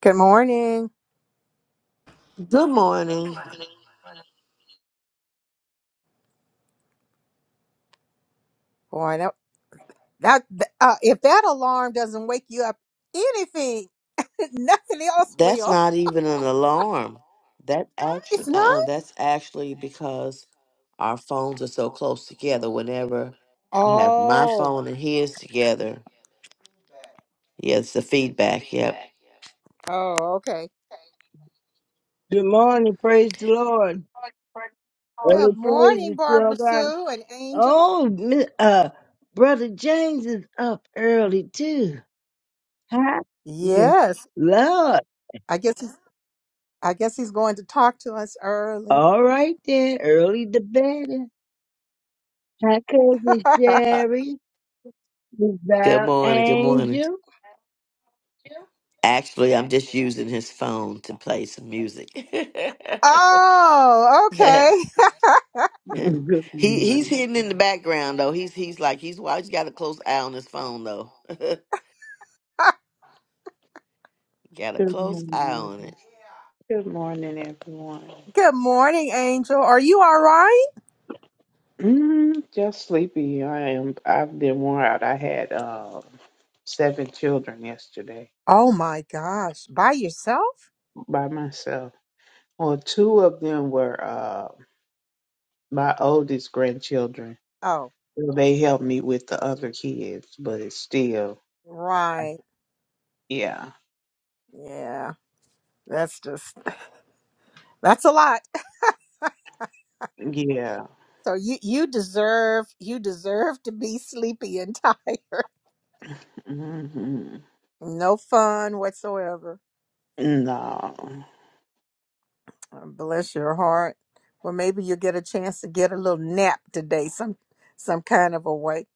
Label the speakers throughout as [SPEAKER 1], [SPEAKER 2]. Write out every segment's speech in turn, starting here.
[SPEAKER 1] Good morning.
[SPEAKER 2] Good morning.
[SPEAKER 1] Boy, that, that uh, if that alarm doesn't wake you up, anything, nothing else
[SPEAKER 2] That's
[SPEAKER 1] will.
[SPEAKER 2] not even an alarm. That actually,
[SPEAKER 1] It's
[SPEAKER 2] uh,
[SPEAKER 1] not.
[SPEAKER 2] that's actually because our phones are so close together. Whenever I have my
[SPEAKER 1] Oh,
[SPEAKER 2] phone and his together, yes, the feedback. Yep.
[SPEAKER 1] oh, okay.
[SPEAKER 3] Good morning, praise the Lord. Every
[SPEAKER 1] Good
[SPEAKER 3] praise
[SPEAKER 1] morning,
[SPEAKER 3] is still
[SPEAKER 1] Barbara
[SPEAKER 3] God.
[SPEAKER 1] Sue and Angel.
[SPEAKER 3] Oh, mi- uh, brother James is up early too. Huh? Good
[SPEAKER 1] Yes,
[SPEAKER 3] Lord,
[SPEAKER 1] I guess he's, I guess he's going to talk to us early.
[SPEAKER 3] all right then, early the better. Hi, cousin Sherry,
[SPEAKER 2] Good
[SPEAKER 3] Giselle
[SPEAKER 2] morning. Good morning.
[SPEAKER 3] Angel,
[SPEAKER 2] Actually, I'm just using his phone to play some music.
[SPEAKER 1] oh, okay.
[SPEAKER 2] he
[SPEAKER 4] Good
[SPEAKER 2] he's
[SPEAKER 4] morning.
[SPEAKER 2] hidden in the background though. He's he's like he's why he's got a close eye on his phone though. got a
[SPEAKER 4] Good
[SPEAKER 2] close eye on
[SPEAKER 4] morning.
[SPEAKER 2] it.
[SPEAKER 4] Good morning, everyone.
[SPEAKER 1] Good morning, Angel. Are you all right?
[SPEAKER 4] Mm, just sleepy. I am. I've been worn out. I had uh, seven children yesterday
[SPEAKER 1] Oh my gosh, by yourself?
[SPEAKER 4] by myself. Well, two of them were uh, my oldest grandchildren.
[SPEAKER 1] Oh,
[SPEAKER 4] They helped me with the other kids, but it's still,
[SPEAKER 1] right.
[SPEAKER 4] yeah,
[SPEAKER 1] Yeah, that's just That's a lot.
[SPEAKER 4] yeah.
[SPEAKER 1] So you you deserve you deserve to be sleepy and tired.
[SPEAKER 4] hmm
[SPEAKER 1] No fun whatsoever.
[SPEAKER 4] No,
[SPEAKER 1] Uh, Bless your heart. Well, maybe you'll get a chance to get a little nap today, some some kind of a way.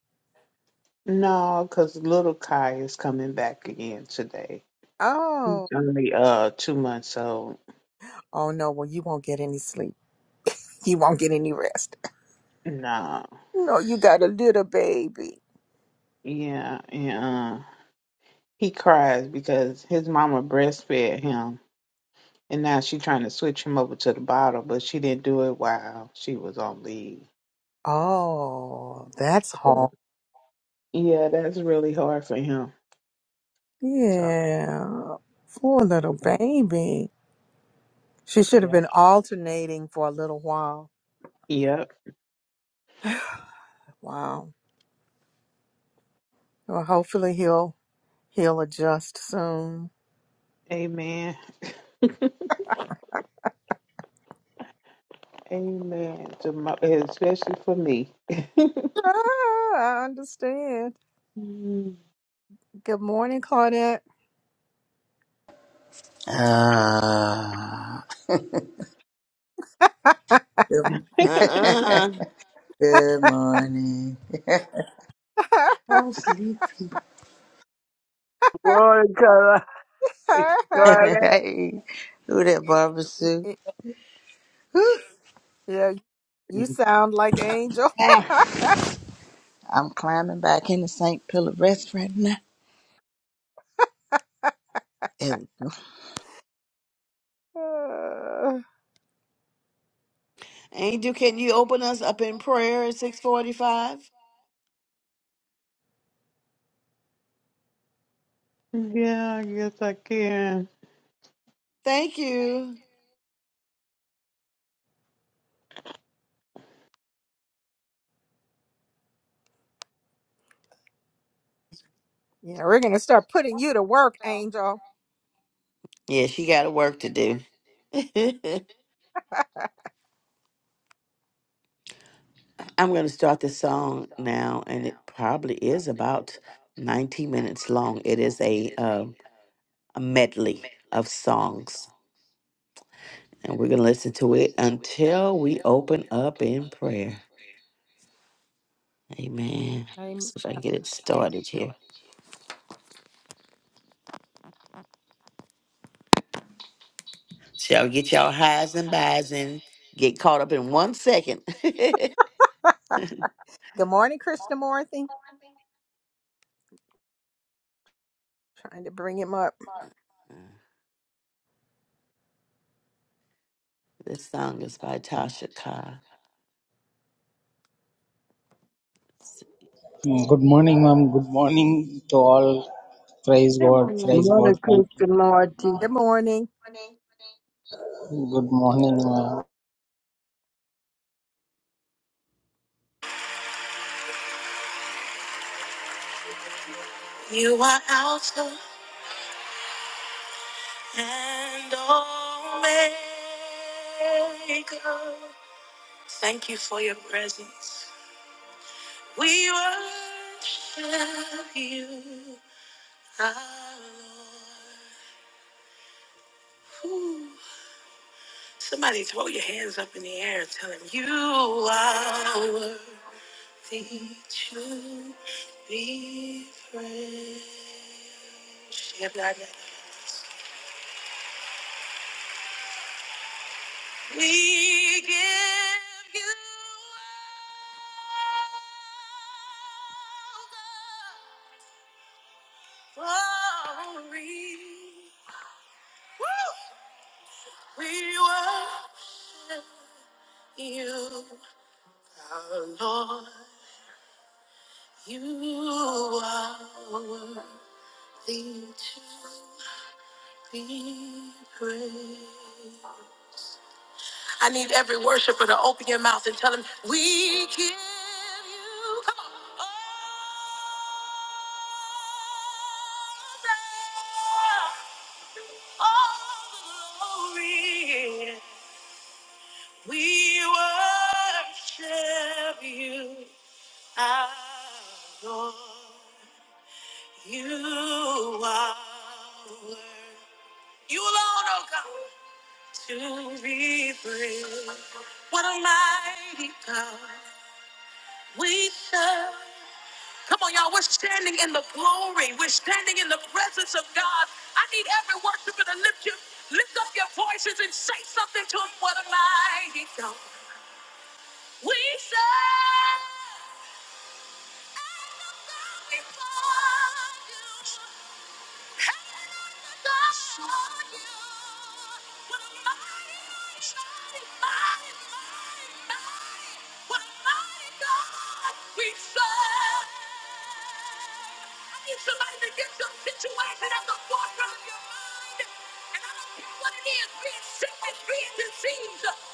[SPEAKER 4] no, because little Kai is coming back again today. He's
[SPEAKER 1] Oh,
[SPEAKER 4] only uh two months old.
[SPEAKER 1] oh no. Well, you won't get any sleep. You won't get any rest.
[SPEAKER 4] Nah.
[SPEAKER 1] No, you got a little baby.
[SPEAKER 4] Yeah, yeah. He cries because his mama breastfed him and now she trying to switch him over to the bottle, but she didn't do it while she was on leave.
[SPEAKER 1] Oh, that's hard.
[SPEAKER 4] So, yeah, that's really hard for him. So
[SPEAKER 1] Yeah, poor little baby. She should have
[SPEAKER 4] yeah.
[SPEAKER 1] been alternating for a little while.
[SPEAKER 4] Yep.
[SPEAKER 1] Wow. Well, hopefully he'll he'll adjust soon.
[SPEAKER 4] Amen. Amen. To my, especially for me.
[SPEAKER 1] Ah, I understand. Good morning, Claudette.
[SPEAKER 5] Ah, good,
[SPEAKER 2] Uh uh
[SPEAKER 5] good morning. I'm sleepy.
[SPEAKER 3] Glory Carla, Carla,
[SPEAKER 5] hey, who that Barbara Sue? Whew.
[SPEAKER 1] yeah, you sound like Angel.
[SPEAKER 5] Ah, I'm climbing back into St. Pillar Rest right now. There we go.
[SPEAKER 1] yeah,
[SPEAKER 2] Angel, can you open us up in prayer at 645?
[SPEAKER 4] yeah, I guess I can.
[SPEAKER 2] Thank you.
[SPEAKER 1] we're gonna start putting you to work, Angel.
[SPEAKER 2] Yeah, she got work to do. I'm going to start the song now, and it probably is about 19 minutes long. It is a, um a medley of songs, and we're going to listen to it until we open up in prayer. Amen. Let's
[SPEAKER 1] Amen.
[SPEAKER 2] see if I can get it started here. Shall you get y'all highs and buys and get caught up in one second.
[SPEAKER 1] Good morning, Krishnamurti. Trying to bring him up.
[SPEAKER 2] This song is by Tasha Cobbs.
[SPEAKER 6] Mm, Good morning, ma'am. Good morning to all. Praise God. Praise
[SPEAKER 2] Everyone.
[SPEAKER 3] Mother
[SPEAKER 6] God. Thank you.
[SPEAKER 3] Krista Marty.
[SPEAKER 1] Good morning.
[SPEAKER 6] Good morning, ma'am.
[SPEAKER 2] You are Alpha and Omega. Thank you for your presence. We worship you, our Lord. Ooh. Somebody throw your hands up in the air and tell him, You are worthy to be praised. Shabbat. We give you all the glory. Woo! We worship you, our Lord. You are worthy to be praised. I need every worshiper to open your mouth and tell him, We give you. Come on. All all the glory. We worship you, our Lord. You are worthy. You alone, oh God, to be praised. What a mighty God. we serve. Come on, y'all. We're standing in the glory. We're standing in the presence of God. I need every worshiper to lift you, lift up your voices and say something to Him. What a mighty God we serve.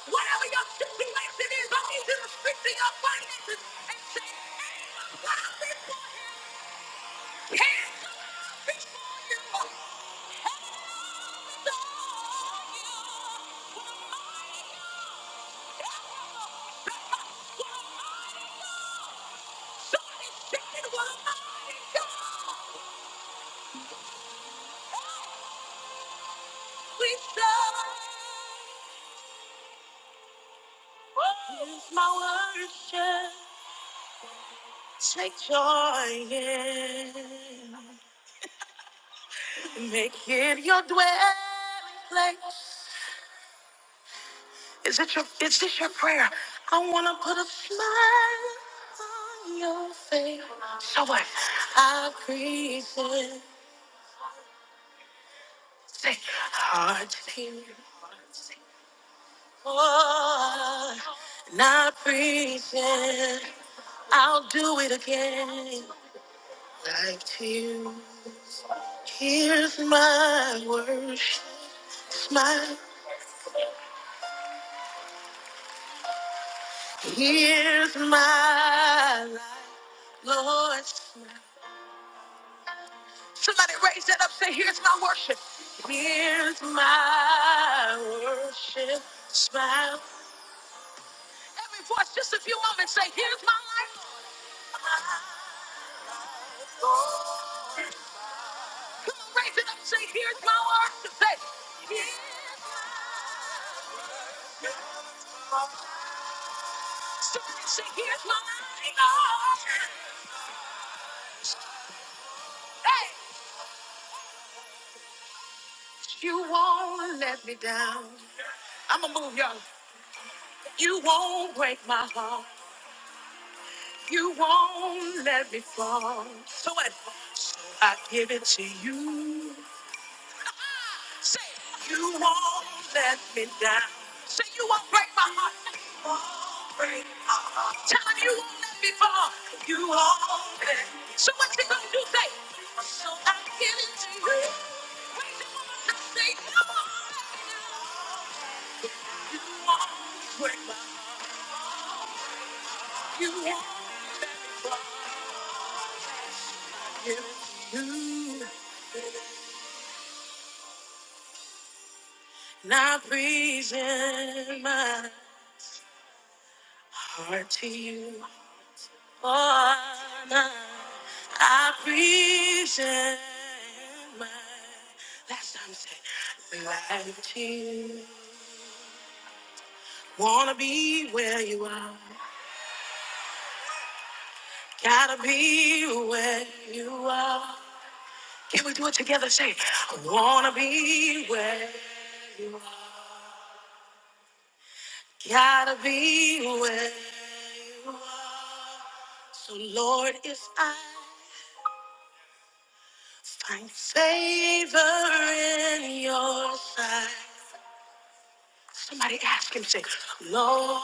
[SPEAKER 2] Whatever your situation is, I need you to speak to your finances and say, "Hey, I'm proud of this for him." Here's my worship. Take joy in, make it your dwelling place. Is it your is this your prayer? I wanna put a smile on your face. So what? I appreciate say hard to hear. Oh, and not preaching. I'll do it again. Like to you. Here's my worship. Smile. Here's my life. Lord, smile. Somebody raise that up. Say, here's my worship. Here's my worship. Smile. Every voice, just a few moments. Say, here's my life. Come on, raise it up. Say, here's my worship. Say, here's my somebody say, here's my life. Hey, you won't let me down. I'ma move, y'all. You won't break my heart. You won't let me fall. So what? So I give it to you. Say it. you won't let me down. Say you won't break my heart. You won't break my heart. Tell him you won't let me fall. You won't let me So what you gonna do? Say it. so I give it to you. Raise your voice and say, "You won't let me down. You won't break my heart. You are you. Now breathing my heart to you. Oh, now I breathe in my last time say life to you. Wanna be where you are. Gotta be where you are. Can we do it together? Say, I wanna be where you are. Gotta be where you are. So, Lord, if I find favor in your sight, somebody ask him, say, Lord,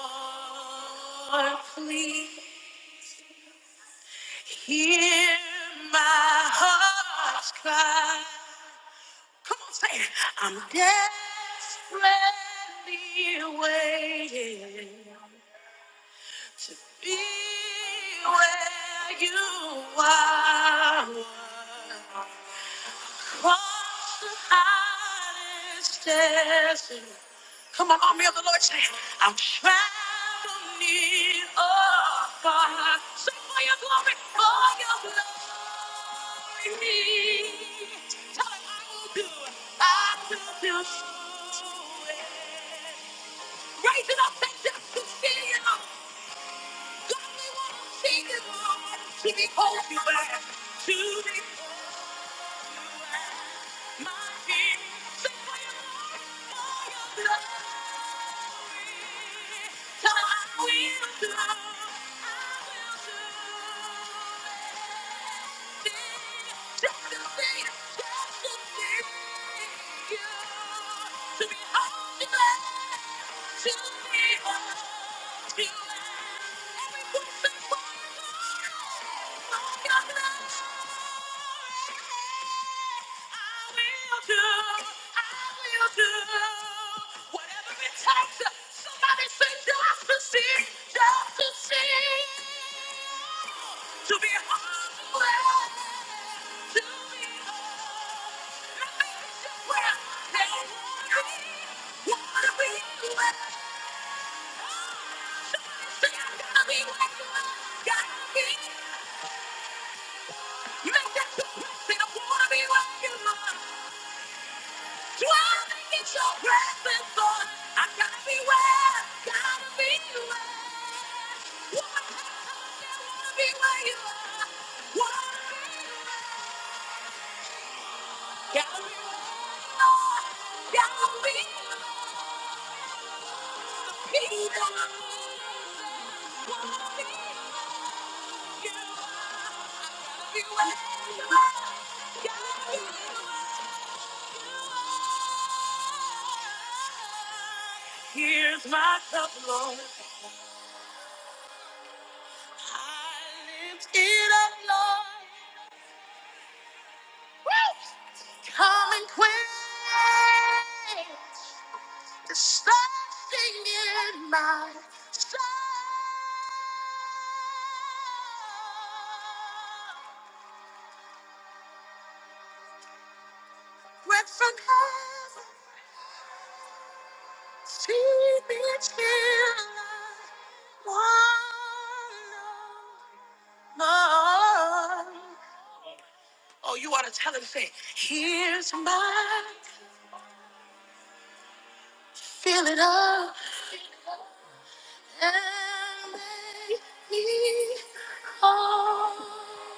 [SPEAKER 2] please hear my heart's cry. Come on, say it. I'm desperately waiting. to be where you are. across the highest desert. Come on, army of the Lord, say, I'm traveling near or far. Sing for your glory, for your glory. Tell him I will do it. I will do it. Raise it up, say, just to see you. God, we want to sing it, Lord, to behold you back, to behold. I will do, I will do whatever it takes. Somebody say just to see, just to see, to be humble, to be Make that your question. I wanna be like you. Dwelling in your presence, Lord. I gotta be where, gotta be where. Wanna be where you are. Wanna be where Here's my cup, Lord. I lift it up, Lord. Come and quench. There's something in my soul. Went from heaven, see me till I want no more. Oh, you ought to tell him, say, here's my, fill it up, and make me whole.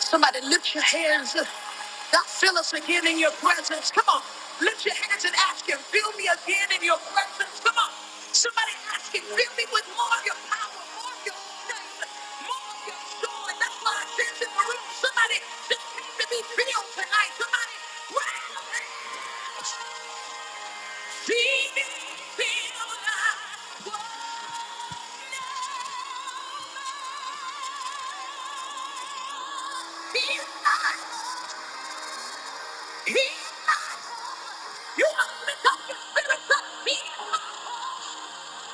[SPEAKER 2] Somebody lift your hands. God, fill us again in your presence. Come on. Lift your hands and ask Him, fill me again in your presence. Come on. Somebody ask Him, fill me with more of your power, more of your strength, more of your joy. That's why I sense in the room. Somebody just came to be filled tonight. Somebody grab your hands. Deep feel like what now. Feel like You have to lift up your spirits up. Be my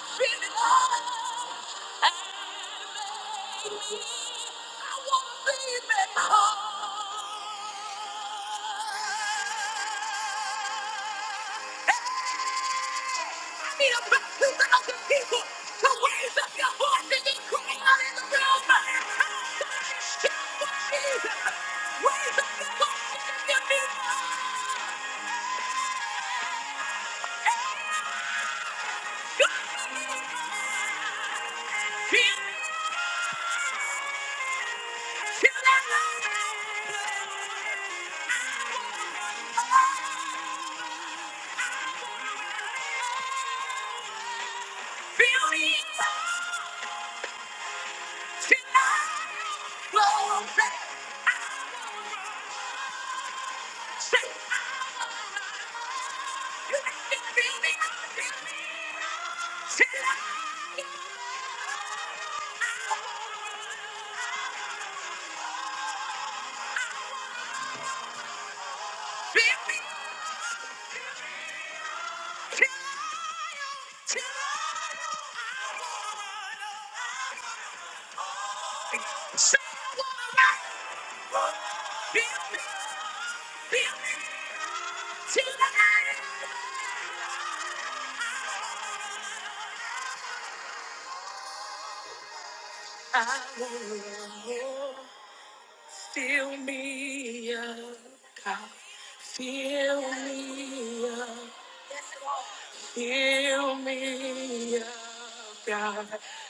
[SPEAKER 2] spirit up. And make me. I want to be made whole need a multitude of people to raise up your voices and cry out in the room. Somebody shout for Jesus. Raise up your voices and give me love. Feel me tonight, Say I wanna feel me, feel me tonight. I wanna feel me, feel me tonight. I wanna feel me, feel me tonight. I will feel me up, God. Fill me up, Fill me up, God.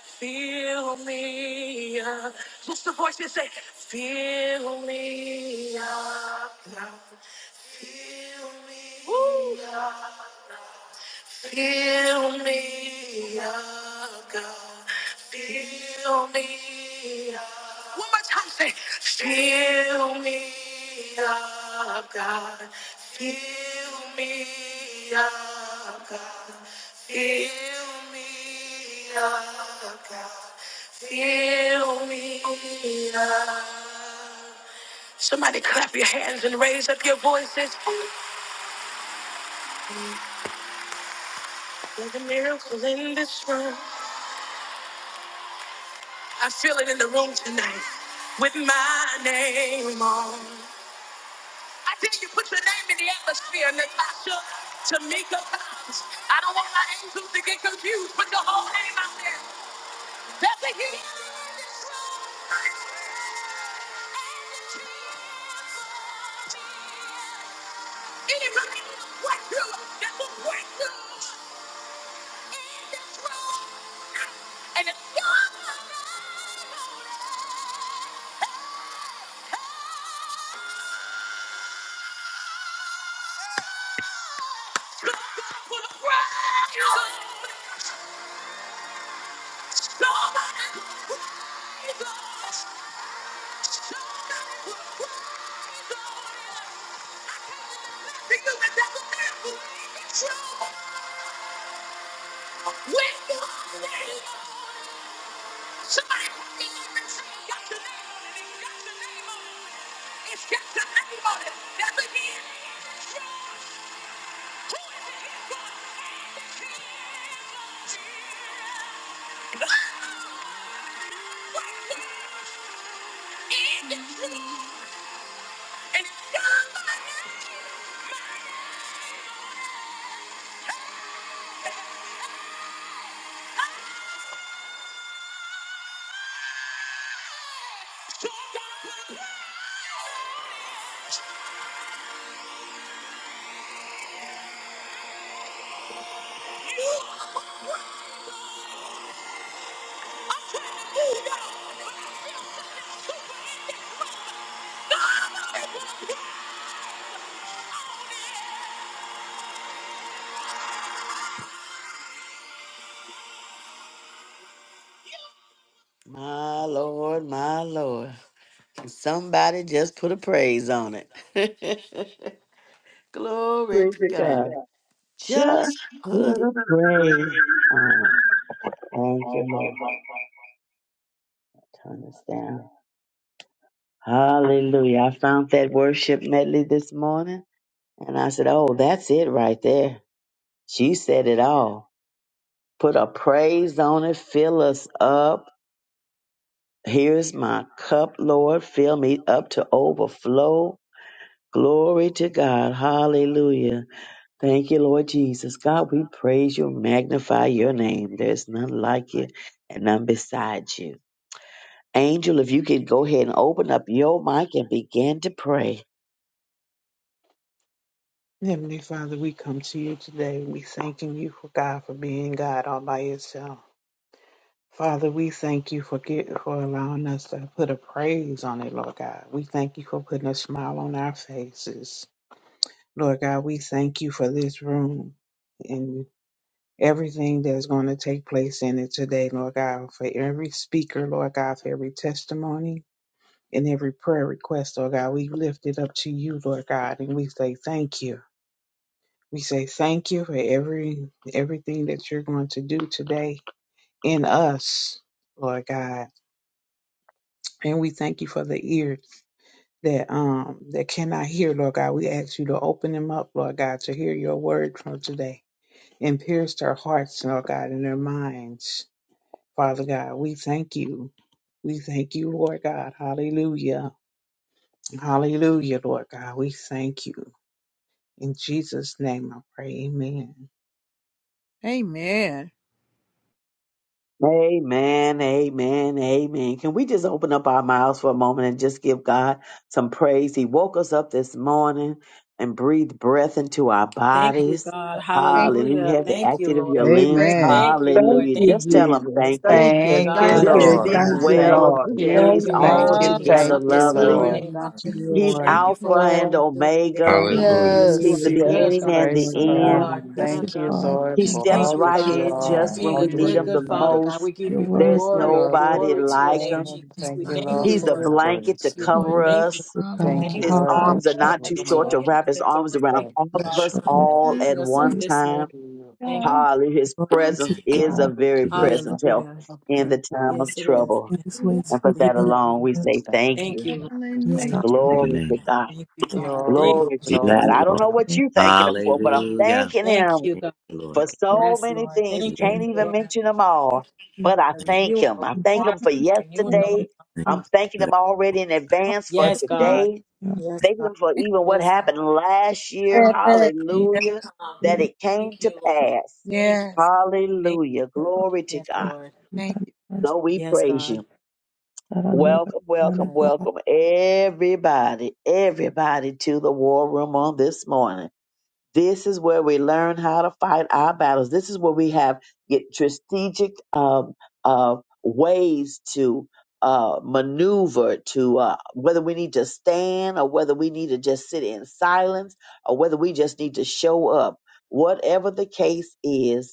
[SPEAKER 2] Fill me up. Just the voice you say, Fill me up, God. Fill me Woo. up. Fill me up, God. Fill me up. One more time, say. Fill me up, God. Fill me up, God. Fill me up, God. Fill me up. Somebody clap your hands and raise up your voices. There's a miracle in this room. I feel it in the room tonight with my name on. I dare you put your name in the atmosphere, Natasha, Tamika Cobbs. I don't want my angels to get confused. Put your whole name out there. That's a hit. Anybody need a breakthrough? That's a breakthrough. And it's yours. He knew my devil name. Trouble with somebody walking up and saying, "He got your name on it. He got your name on it. It's got everybody dead in it." My Lord, my Lord. Somebody just put a praise on it. Glory
[SPEAKER 7] Praise
[SPEAKER 2] to
[SPEAKER 7] to God.
[SPEAKER 2] God. Just
[SPEAKER 7] Just give
[SPEAKER 2] put
[SPEAKER 7] a praise. Um, thank you, Lord. Turn this down. Hallelujah. I found that worship medley this morning and I said, Oh, that's it right there. She said it all. Put a praise on it, fill us up. Here's my cup, Lord. Fill me up to overflow. Glory to God. Hallelujah. Thank you, Lord Jesus. God, we praise you, magnify your name. There's none like you and none beside you. Angel, if you could go ahead and open up your mic and begin to pray.
[SPEAKER 4] Heavenly Father, we come to you today. We thanking you for God for being God all by yourself. Father, we thank you for get, for allowing us to put a praise on it, Lord God. We thank you for putting a smile on our faces. Lord God, we thank you for this room and everything that's going to take place in it today, Lord God, for every speaker, Lord God, for every testimony and every prayer request, Lord God. We lift it up to you, Lord God, and we say thank you. We say thank you for every everything that you're going to do today in us, Lord God. And we thank you for the ear that um that cannot hear, Lord God. We ask you to open them up, Lord God, to hear your word from today and pierce their hearts, Lord God, and their minds. Father God, we thank you. We thank you, Lord God. Hallelujah. Hallelujah, Lord God. We thank you. In Jesus' name I pray. Amen.
[SPEAKER 1] Amen.
[SPEAKER 7] Amen, amen, amen. Can we just open up our mouths for a moment and just give God some praise? He woke us up this morning and breathed breath into our
[SPEAKER 8] Thank
[SPEAKER 1] Thank you.
[SPEAKER 8] you,
[SPEAKER 7] bodies.
[SPEAKER 8] God.
[SPEAKER 1] Lord. Thank you.
[SPEAKER 7] Hallelujah.
[SPEAKER 8] Hallelujah.
[SPEAKER 7] Have the
[SPEAKER 8] Thank you,
[SPEAKER 7] active of your
[SPEAKER 8] Lord.
[SPEAKER 7] limbs.
[SPEAKER 1] Praise
[SPEAKER 3] Amen.
[SPEAKER 8] Thank you,
[SPEAKER 3] Thank
[SPEAKER 8] Lord.
[SPEAKER 7] Hallelujah.
[SPEAKER 3] you,
[SPEAKER 8] Thank
[SPEAKER 7] Just
[SPEAKER 8] you,
[SPEAKER 7] tell him
[SPEAKER 3] Jesus.
[SPEAKER 8] Jesus.
[SPEAKER 7] thank you.
[SPEAKER 8] Thank
[SPEAKER 3] Thank
[SPEAKER 8] you,
[SPEAKER 3] you,
[SPEAKER 4] Thank
[SPEAKER 9] Thank you,
[SPEAKER 8] God.
[SPEAKER 3] thank
[SPEAKER 4] you,
[SPEAKER 5] Lord,
[SPEAKER 1] thy
[SPEAKER 7] Just
[SPEAKER 8] Thank
[SPEAKER 5] you
[SPEAKER 4] Lord
[SPEAKER 3] you,
[SPEAKER 9] Lord.
[SPEAKER 8] you,
[SPEAKER 7] speak
[SPEAKER 5] word.
[SPEAKER 1] name.
[SPEAKER 3] thank
[SPEAKER 8] God.
[SPEAKER 4] God.
[SPEAKER 3] you,
[SPEAKER 7] well of
[SPEAKER 9] Thank
[SPEAKER 3] Lord.
[SPEAKER 7] him.
[SPEAKER 9] you,
[SPEAKER 8] Thank
[SPEAKER 3] Thank
[SPEAKER 7] He's
[SPEAKER 8] you,
[SPEAKER 10] I
[SPEAKER 4] Thank
[SPEAKER 8] Lord,
[SPEAKER 9] thank
[SPEAKER 8] for
[SPEAKER 4] you,
[SPEAKER 9] you,
[SPEAKER 8] waking us
[SPEAKER 4] Lord.
[SPEAKER 7] altogether
[SPEAKER 9] thank
[SPEAKER 8] up
[SPEAKER 9] you,
[SPEAKER 8] this
[SPEAKER 7] lovely.
[SPEAKER 1] Hallelujah.
[SPEAKER 9] Lord.
[SPEAKER 8] morning, God.
[SPEAKER 4] Thank you,
[SPEAKER 10] Thank
[SPEAKER 5] Hallelujah.
[SPEAKER 10] you,
[SPEAKER 7] He's
[SPEAKER 10] Jesus.
[SPEAKER 8] Thank
[SPEAKER 4] Lord.
[SPEAKER 8] you
[SPEAKER 7] Alpha
[SPEAKER 8] for all that
[SPEAKER 7] and
[SPEAKER 9] Well,
[SPEAKER 8] you're doing. Thank
[SPEAKER 7] Omega.
[SPEAKER 8] you,
[SPEAKER 11] Hallelujah.
[SPEAKER 8] Jesus. You
[SPEAKER 7] He's
[SPEAKER 8] are
[SPEAKER 9] Yes,
[SPEAKER 7] the
[SPEAKER 4] Hallelujah. Thank
[SPEAKER 9] yes,
[SPEAKER 8] good,
[SPEAKER 7] beginning
[SPEAKER 8] God.
[SPEAKER 4] you,
[SPEAKER 7] and the
[SPEAKER 9] praise the
[SPEAKER 4] Lord
[SPEAKER 8] You
[SPEAKER 9] Lord.
[SPEAKER 4] God.
[SPEAKER 7] end.
[SPEAKER 8] are
[SPEAKER 10] Thank you,
[SPEAKER 8] good,
[SPEAKER 9] Thank you,
[SPEAKER 8] God.
[SPEAKER 10] Father.
[SPEAKER 9] Lord,
[SPEAKER 7] He
[SPEAKER 10] Your
[SPEAKER 5] Thank
[SPEAKER 9] for
[SPEAKER 5] you.
[SPEAKER 10] word,
[SPEAKER 7] steps
[SPEAKER 5] Lord.
[SPEAKER 8] Thank
[SPEAKER 9] all
[SPEAKER 8] you,
[SPEAKER 7] right
[SPEAKER 9] that
[SPEAKER 5] Bless
[SPEAKER 9] you
[SPEAKER 8] God,
[SPEAKER 5] your
[SPEAKER 7] in
[SPEAKER 5] holy
[SPEAKER 8] for
[SPEAKER 9] are
[SPEAKER 7] just
[SPEAKER 4] Thank
[SPEAKER 9] and
[SPEAKER 5] name.
[SPEAKER 7] when
[SPEAKER 8] being
[SPEAKER 9] all
[SPEAKER 8] a
[SPEAKER 7] we
[SPEAKER 4] you,
[SPEAKER 9] that
[SPEAKER 7] need
[SPEAKER 4] Lord
[SPEAKER 8] good,
[SPEAKER 9] you're
[SPEAKER 7] him
[SPEAKER 8] good
[SPEAKER 7] the
[SPEAKER 4] God.
[SPEAKER 9] going to
[SPEAKER 8] Father,
[SPEAKER 9] do.
[SPEAKER 7] most.
[SPEAKER 8] God. We give
[SPEAKER 10] your
[SPEAKER 8] you
[SPEAKER 10] word,
[SPEAKER 9] Thank
[SPEAKER 7] There's
[SPEAKER 9] you,
[SPEAKER 8] glory.
[SPEAKER 9] Lord, for
[SPEAKER 7] nobody
[SPEAKER 9] your
[SPEAKER 8] Glory to your
[SPEAKER 7] like
[SPEAKER 8] name,
[SPEAKER 9] love.
[SPEAKER 7] him.
[SPEAKER 4] Thank
[SPEAKER 5] Yes,
[SPEAKER 8] Jesus.
[SPEAKER 9] Thank
[SPEAKER 8] We
[SPEAKER 9] you,
[SPEAKER 5] I
[SPEAKER 8] thank
[SPEAKER 9] Lord,
[SPEAKER 4] you,
[SPEAKER 5] will.
[SPEAKER 8] you,
[SPEAKER 7] He's
[SPEAKER 9] for
[SPEAKER 7] a
[SPEAKER 8] Lord.
[SPEAKER 9] your
[SPEAKER 7] blanket to
[SPEAKER 9] grace,
[SPEAKER 8] Thank you,
[SPEAKER 10] your
[SPEAKER 9] Lord.
[SPEAKER 8] Lord.
[SPEAKER 7] cover
[SPEAKER 10] word,
[SPEAKER 8] Thank you.
[SPEAKER 7] us.
[SPEAKER 10] your
[SPEAKER 5] Um,
[SPEAKER 9] Thank
[SPEAKER 10] God.
[SPEAKER 9] you,
[SPEAKER 8] Thank
[SPEAKER 7] His
[SPEAKER 8] you,
[SPEAKER 9] Lord,
[SPEAKER 8] God,
[SPEAKER 10] Hallelujah.
[SPEAKER 7] arms
[SPEAKER 9] that
[SPEAKER 7] are
[SPEAKER 8] for
[SPEAKER 10] I
[SPEAKER 8] all
[SPEAKER 7] not
[SPEAKER 9] you
[SPEAKER 7] too
[SPEAKER 8] that you're
[SPEAKER 4] Lord
[SPEAKER 9] are
[SPEAKER 7] short
[SPEAKER 8] doing
[SPEAKER 7] to
[SPEAKER 9] all
[SPEAKER 8] in
[SPEAKER 7] wrap
[SPEAKER 8] us
[SPEAKER 7] his
[SPEAKER 8] and through
[SPEAKER 7] arms
[SPEAKER 8] us.
[SPEAKER 7] around
[SPEAKER 8] Thank
[SPEAKER 9] that,
[SPEAKER 8] you,
[SPEAKER 7] all of
[SPEAKER 8] Father,
[SPEAKER 5] Bless
[SPEAKER 7] us
[SPEAKER 5] you.
[SPEAKER 10] Thank
[SPEAKER 9] that
[SPEAKER 8] for
[SPEAKER 7] all
[SPEAKER 1] Yes.
[SPEAKER 7] at
[SPEAKER 8] waking us up
[SPEAKER 7] one
[SPEAKER 10] you.
[SPEAKER 8] this
[SPEAKER 4] God.
[SPEAKER 8] morning.
[SPEAKER 7] time.
[SPEAKER 9] you
[SPEAKER 8] Thank you.
[SPEAKER 9] are
[SPEAKER 7] Hallelujah. His
[SPEAKER 10] Glory to
[SPEAKER 7] presence
[SPEAKER 10] you,
[SPEAKER 12] Glory,
[SPEAKER 7] is a
[SPEAKER 10] Lord.
[SPEAKER 9] mighty
[SPEAKER 7] very
[SPEAKER 12] bless
[SPEAKER 10] God.
[SPEAKER 7] present help
[SPEAKER 8] Hallelujah.
[SPEAKER 9] God. We
[SPEAKER 7] in the
[SPEAKER 9] thank
[SPEAKER 7] time
[SPEAKER 9] you.
[SPEAKER 7] of
[SPEAKER 8] Yes, it is.
[SPEAKER 7] trouble.
[SPEAKER 10] These ways
[SPEAKER 7] And for
[SPEAKER 10] for the
[SPEAKER 7] that
[SPEAKER 8] Thank
[SPEAKER 10] other.
[SPEAKER 8] you,
[SPEAKER 7] alone,
[SPEAKER 8] Lord.
[SPEAKER 7] we say
[SPEAKER 9] We
[SPEAKER 7] thank you.
[SPEAKER 8] Thank you, Lord.
[SPEAKER 10] We
[SPEAKER 9] thank
[SPEAKER 4] Thank
[SPEAKER 10] stop
[SPEAKER 9] you,
[SPEAKER 4] you,
[SPEAKER 10] and
[SPEAKER 9] Lord.
[SPEAKER 12] your
[SPEAKER 4] Lord.
[SPEAKER 7] Glory to
[SPEAKER 12] name.
[SPEAKER 10] keep
[SPEAKER 7] God.
[SPEAKER 8] Thank you,
[SPEAKER 10] this
[SPEAKER 8] God.
[SPEAKER 9] Glory,
[SPEAKER 8] Thank you,
[SPEAKER 7] Glory
[SPEAKER 12] Your
[SPEAKER 7] to
[SPEAKER 8] Jesus.
[SPEAKER 7] God.
[SPEAKER 9] glory
[SPEAKER 12] name,
[SPEAKER 9] to
[SPEAKER 7] I don't
[SPEAKER 12] Lord.
[SPEAKER 7] know
[SPEAKER 9] God.
[SPEAKER 7] what
[SPEAKER 10] spirit.
[SPEAKER 7] you're thanking him
[SPEAKER 8] Thank
[SPEAKER 7] for,
[SPEAKER 8] you.
[SPEAKER 7] but I'm
[SPEAKER 12] Hallelujah.
[SPEAKER 7] thanking
[SPEAKER 8] Thank
[SPEAKER 7] him
[SPEAKER 8] you,
[SPEAKER 12] Thank
[SPEAKER 8] God.
[SPEAKER 12] you,
[SPEAKER 7] for
[SPEAKER 12] Lord.
[SPEAKER 7] so
[SPEAKER 8] Yes,
[SPEAKER 7] many
[SPEAKER 8] Lord.
[SPEAKER 7] things.
[SPEAKER 8] Thank
[SPEAKER 12] Yes,
[SPEAKER 7] Can't
[SPEAKER 8] you,
[SPEAKER 10] Lord.
[SPEAKER 12] Lord.
[SPEAKER 7] even
[SPEAKER 8] Lord.
[SPEAKER 7] mention them
[SPEAKER 8] Thank
[SPEAKER 7] all,
[SPEAKER 8] you
[SPEAKER 10] We
[SPEAKER 7] but I
[SPEAKER 8] for the
[SPEAKER 12] Thank
[SPEAKER 7] thank
[SPEAKER 8] renewing
[SPEAKER 7] him.
[SPEAKER 8] of
[SPEAKER 10] Thank you,
[SPEAKER 7] I
[SPEAKER 10] Lord.
[SPEAKER 7] thank
[SPEAKER 8] our
[SPEAKER 7] him
[SPEAKER 8] heart,
[SPEAKER 7] for
[SPEAKER 8] renewing
[SPEAKER 10] We thank
[SPEAKER 8] of our
[SPEAKER 10] you,
[SPEAKER 7] yesterday.
[SPEAKER 8] mind.
[SPEAKER 12] you. Thank
[SPEAKER 7] I'm
[SPEAKER 10] Jesus.
[SPEAKER 7] thanking him already
[SPEAKER 12] you.
[SPEAKER 7] in advance for
[SPEAKER 10] Thank
[SPEAKER 8] Yes, God.
[SPEAKER 7] today.
[SPEAKER 8] Yes,
[SPEAKER 7] Thanking
[SPEAKER 8] God.
[SPEAKER 7] him for even what
[SPEAKER 8] Yes,
[SPEAKER 7] happened
[SPEAKER 8] God.
[SPEAKER 7] last year.
[SPEAKER 8] God, thank
[SPEAKER 10] you,
[SPEAKER 8] you,
[SPEAKER 7] Hallelujah.
[SPEAKER 8] come.
[SPEAKER 10] Holy
[SPEAKER 7] That
[SPEAKER 10] Spirit,
[SPEAKER 7] it came
[SPEAKER 8] Thank
[SPEAKER 7] to
[SPEAKER 8] you, Lord.
[SPEAKER 7] pass.
[SPEAKER 8] Thank you.
[SPEAKER 1] Yes.
[SPEAKER 8] Thank you,
[SPEAKER 7] Hallelujah.
[SPEAKER 8] Lord.
[SPEAKER 7] Glory to
[SPEAKER 8] Yes,
[SPEAKER 10] for
[SPEAKER 7] God.
[SPEAKER 8] Lord.
[SPEAKER 10] being
[SPEAKER 1] Thank
[SPEAKER 10] by
[SPEAKER 1] you.
[SPEAKER 10] my side.
[SPEAKER 7] So we
[SPEAKER 8] Yes,
[SPEAKER 7] praise
[SPEAKER 8] God.
[SPEAKER 7] you.
[SPEAKER 10] God, I know every
[SPEAKER 7] Welcome,
[SPEAKER 10] morning,
[SPEAKER 7] welcome,
[SPEAKER 10] God.
[SPEAKER 7] welcome, everybody, everybody to the war room on this morning. This is where we learn how to fight our battles. This is where we have get strategic um, uh, ways to uh, maneuver to uh, whether we need to stand or whether we need to just sit in silence or whether we just need to show up. Whatever the case is,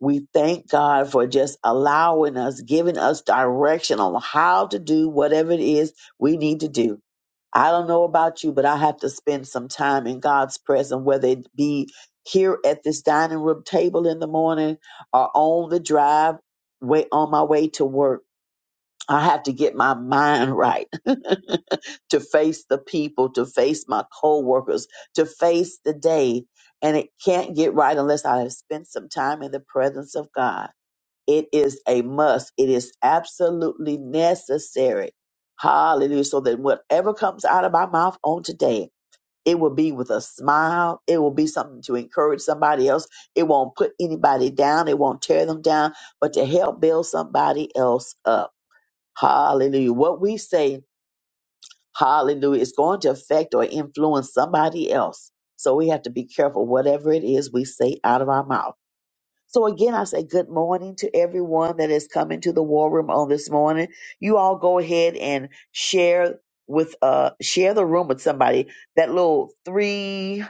[SPEAKER 7] we thank God for just allowing us, giving us direction on how to do whatever it is we need to do. I don't know about you, but I have to spend some time in God's presence, whether it be here at this dining room table in the morning or on the drive way on my way to work. I have to get my mind right to face the people, to face my coworkers, to face the day. And it can't get right unless I have spent some time in the presence of God. It is a must. It is absolutely necessary. Hallelujah. So that whatever comes out of my mouth on today, it will be with a smile. It will be something to encourage somebody else. It won't put anybody down. It won't tear them down, but to help build somebody else up. Hallelujah. What we say, hallelujah, is going to affect or influence somebody else. So we have to be careful, whatever it is we say out of our mouth. So again, I say good morning to everyone that is coming to the war room on this morning. You all go ahead and share with uh share the room with somebody. That little three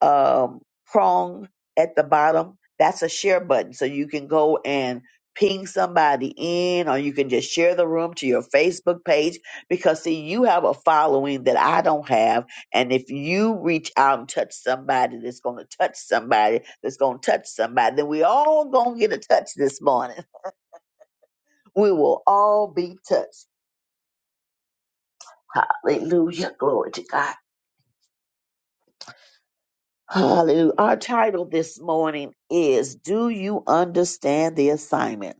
[SPEAKER 7] um, prong at the bottom. That's a share button. So you can go and ping somebody in, or you can just share the room to your Facebook page because, see, you have a following that I don't have. And if you reach out and touch somebody that's going to touch somebody that's going to touch somebody, then we all going to get a touch this morning. We will all be touched. Hallelujah. Glory to God. Hallelujah. Our title this morning is Do You Understand the Assignment?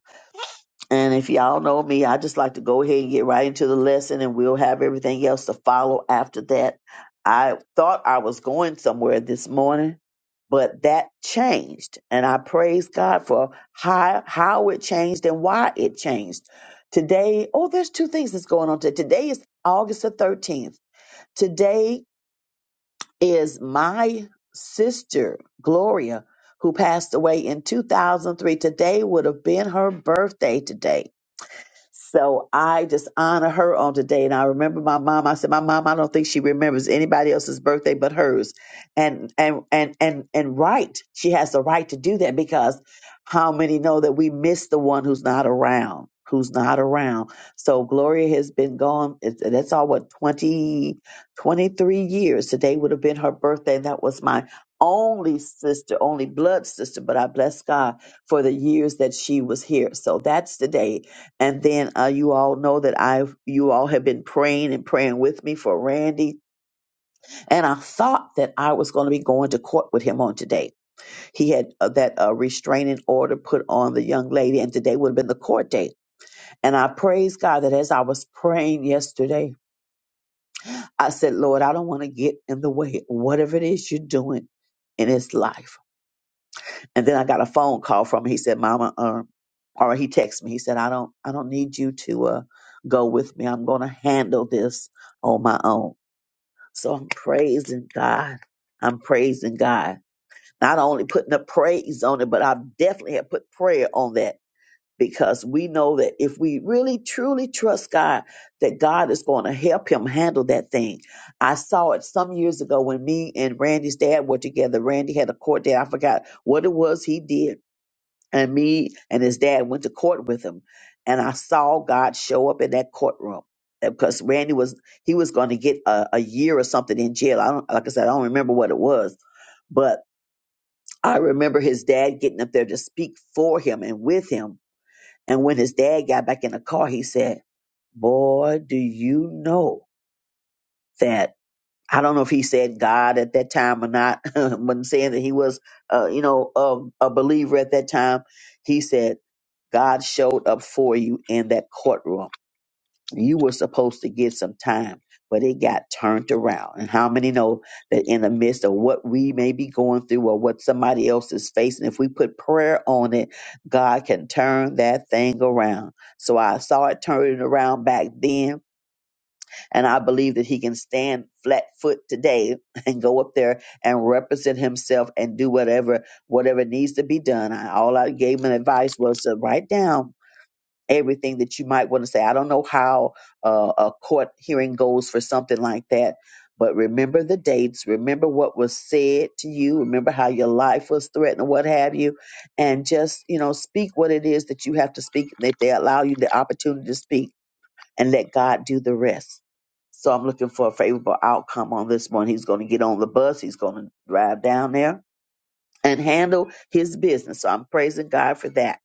[SPEAKER 7] And if y'all know me, I just like to go ahead and get right into the lesson and we'll have everything else to follow after that. I thought I was going somewhere this morning, but that changed. And I praise God for how, how it changed and why it changed. Today, oh, there's two things that's going on today. Today is August the 13th. Today is my sister, Gloria, who passed away in 2003. Today would have been her birthday today so I just honor her on today. And I remember my mom. I said, My mom, I don't think she remembers anybody else's birthday but hers. And and and and and right. She has the right to do that because how many know that we miss the one who's not around? Who's not around? So Gloria has been gone. it's- That's all what 20, 23 years. Today would have been her birthday. And that was my only sister, only blood sister. But I bless God for the years that she was here. So that's today and then uh, you all know that I've you all have been praying and praying with me for Randy. And I thought that I was going to be going to court with him on today. He had uh, that uh, restraining order put on the young lady, and today would have been the court date. And I praise God that as I was praying yesterday, I said, Lord, I don't want to get in the way, whatever it is you're doing in his life. And then I got a phone call from him. He said, "Mama," um, or he texted me. He said, "I don't, I don't need you to uh, go with me. I'm going to handle this on my own." So I'm praising God. I'm praising God. Not only putting the praise on it, but I definitely have put prayer on that because we know that if we really truly trust God, that God is going to help him handle that thing. I saw it some years ago when me and Randy's dad were together. Randy had a court date. I forgot what it was he did and me and his dad went to court with him and i saw god show up in that courtroom And because randy was he was going to get a, a year or something in jail i don't like i said i don't remember what it was but i remember his dad getting up there to speak for him and with him and when his dad got back in the car he said boy do you know that I don't know if he said God at that time or not, When saying that he was, uh, you know, a, a believer at that time, he said, God showed up for you in that courtroom. You were supposed to get some time, but it got turned around. And how many know that in the midst of what we may be going through or what somebody else is facing, if we put prayer on it, God can turn that thing around. So I saw it turning around back then and I believe that he can stand flat foot today and go up there and represent himself and do whatever whatever needs to be done. I, all I gave him advice was to write down everything that you might want to say. I don't know how uh, a court hearing goes for something like that, but remember the dates, remember what was said to you, remember how your life was threatened, what have you, and just you know speak what it is that you have to speak. And if they allow you the opportunity to speak and let God do the rest. So I'm looking for a favorable outcome on this one. He's going to get on the bus. He's going to drive down there and handle his business. So I'm praising God for that.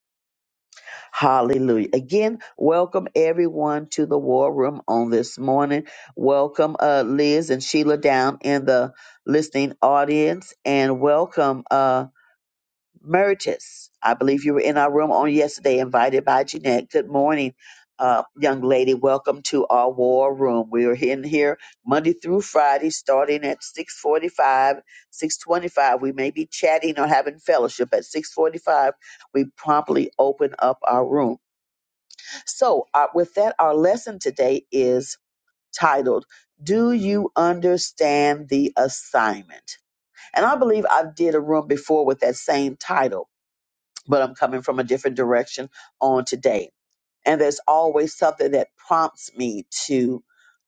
[SPEAKER 7] Hallelujah. Again, welcome everyone to the war room on this morning. Welcome uh, Liz and Sheila down in the listening audience and welcome uh, Meritus, I believe you were in our room on yesterday, invited by Jeanette. Good morning, uh, young lady. Welcome to our war room. We are in here Monday through Friday, starting at 645, 625. We may be chatting or having fellowship at 645. We promptly open up our room. So uh, with that, our lesson today is titled, Do You Understand the Assignment? And I believe I did a room before with that same title but I'm coming from a different direction on today. And there's always something that prompts me to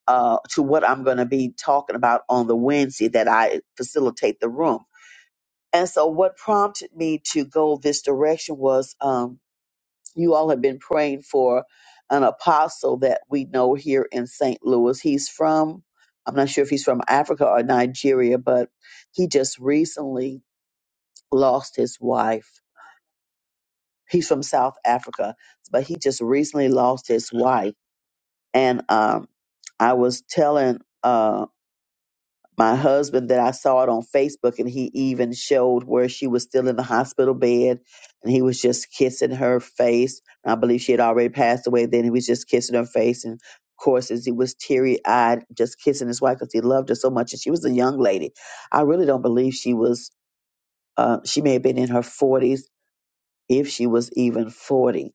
[SPEAKER 7] uh, to what I'm going to be talking about on the Wednesday that I facilitate the room. And so, what prompted me to go this direction was um, you all have been praying for an apostle that we know here in St. Louis. He's from, I'm not sure if he's from Africa or Nigeria, but he just recently lost his wife He's from South Africa, but he just recently lost his wife. And um, I was telling uh, my husband that I saw it on Facebook, and he even showed where she was still in the hospital bed, and he was just kissing her face. I believe she had already passed away then. He was just kissing her face, and of course, as he was teary eyed, just kissing his wife because he loved her so much, and she was a young lady. I really don't believe she was. Uh, she may have been in her forties, if she was even forty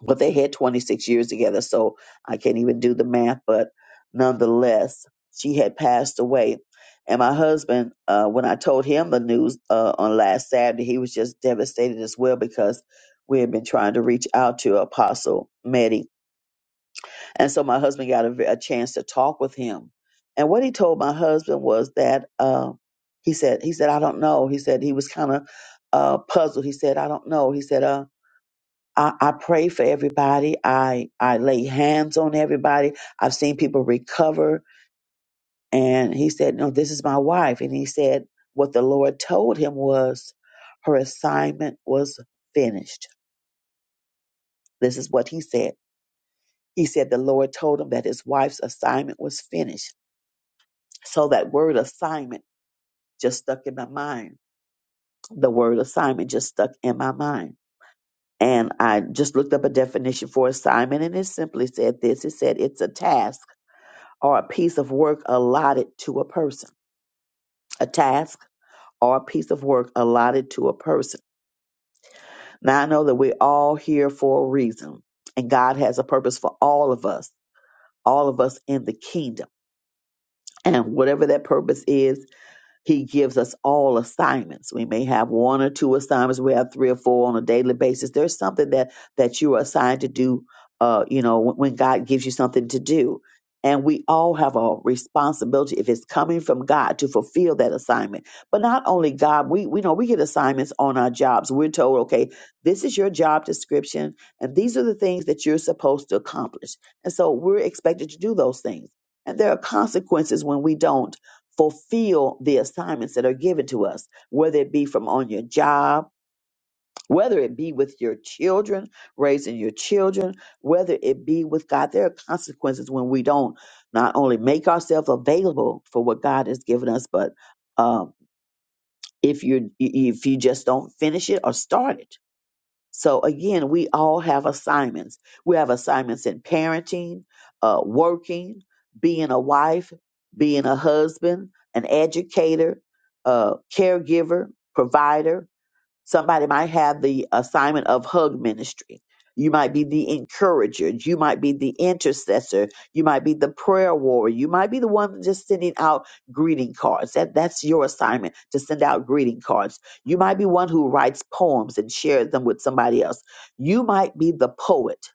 [SPEAKER 7] Well, they had 26 years together, so I can't even do the math, but nonetheless, she had passed away. And my husband, uh, when I told him the news uh, on last Saturday, he was just devastated as well because we had been trying to reach out to Apostle Meddy. And so my husband got a, a chance to talk with him. And what he told my husband was that uh, he said, he said, I don't know. He said he was kind of uh, puzzled. He said, I don't know. He said, uh, I, I pray for everybody. I, I lay hands on everybody. I've seen people recover. And he said, No, this is my wife. And he said, What the Lord told him was her assignment was finished. This is what he said. He said, The Lord told him that his wife's assignment was finished. So that word assignment just stuck in my mind. The word assignment just stuck in my mind. And I just looked up a definition for assignment and it simply said this it said, It's a task or a piece of work allotted to a person, a task or a piece of work allotted to a person. Now, I know that we're all here for a reason, and God has a purpose for all of us, all of us in the kingdom. And whatever that purpose is, He gives us all assignments. We may have one or two assignments. We have three or four on a daily basis. There's something that that you are assigned to do. Uh, you know, when when God gives you something to do, and we all have a responsibility if it's coming from God to fulfill that assignment. But not only God, we we know we get assignments on our jobs. We're told, okay, this is your job description, and these are the things that you're supposed to accomplish. And so we're expected to do those things. And there are consequences when we don't fulfill the assignments that are given to us, whether it be from on your job, whether it be with your children, raising your children, whether it be with God. There are consequences when we don't not only make ourselves available for what God has given us, but um, if you if you just don't finish it or start it, so again, we all have assignments. We have assignments in parenting, uh, working, being a wife, being a husband, an educator, a caregiver, provider, Somebody might have the assignment of hug ministry. You might be the encourager. You might be the intercessor. You might be the prayer warrior. You might be the one just sending out greeting cards. That, that's your assignment to send out greeting cards. You might be one who writes poems and shares them with somebody else. You might be the poet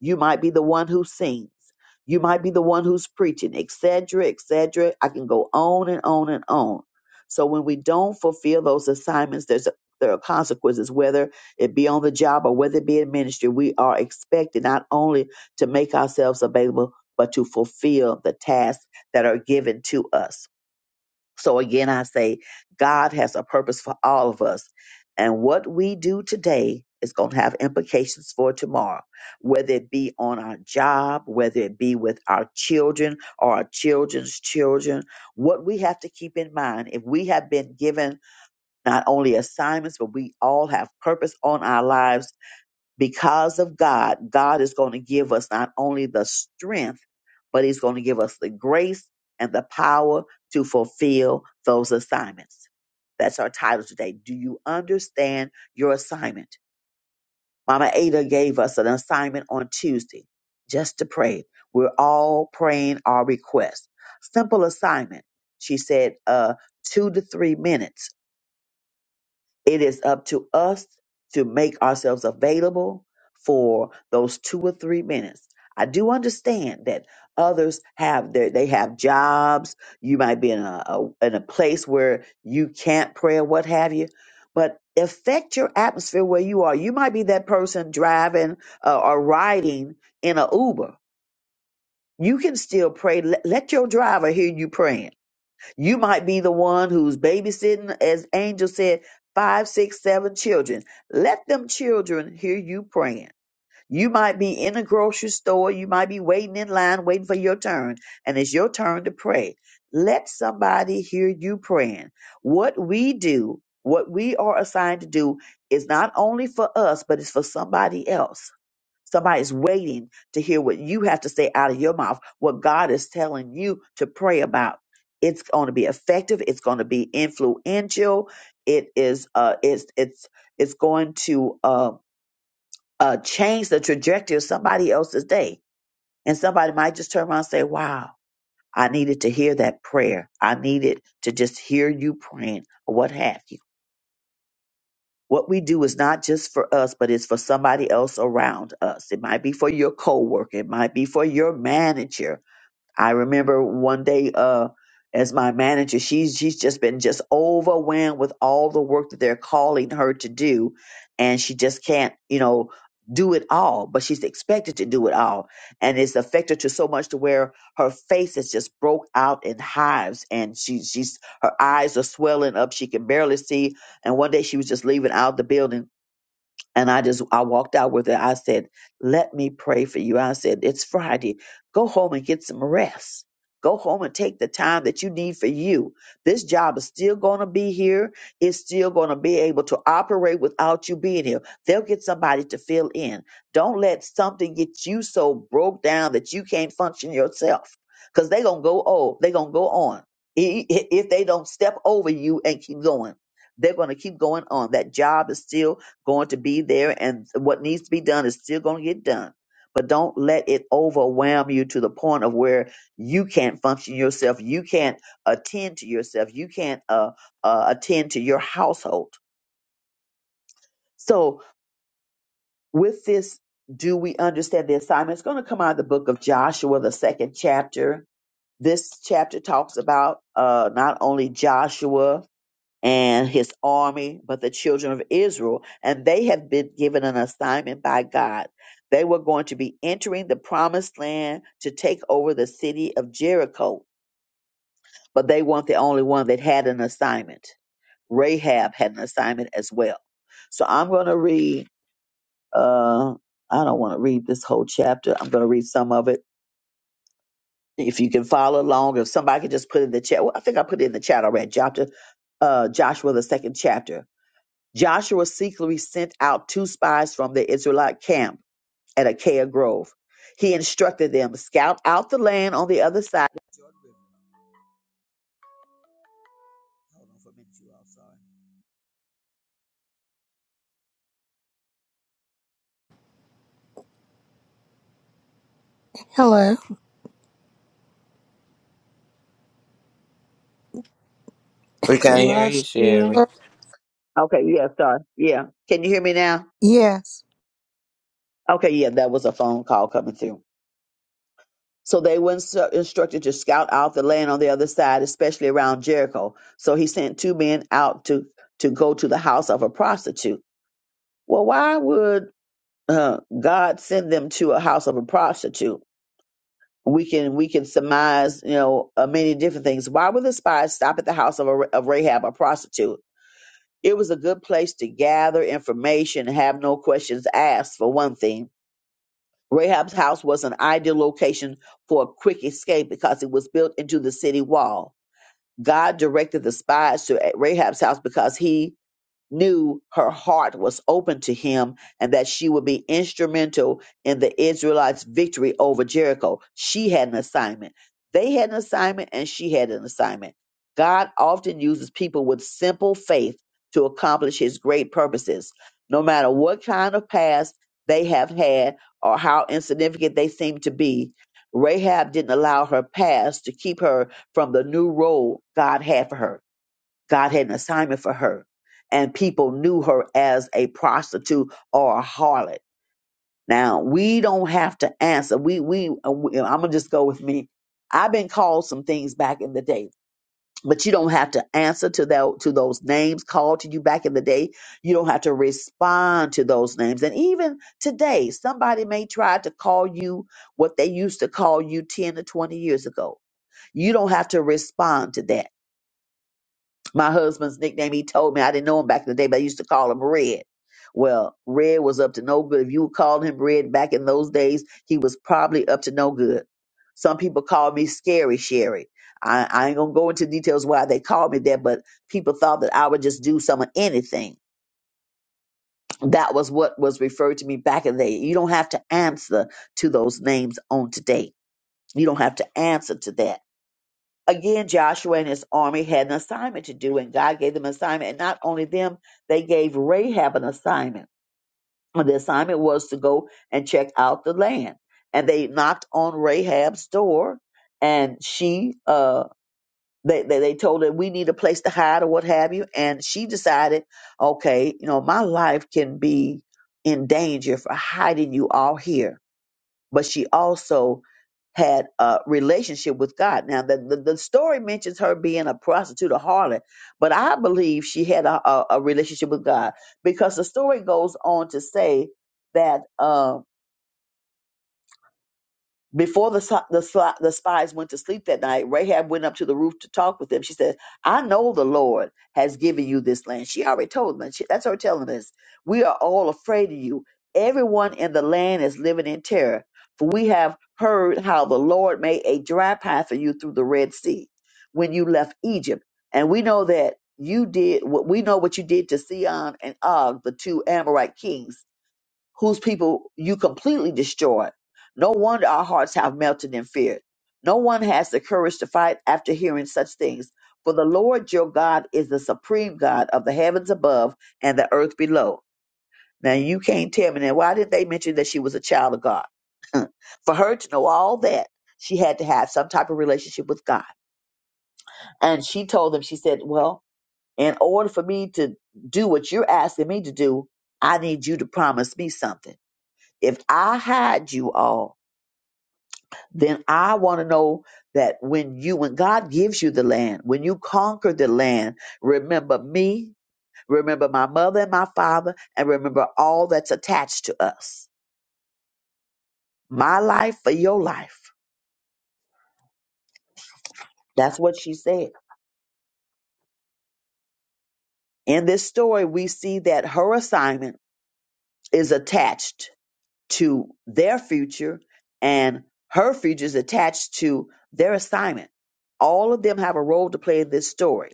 [SPEAKER 7] you might be the one who sings. You might be the one who's preaching, etc., etc. I can go on and on and on. So when we don't fulfill those assignments, there's a, there are consequences, whether it be on the job or whether it be in ministry. We are expected not only to make ourselves available, but to fulfill the tasks that are given to us. So again, I say God has a purpose for all of us. And what we do today is going to have implications for tomorrow, whether it be on our job, whether it be with our children or our children's children. What we have to keep in mind if we have been given not only assignments, but we all have purpose on our lives because of God, God is going to give us not only the strength, but He's going to give us the grace and the power to fulfill those assignments. That's our title today. Do you understand your assignment? Mama Ada gave us an assignment on Tuesday just to pray. We're all praying our request. Simple assignment. She said, uh, two to three minutes it is up to us to make ourselves available for those two or three minutes. I do understand that others have their they have jobs. You might be in a, a in a place where you can't pray or what have you, but affect your atmosphere where you are. You might be that person driving uh, or riding in a Uber. You can still pray. Let, let your driver hear you praying you might be the one who's babysitting, as Angel said, five, six, seven children. Let them children hear you praying. You might be in a grocery store. You might be waiting in line, waiting for your turn, and it's your turn to pray. Let somebody hear you praying. What we do, what we are assigned to do, is not only for us, but it's for somebody else. Somebody's waiting to hear what you have to say out of your mouth, what God is telling you to pray about. It's going to be effective. It's going to be influential. It is. Uh, it's it's it's going to uh, uh, change the trajectory of somebody else's day, and somebody might just turn around and say, "Wow, I needed to hear that prayer. I needed to just hear you praying, or what have you." What we do is not just for us, but it's for somebody else around us. It might be for your coworker, it might be for your manager, I remember one day uh as my manager, she's she's just been just overwhelmed with all the work that they're calling her to do, and she just can't, you know, do it all, but she's expected to do it all. And it's affected her so much to where her face has just broke out in hives and she she's her eyes are swelling up. She can barely see. And one day she was just leaving out the building and I just I walked out with it. I said, "Let me pray for you." I said, "It's Friday. Go home and get some rest. Go home and take the time that you need for you. This job is still going to be here. It's still going to be able to operate without you being here. They'll get somebody to fill in. Don't let something get you so broke down that you can't function yourself. Because they're gonna go oh, they're gonna go on. I- i- If they don't step over you and keep going, they're gonna keep going on. That job is still going to be there and what needs to be done is still going to get done. But don't let it overwhelm you to the point of where you can't function yourself. You can't attend to yourself. You can't uh, uh, attend to your household. So, with this, do we understand the assignment? It's going to come out of the book of Joshua, the second chapter. This chapter talks about uh, not only Joshua, and his army, but the children of Israel, and they have been given an assignment by God. They were going to be entering the promised land to take over the city of Jericho, but they weren't the only one that had an assignment. Rahab had an assignment as well. So I'm going to read, uh, I don't want to read this whole chapter. I'm going to read some of it. If you can follow along, if somebody could just put in the chat, well, I think I put it in the chat already, chapter, uh, Joshua, the second chapter Joshua secretly sent out two spies from the Israelite camp at Achaia Grove. He instructed them, scout out the land on the other side.
[SPEAKER 1] Hello.
[SPEAKER 12] We
[SPEAKER 10] We
[SPEAKER 12] can hear you,
[SPEAKER 10] lost you.
[SPEAKER 12] Sherry.
[SPEAKER 7] Okay, yeah, sorry. Yeah. Can you hear me now?
[SPEAKER 1] Yes.
[SPEAKER 7] Okay, yeah, that was a phone call coming through. So they were instru- instructed to scout out the land on the other side, especially around Jericho. So he sent two men out to, to go to the house of a prostitute. Well, why would uh, God send them to a house of a prostitute? we can we can surmise you know uh, many different things why would the spies stop at the house of, a, of rahab a prostitute it was a good place to gather information and have no questions asked for one thing rahab's house was an ideal location for a quick escape because it was built into the city wall god directed the spies to uh, rahab's house because he knew her heart was open to him and that she would be instrumental in the Israelites' victory over Jericho. She had an assignment. They had an assignment and she had an assignment. God often uses people with simple faith to accomplish his great purposes. No matter what kind of past they have had or how insignificant they seem to be, Rahab didn't allow her past to keep her from the new role God had for her God had an assignment for her, and people knew her as a prostitute or a harlot. Now we don't have to answer. We we, uh, we I'm gonna just go with me. I've been called some things back in the day, but you don't have to answer to that to those names called to you back in the day. You don't have to respond to those names. And even today, somebody may try to call you what they used to call you ten or twenty years ago. You don't have to respond to that my husband's nickname, he told me, I didn't know him back in the day, but I used to call him Red. Well, Red was up to no good. If you called him Red back in those days, he was probably up to no good. Some people called me Scary Sherry. I, I ain't gonna go into details why they called me that, but people thought that I would just do some of anything. That was what was referred to me back in the day. You don't have to answer to those names on today. You don't have to answer to that again, Joshua and his army had an assignment to do, and God gave them an assignment. And not only them, they gave Rahab an assignment. And the assignment was to go and check out the land. And they knocked on Rahab's door, and she, uh, they, they, they told her, we need a place to hide or what have you. And she decided, okay, you know, my life can be in danger for hiding you all here but she also had a relationship with God. Now, the, the, the story mentions her being a prostitute, a harlot, but I believe she had a, a, a relationship with God because the story goes on to say that. um, before the, si- the, si- the spies went to sleep that night, Rahab went up to the roof to talk with them. She said, I know the Lord has given you this land. She already told them. She, that's her telling us. We are all afraid of you. Everyone in the land is living in terror, for we have heard how the Lord made a dry path for you through the Red Sea when you left Egypt. And we know that you did what we know what you did to Sion and Og, the two Amorite kings whose people you completely destroyed. No wonder our hearts have melted in fear. No one has the courage to fight after hearing such things. For the Lord your God is the supreme God of the heavens above and the earth below. Now you can't tell me now why did they mention that she was a child of God? For her to know all that, she had to have some type of relationship with God. And she told them, she said, Well, in order for me to do what you're asking me to do, I need you to promise me something. If I hide you all, then I want to know that when you, when God gives you the land, when you conquer the land, remember me, remember my mother and my father, and remember all that's attached to us. My life for your life. That's what she said. In this story, we see that her assignment is attached to their future and her future is attached to their assignment. All of them have a role to play in this story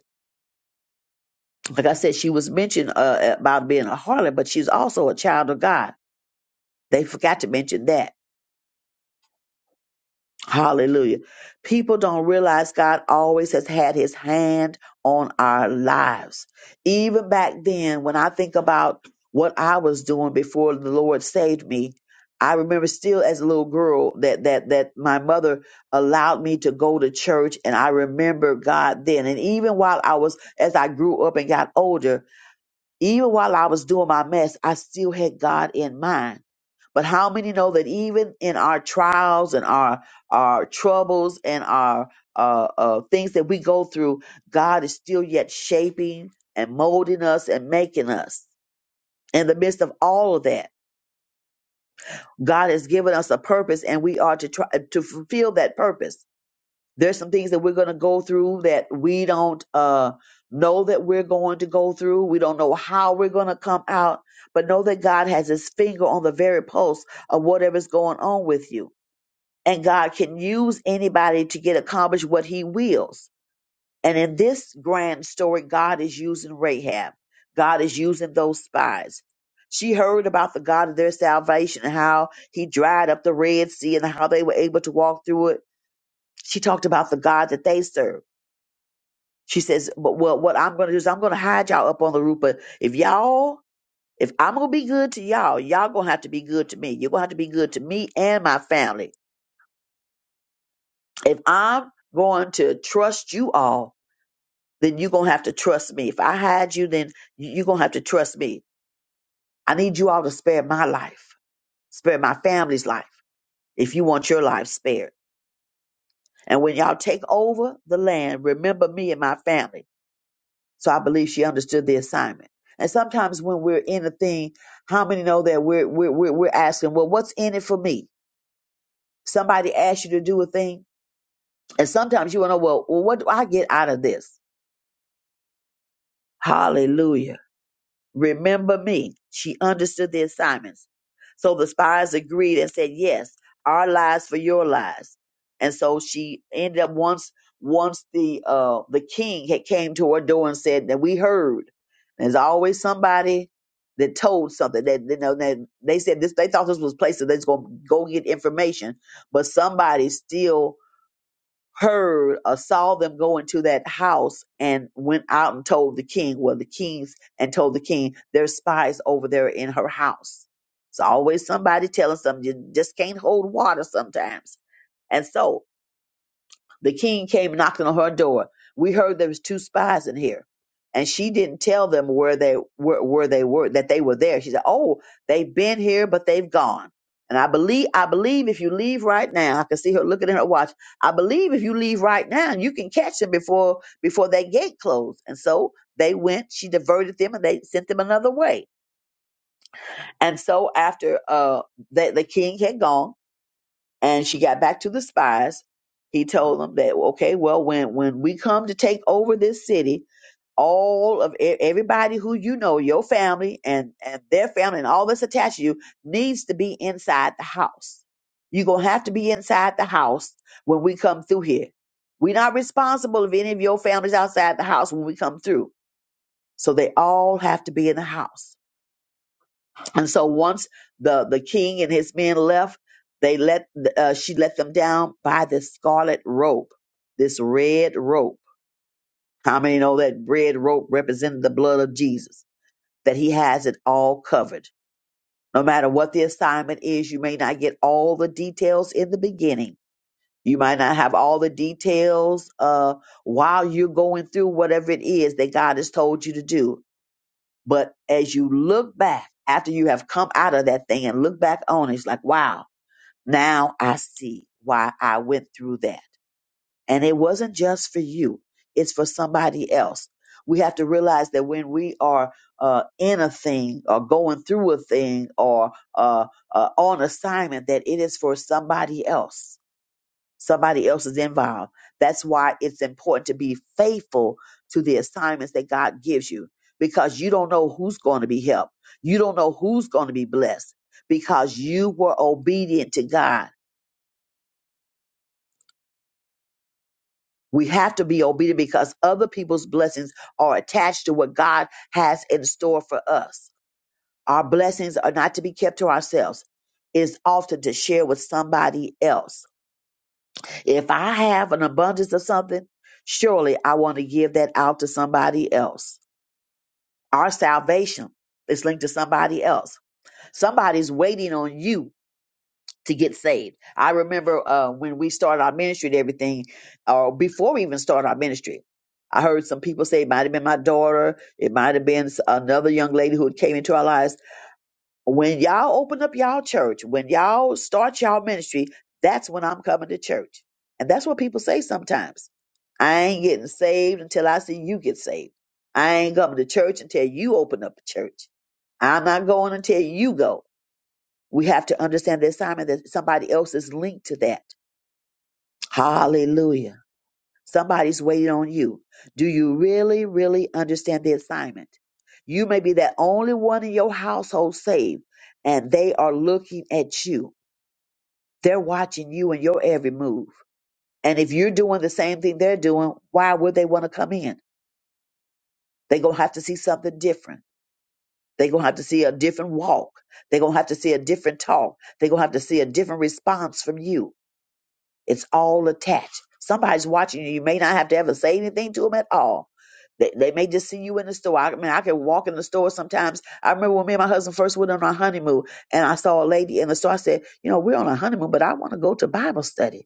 [SPEAKER 7] like I said, she was mentioned uh, about being a harlot, but she's also a child of God. They forgot to mention that. Hallelujah. People don't realize God always has had his hand on our lives. Even back then, when I think about what I was doing before the Lord saved me, I remember still as a little girl that that that my mother allowed me to go to church and I remember God then. And even while I was as I grew up and got older, Even while I was doing my mess, I still had God in mind. But how many know that even in our trials and our our troubles and our uh, uh, things that we go through, God is still yet shaping and molding us and making us. In the midst of all of that, God has given us a purpose, and we are to try to fulfill that purpose there's some things that we're going to go through that we don't uh, know that we're going to go through. We don't know how we're going to come out, but know that God has his finger on the very pulse of whatever's going on with you. And God can use anybody to get accomplished what he wills. And in this grand story, God is using Rahab. God is using those spies. She heard about the God of their salvation and how he dried up the Red Sea and how they were able to walk through it. She talked about the God that they serve she says, but well, what I'm going to do is I'm going to hide y'all up on the roof. But if y'all, if I'm going to be good to y'all, y'all going to have to be good to me. You're going to have to be good to me and my family. If I'm going to trust you all, then you're going to have to trust me. If I hide you, then you- you're going to have to trust me. I need you all to spare my life, spare my family's life if you want your life spared. And when y'all take over the land, remember me and my family. So I believe she understood the assignment. And sometimes when we're in a thing, how many know that we're we're we're, we're asking, well, what's in it for me? Somebody asks you to do a thing, and sometimes you want to know, well, well, what do I get out of this? Hallelujah Remember me. She understood the assignments. So the spies agreed and said, Yes, our lives for your lives. And so she ended up once once the uh the king had came to her door and said that we heard. There's always somebody that told something that you know that they said this they thought this was a place that places that's gonna go get information, but somebody still heard or saw them go into that house and went out and told the king, well, the kings, and told the king, there's spies over there in her house. It's always somebody telling something. You just can't hold water sometimes. And so the king came knocking on her door. We heard there was two spies in here, and she didn't tell them where they were, where they were that they were there. She said, "Oh, they've been here, but they've gone." And I believe, I believe if you leave right now, I can see her looking at her watch. I believe if you leave right now, you can catch them before before that gate closed. And so they went. She diverted them, and they sent them another way. And so after uh, the, the king had gone, and she got back to the spies he told them that okay well when when we come to take over this city all of e- everybody who you know your family and and their family and all that's attached to you needs to be inside the house you're gonna have to be inside the house when we come through here we're not responsible if any of your families outside the house when we come through so they all have to be in the house and so once the the king and his men left, they let uh, she let them down by this scarlet rope, this red rope. How many know that red rope represented the blood of Jesus? That he has it all covered. No matter what the assignment is, you may not get all the details in the beginning. You might not have all the details uh, while you're going through whatever it is that God has told you to do but as you look back after you have come out of that thing and look back on it, it's like, wow, now I see why I went through that. And it wasn't just for you, it's for somebody else. We have to realize that when we are uh, in a thing or going through a thing or uh, uh, on assignment, that it is for somebody else somebody else is involved. That's why it's important to be faithful to the assignments that God gives you because you don't know who's going to be helped. You don't know who's going to be blessed because you were obedient to God. We have to be obedient because other people's blessings are attached to what God has in store for us. Our blessings are not to be kept to ourselves. It's often to share with somebody else If I have an abundance of something, surely I want to give that out to somebody else. Our salvation is linked to somebody else. Somebody's waiting on you to get saved. I remember uh, when we started our ministry and everything, or before we even started our ministry, I heard some people say it might have been my daughter, it might have been another young lady who came into our lives when y'all open up y'all church, when y'all start y'all ministry, that's when I'm coming to church. And that's what people say sometimes. I ain't getting saved until I see you get saved. I ain't coming to church until you open up the church. I'm not going until you go. We have to understand the assignment that somebody else is linked to that. Hallelujah. Somebody's waiting on you. Do you really, really understand the assignment? You may be that only one in your household saved, and they are looking at you. They're watching you and your every move. And if you're doing the same thing they're doing, why would they want to come in? They're going to have to see something different. They're going to have to see a different walk. They're going to have to see a different talk. They're going to have to see a different response from you. It's all attached. Somebody's watching you. You may not have to ever say anything to them at all. They, they may just see you in the store. I mean, I can walk in the store sometimes. I remember when me and my husband first went on our honeymoon, and I saw a lady in the store. I said, You know, we're on a honeymoon, but I want to go to Bible study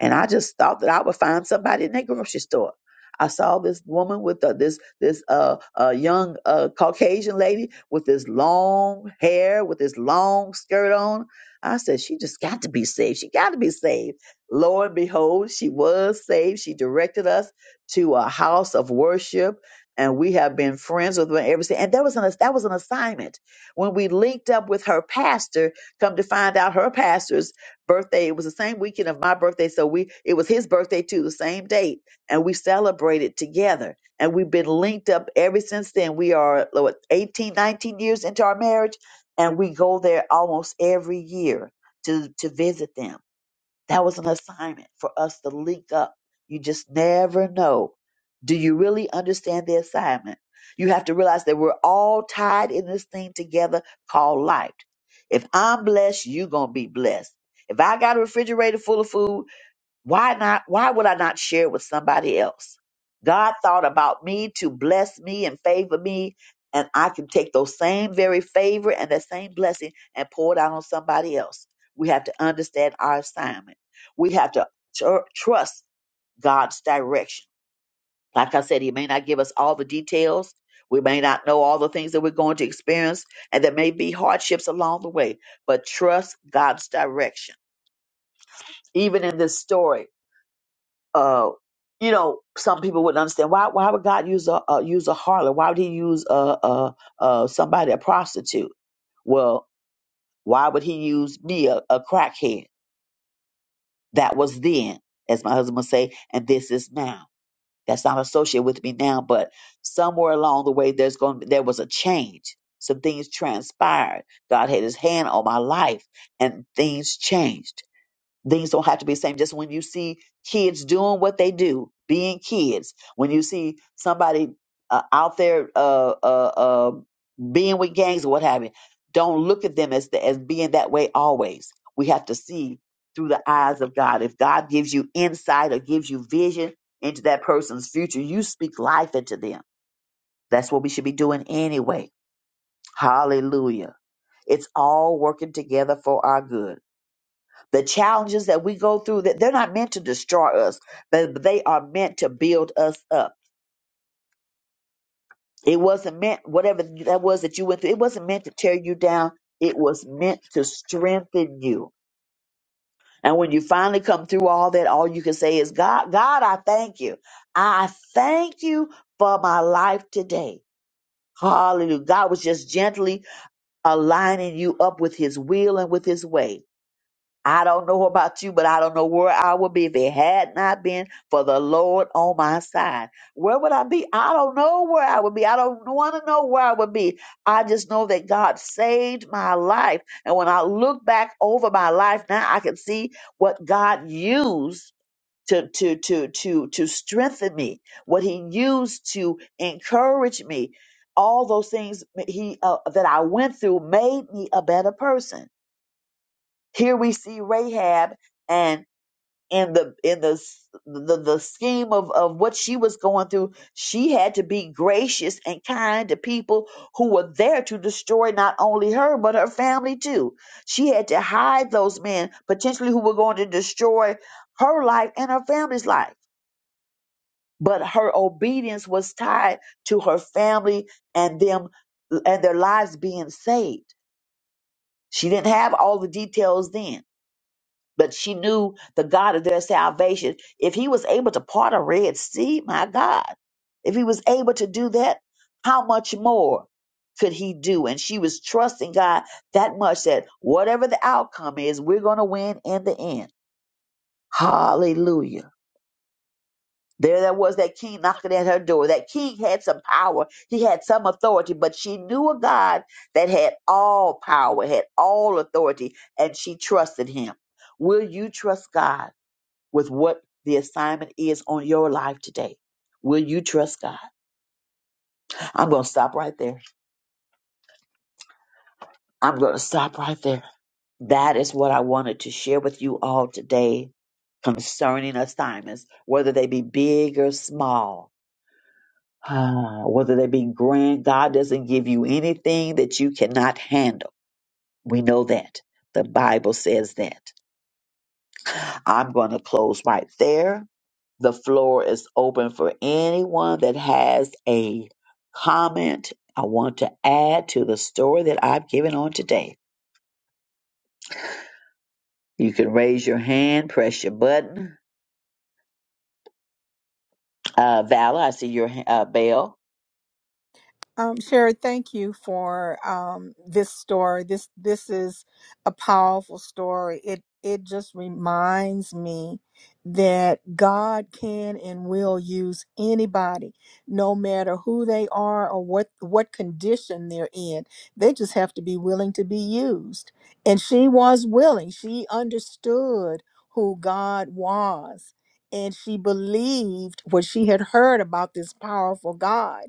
[SPEAKER 7] and I just thought that I would find somebody in that grocery store. I saw this woman with uh, this this uh, uh young uh Caucasian lady with this long hair with this long skirt on. I said she just got to be saved. She got to be saved. Lo and behold, she was saved. She directed us to a house of worship, and we have been friends with her ever since. And that was an that was an assignment when we linked up with her pastor. Come to find out, her pastors birthday. It was the same weekend of my birthday, so we it was his birthday too, the same date, and we celebrated together. And we've been linked up ever since then. We are what, 18, nineteen years into our marriage, and we go there almost every year to to visit them that was an assignment for us to link up. You just never know. Do you really understand the assignment? You have to realize that we're all tied in this thing together called life. If I'm blessed, you're going to be blessed. If I got a refrigerator full of food, why not? Why would I not share with somebody else? God thought about me to bless me and favor me, and I can take those same very favor and that same blessing and pour it out on somebody else. We have to understand our assignment. We have to tr- trust God's direction. Like I said, He may not give us all the details. We may not know all the things that we're going to experience, and there may be hardships along the way, but trust God's direction. Even in this story, uh, you know, some people wouldn't understand why. Why would God use a uh, use a harlot? Why would He use a, a, a somebody a prostitute? Well, why would He use me a, a crackhead? That was then, as my husband would say, and this is now. That's not associated with me now, but somewhere along the way, there's going there was a change. Some things transpired. God had His hand on my life, and things changed things don't have to be the same. Just when you see kids doing what they do, being kids, when you see somebody uh, out there uh, uh, uh, being with gangs or what have you, don't look at them as as being that way always. We have to see through the eyes of God. If God gives you insight or gives you vision into that person's future, you speak life into them. That's what we should be doing anyway. Hallelujah. It's all working together for our good the challenges that we go through that they're not meant to destroy us but they are meant to build us up it wasn't meant whatever that was that you went through it wasn't meant to tear you down it was meant to strengthen you and when you finally come through all that all you can say is god god i thank you i thank you for my life today hallelujah god was just gently aligning you up with his will and with his way I don't know about you, but I don't know where I would be if it had not been for the Lord on my side. Where would I be? I don't know where I would be. I don't want to know where I would be. I just know that God saved my life. And when I look back over my life now, I can see what God used. To, to to to to strengthen me, what he used to encourage me, all those things he uh, that I went through made me a better person. Here we see Rahab and in the in the the, the scheme of, of what she was going through, she had to be gracious and kind to people who were there to destroy not only her but her family too. She had to hide those men potentially who were going to destroy her life and her family's life. But her obedience was tied to her family and them and their lives being saved. She didn't have all the details then but she knew the God of their salvation. If he was able to part a Red Sea, my God, if he was able to do that, how much more could he do? And she was trusting God that much that whatever the outcome is, we're going to win in the end. Hallelujah. There, there was that king knocking at her door. That king had some power. He had some authority, but she knew a God that had all power, had all authority, and she trusted him. Will you trust God? with what the assignment is on your life today. Will you trust God? I'm going to stop right there. I'm going to stop right there. That is what I wanted to share with you all today concerning assignments, whether they be big or small, Ah, whether they be grand. God doesn't give you anything that you cannot handle. We know that. The Bible says that. I'm going to close right there. The floor is open for anyone that has a comment. I want to add to the story that I've given on today. You can raise your hand, press your button. Uh, Vala, I see your ha- uh, bell.
[SPEAKER 1] Um, Sherry, thank you for um, this story. This this is a powerful story. It it just reminds me that God can and will use anybody, no matter who they are or what what condition they're in. They just have to be willing to be used. And she was willing. She understood who God was, and she believed what she had heard about this powerful God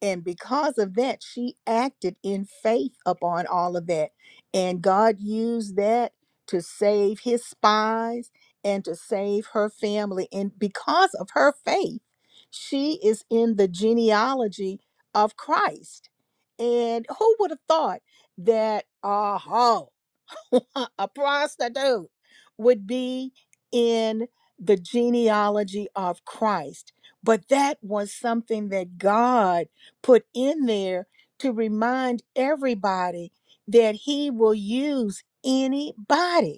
[SPEAKER 1] and because of that, she acted in faith upon all of that. And God used that to save his spies and to save her family. And because of her faith, she is in the genealogy of Christ. And who would have thought that, aha, a prostitute would be in the genealogy of Christ. But that was something that God put in there to remind everybody that He will use anybody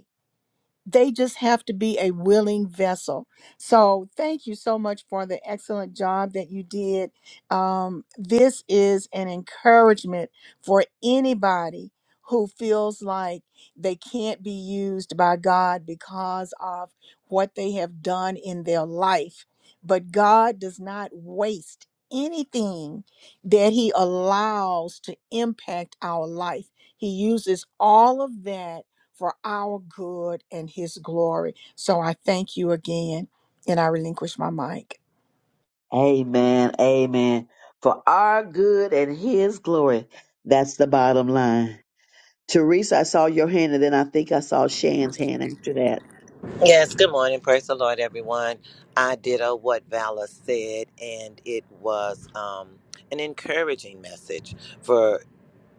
[SPEAKER 1] they just have to be a willing vessel. So, thank you so much for the excellent job that you did. Um, this is an encouragement for anybody who feels like they can't be used by God because of what they have done in their life. But God does not waste anything that He allows to impact our life, He uses all of that for our good and his glory. So I thank you again and I relinquish my mic.
[SPEAKER 7] Amen. Amen. For our good and His glory. That's the bottom line. Teresa, I saw your hand, and then I think I saw Shan's hand after that.
[SPEAKER 12] Yes, good morning. Praise the Lord, everyone. I did uh, what Vala said, and it was um, an encouraging message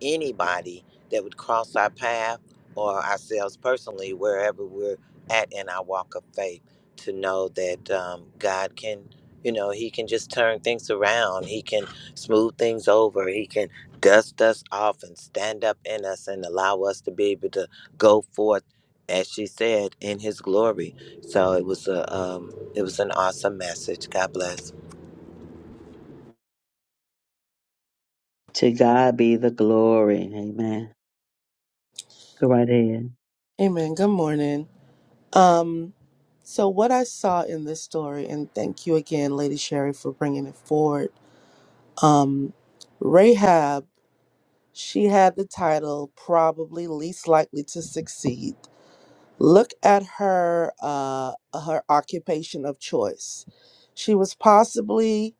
[SPEAKER 12] anybody that would cross our path or ourselves personally, wherever we're at in our walk of faith, to know that um, God can, you know, He can just turn things around. He can smooth things over. He can dust us off and stand up in us and allow us to be able to go forth, as she said, in His glory. So it was a, um, it was an awesome message. God bless.
[SPEAKER 7] To God be the glory. Amen. Go right ahead.
[SPEAKER 10] Amen. Good morning. Um, so what I saw in this story, and thank you again, Lady Sherry, for bringing it forward Um, Rahab, she had the title probably least likely to succeed. Look at her uh, her occupation of choice. She was possibly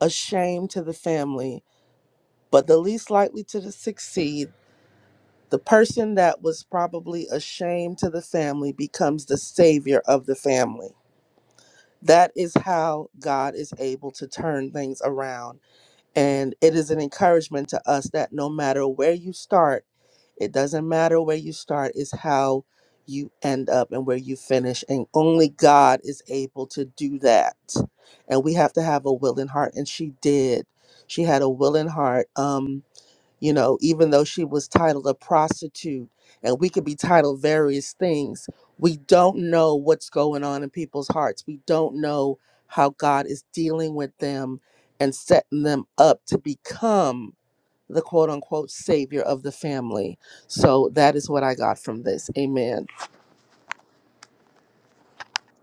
[SPEAKER 10] a shame to the family, but the least likely to succeed, the person that was probably a shame to the family becomes the savior of the family. That is how God is able to turn things around And it is an encouragement to us that no matter where you start, it doesn't matter where you start, is how you end up and where you finish. And only God is able to do that. And we have to have a willing heart. And she did. She had a willing heart. Um, you know, even though she was titled a prostitute, and we could be titled various things, we don't know what's going on in people's hearts. We don't know how God is dealing with them and setting them up to become the quote unquote savior of the family. So that is what I got from this. Amen.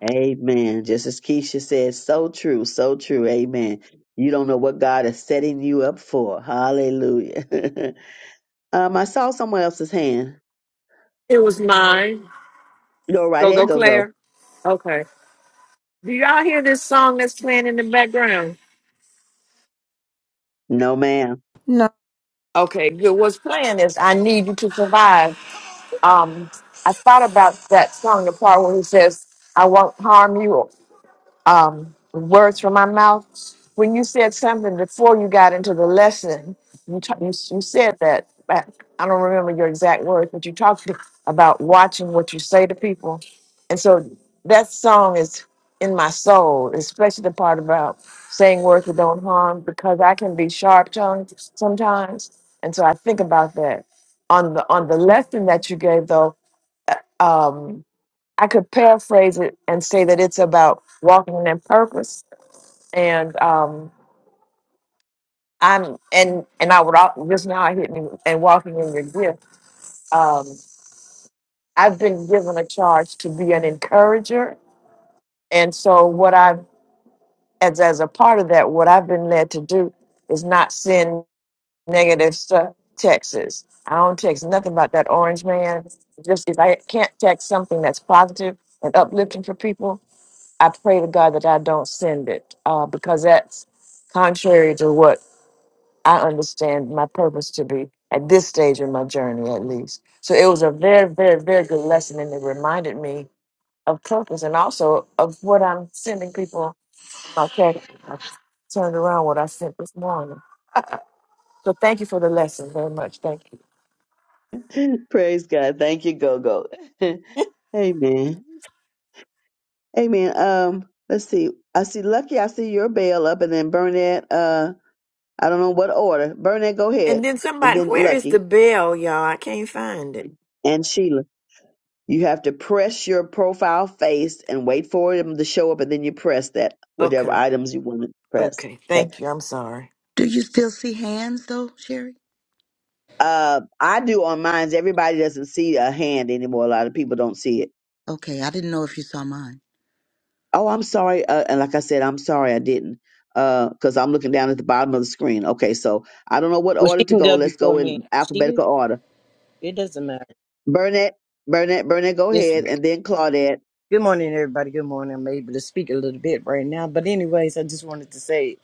[SPEAKER 7] Amen. Just as Keisha said, so true, so true. Amen. You don't know what God is setting you up for. Hallelujah. um, I saw someone else's hand.
[SPEAKER 13] It was mine.
[SPEAKER 7] Go right
[SPEAKER 13] Go,
[SPEAKER 7] ahead,
[SPEAKER 13] go,
[SPEAKER 7] go go.
[SPEAKER 13] Claire. Okay. Do y'all hear this song that's playing in the background?
[SPEAKER 7] No, ma'am.
[SPEAKER 1] No.
[SPEAKER 13] Okay, good. What's playing is I Need You to Survive. Um, I thought about that song, the part where he says, I won't harm you. um, words from my mouth. When you said something before you got into the lesson, you, ta- you, you said that. but I don't remember your exact words, but you talked about watching what you say to people. And so that song is in my soul, especially the part about saying words that don't harm, because I can be sharp tongued sometimes. And so I think about that. On the on the lesson that you gave though, uh, um, I could paraphrase it and say that it's about walking in purpose and um I'm and and I would al- just now I hit me and walking in your gift. Um I've been given a charge to be an encourager and so what I've as as a part of that what I've been led to do is not send negative stuff texts. I don't text nothing about that orange man. Just if I can't text something that's positive and uplifting for people, I pray to God that I don't send it uh, because that's contrary to what I understand my purpose to be at this stage in my journey, at least. So it was a very, very, very good lesson, and it reminded me of purpose and also of what I'm sending people. Okay, I turned around what I sent this morning. So thank you for the lesson very much. Thank you.
[SPEAKER 7] Praise God. Thank you, go go. Amen. Amen. Um, let's see. I see Lucky. I see your bell up, and then Burnett. Uh, I don't know what order. Burnett, go ahead, and then Lucky
[SPEAKER 13] And
[SPEAKER 7] and Sheila. You have to press your profile face and wait for them to show up, and then you press that whatever
[SPEAKER 13] okay,
[SPEAKER 7] items you want to press.
[SPEAKER 13] okay,
[SPEAKER 7] Okay.
[SPEAKER 13] thank you. I'm sorry.
[SPEAKER 5] Do you still see hands though, Sherry?
[SPEAKER 7] Uh, I do on mine. Everybody doesn't see a hand anymore. A lot of people don't see it.
[SPEAKER 5] Okay, I didn't know if you saw mine.
[SPEAKER 7] Oh, I'm sorry. Uh, and like I said, I'm sorry I didn't. Because I'm looking down at the bottom of the screen. Okay, so I don't know what
[SPEAKER 14] Well,
[SPEAKER 7] order
[SPEAKER 14] she
[SPEAKER 7] to
[SPEAKER 14] can
[SPEAKER 7] go.
[SPEAKER 14] go
[SPEAKER 7] Let's
[SPEAKER 14] before
[SPEAKER 7] go
[SPEAKER 14] me.
[SPEAKER 7] in
[SPEAKER 14] She
[SPEAKER 7] alphabetical order.
[SPEAKER 14] it doesn't matter.
[SPEAKER 7] Burnett, Burnett, Burnett, go
[SPEAKER 14] It's
[SPEAKER 7] ahead, and then Claudette.
[SPEAKER 14] Good morning, everybody. Good morning. I'm able to speak a little bit right now, but anyways, I just wanted to say,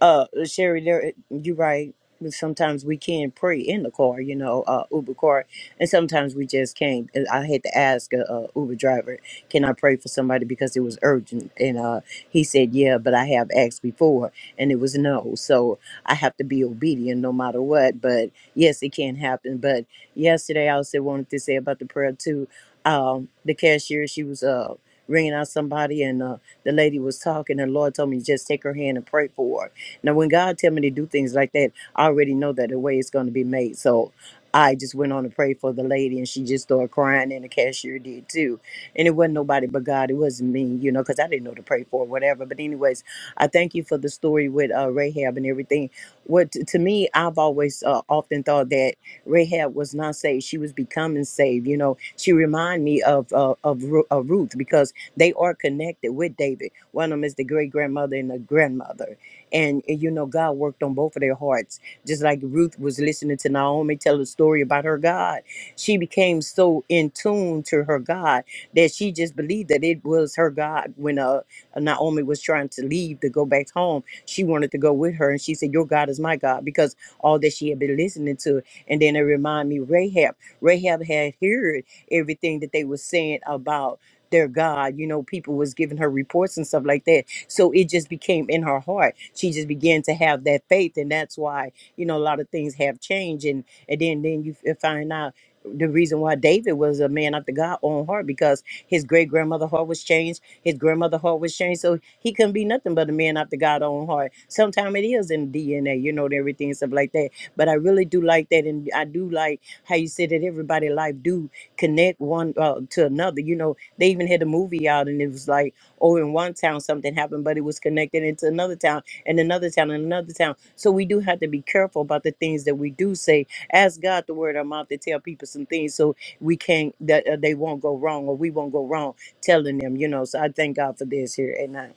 [SPEAKER 14] uh, Sherry, there, you're right. Sometimes we can pray in the car, you know, uh, Uber car, and sometimes we just can't. And I had to ask a, uh Uber driver, "Can I pray for somebody?" because it was urgent, and uh, he said, "Yeah," but I have asked before, and it was no. So I have to be obedient no matter what. But yes, it can happen. But yesterday, I also wanted to say about the prayer too um, the cashier. She was uh, ringing out somebody, and uh, the lady was talking. And the Lord told me just take her hand and pray for her. Now, when God tell me to do things like that, I already know that the way it's going to be made. So I just went on to pray for the lady, and she just started crying, and the cashier did too. And it wasn't nobody but God. It wasn't me, you know, because I didn't know to pray for or whatever. But anyways, I thank you for the story with uh, Rahab and everything. What to me, I've always uh, often thought that. Rahab was not saved; she was becoming saved. You know, she remind me of uh, of, Ru- of Ruth because they are connected with David. One of them is the great grandmother and the grandmother, and uh, you know God worked on both of their hearts. Just like Ruth was listening to Naomi tell a story about her God, she became so in tune to her God that she just believed that it was her God when uh Naomi was trying to leave to go back home. She wanted to go with her, and she said, "Your God is my God," because all that she had been listening to. And then it reminded me Rahab. Rahab had heard everything that they were saying about their God. You know, people was giving her reports and stuff like that. So it just became in her heart. She just began to have that faith. And that's why, you know, a lot of things have changed. And and then then you f- find out the reason why David was a man after God own heart because his great grandmother heart was changed, his grandmother heart was changed, so he couldn't be nothing but a man after God own heart. Sometimes it is in DNA, you know, and everything and stuff like that but I really do like that, and I do like how you said that everybody life do connect one uh, to another. You know, they even had a movie out, and it was like, oh, in one town something happened, but it was connected into another town, and another town, and another town. So we do have to be careful about the things that we do say. Ask God the word of our mouth to tell people some things, so we can't that uh, they won't go wrong, or we won't go wrong telling them. You know, so I thank God for this here, and I.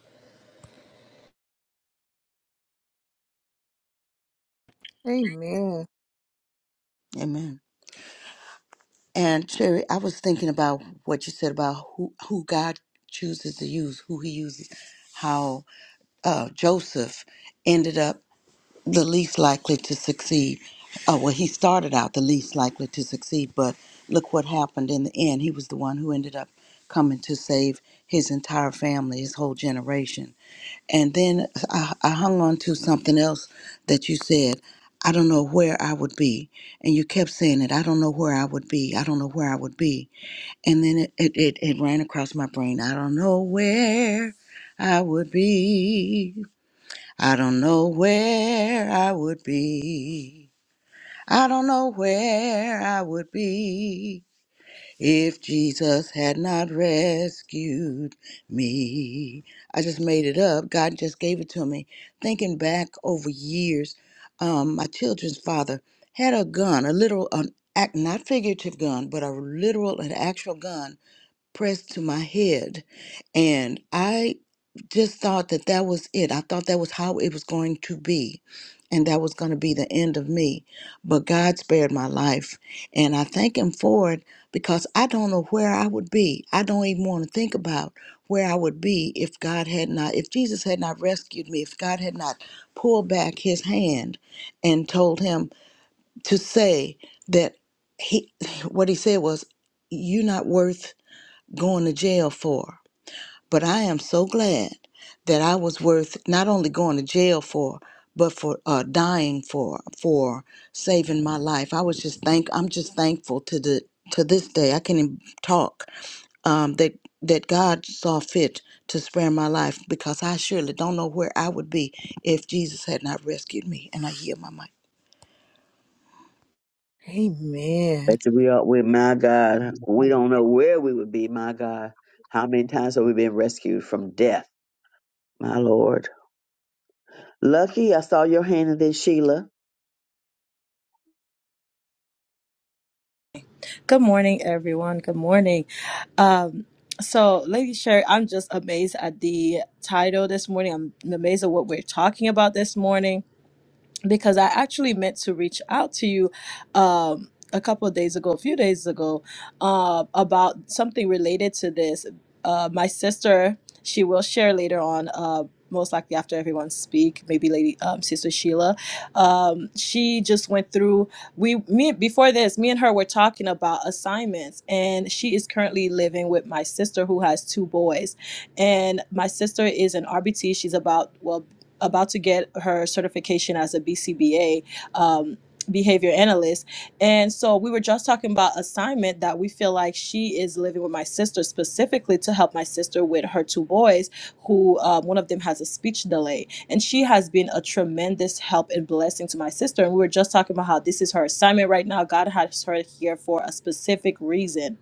[SPEAKER 1] Amen.
[SPEAKER 5] Amen. And Cherry, I was thinking about what you said about who, who God chooses to use, who he uses, how uh, Joseph ended up the least likely to succeed. Uh, well, he started out the least likely to succeed, but look what happened in the end. He was the one who ended up coming to save his entire family, his whole generation. And then I, I hung on to something else that you said. I don't know where I would be. And you kept saying it. I don't know where I would be. I don't know where I would be. And then it, it, it, it ran across my brain. I don't know where I would be. I don't know where I would be. I don't know where I would be. If Jesus had not rescued me, I just made it up. God just gave it to me. Thinking back over years, um, my children's father had a gun, a literal, an act, not figurative gun, but a literal and actual gun pressed to my head. And I just thought that that was it. I thought that was how it was going to be. And that was going to be the end of me. But God spared my life. And I thank Him for it because I don't know where I would be. I don't even want to think about where I would be if God had not, if Jesus had not rescued me, if God had not pulled back His hand and told Him to say that He, what He said was, You're not worth going to jail for. But I am so glad that I was worth not only going to jail for, but for uh, dying for, for saving my life. I was just thank. I'm just thankful to the to this day. I can even talk um, that that God saw fit to spare my life because I surely don't know where I would be if Jesus had not rescued me. And I hear my mic.
[SPEAKER 1] Amen.
[SPEAKER 7] Thanks we are with my God. We don't know where we would be, my God. How many times have we been rescued from death, my Lord? Lucky I saw your hand in this, Sheila.
[SPEAKER 8] Good morning, everyone. Good morning. Um, so, Lady Sherry, I'm just amazed at the title this morning. I'm amazed at what we're talking about this morning because I actually meant to reach out to you um, a couple of days ago, a few days ago, uh, about something related to this. Uh, my sister, she will share later on. Uh, most likely after everyone speak, maybe Lady um, Sister Sheila, um, she just went through. We me before this, me and her were talking about assignments, and she is currently living with my sister who has two boys, and my sister is an RBT. She's about well about to get her certification as a BCBA um, behavior analyst. And so we were just talking about assignment that we feel like she is living with my sister specifically to help my sister with her two boys, who um, one of them has a speech delay. And she has been a tremendous help and blessing to my sister. And we were just talking about how this is her assignment right now. God has her here for a specific reason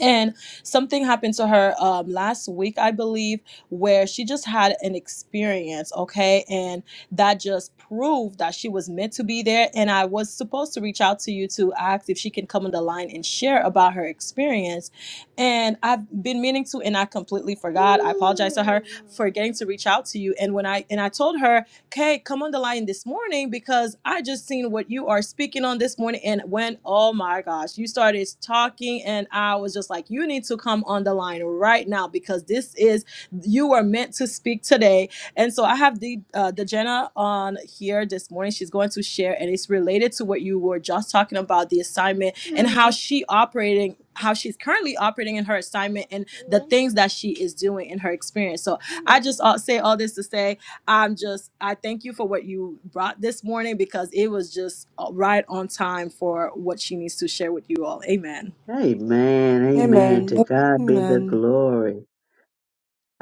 [SPEAKER 8] and something happened to her um, last week i believe where she just had an experience okay and that just proved that she was meant to be there and i was supposed to reach out to you to ask if she can come on the line and share about her experience and i've been meaning to and i completely forgot i apologize to her for getting to reach out to you and when i and i told her Okay, come on the line this morning because I just seen what you are speaking on this morning. And when, oh my gosh, you started talking, and I was just like, you need to come on the line right now because this is, you are meant to speak today. And so I have the uh, the Jenna on here this morning. She's going to share, and it's related to what you were just talking about the assignment and how she operating, how she's currently operating in her assignment, and the things that she is doing in her experience. So I just uh, say all this to say. I'm just, I thank you for what you brought this morning because it was just uh, right on time for what she needs to share with you all. Amen.
[SPEAKER 7] Amen. Amen.
[SPEAKER 15] Amen.
[SPEAKER 7] To God be the
[SPEAKER 15] Amen.
[SPEAKER 7] glory.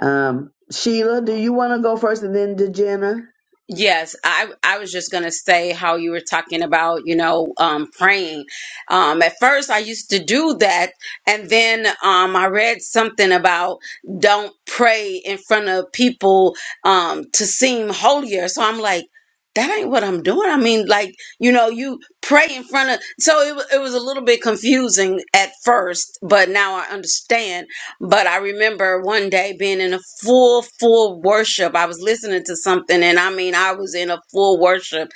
[SPEAKER 7] Um, Sheila, do you want to go first and then to Jenna?
[SPEAKER 16] Yes, I I was just gonna say how you were talking about, you know, um, praying. Um, at first, I used to do that, and then um, I read something about don't pray in front of people um, to seem holier. So I'm like, that ain't what I'm doing. I mean, like, you know, you pray in front of. So it wa- it was a little bit confusing at first, but now I understand. But I remember one day being in a full, full worship. I was listening to something, and I mean, I was in a full worship,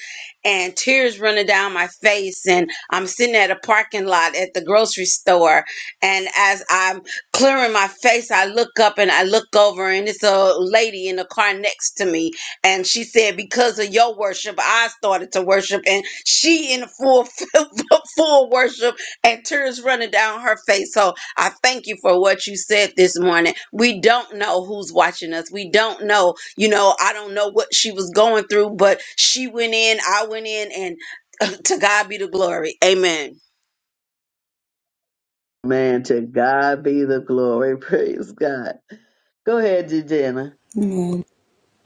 [SPEAKER 16] and tears running down my face. And I'm sitting at a parking lot at the grocery store, and as I'm clearing my face, I look up and I look over, and it's a lady in the car next to me, and she said, "Because of your worship, I started to worship," and she in a full, full worship, and tears running down her face. So I thank you for what you said this morning. We don't know who's watching us. We don't know, you know, I don't know what she was going through, but she went in, I went in, and to God be the glory. Amen.
[SPEAKER 7] Man, to God be the glory. Praise God. Go ahead, Jenna.
[SPEAKER 15] Amen.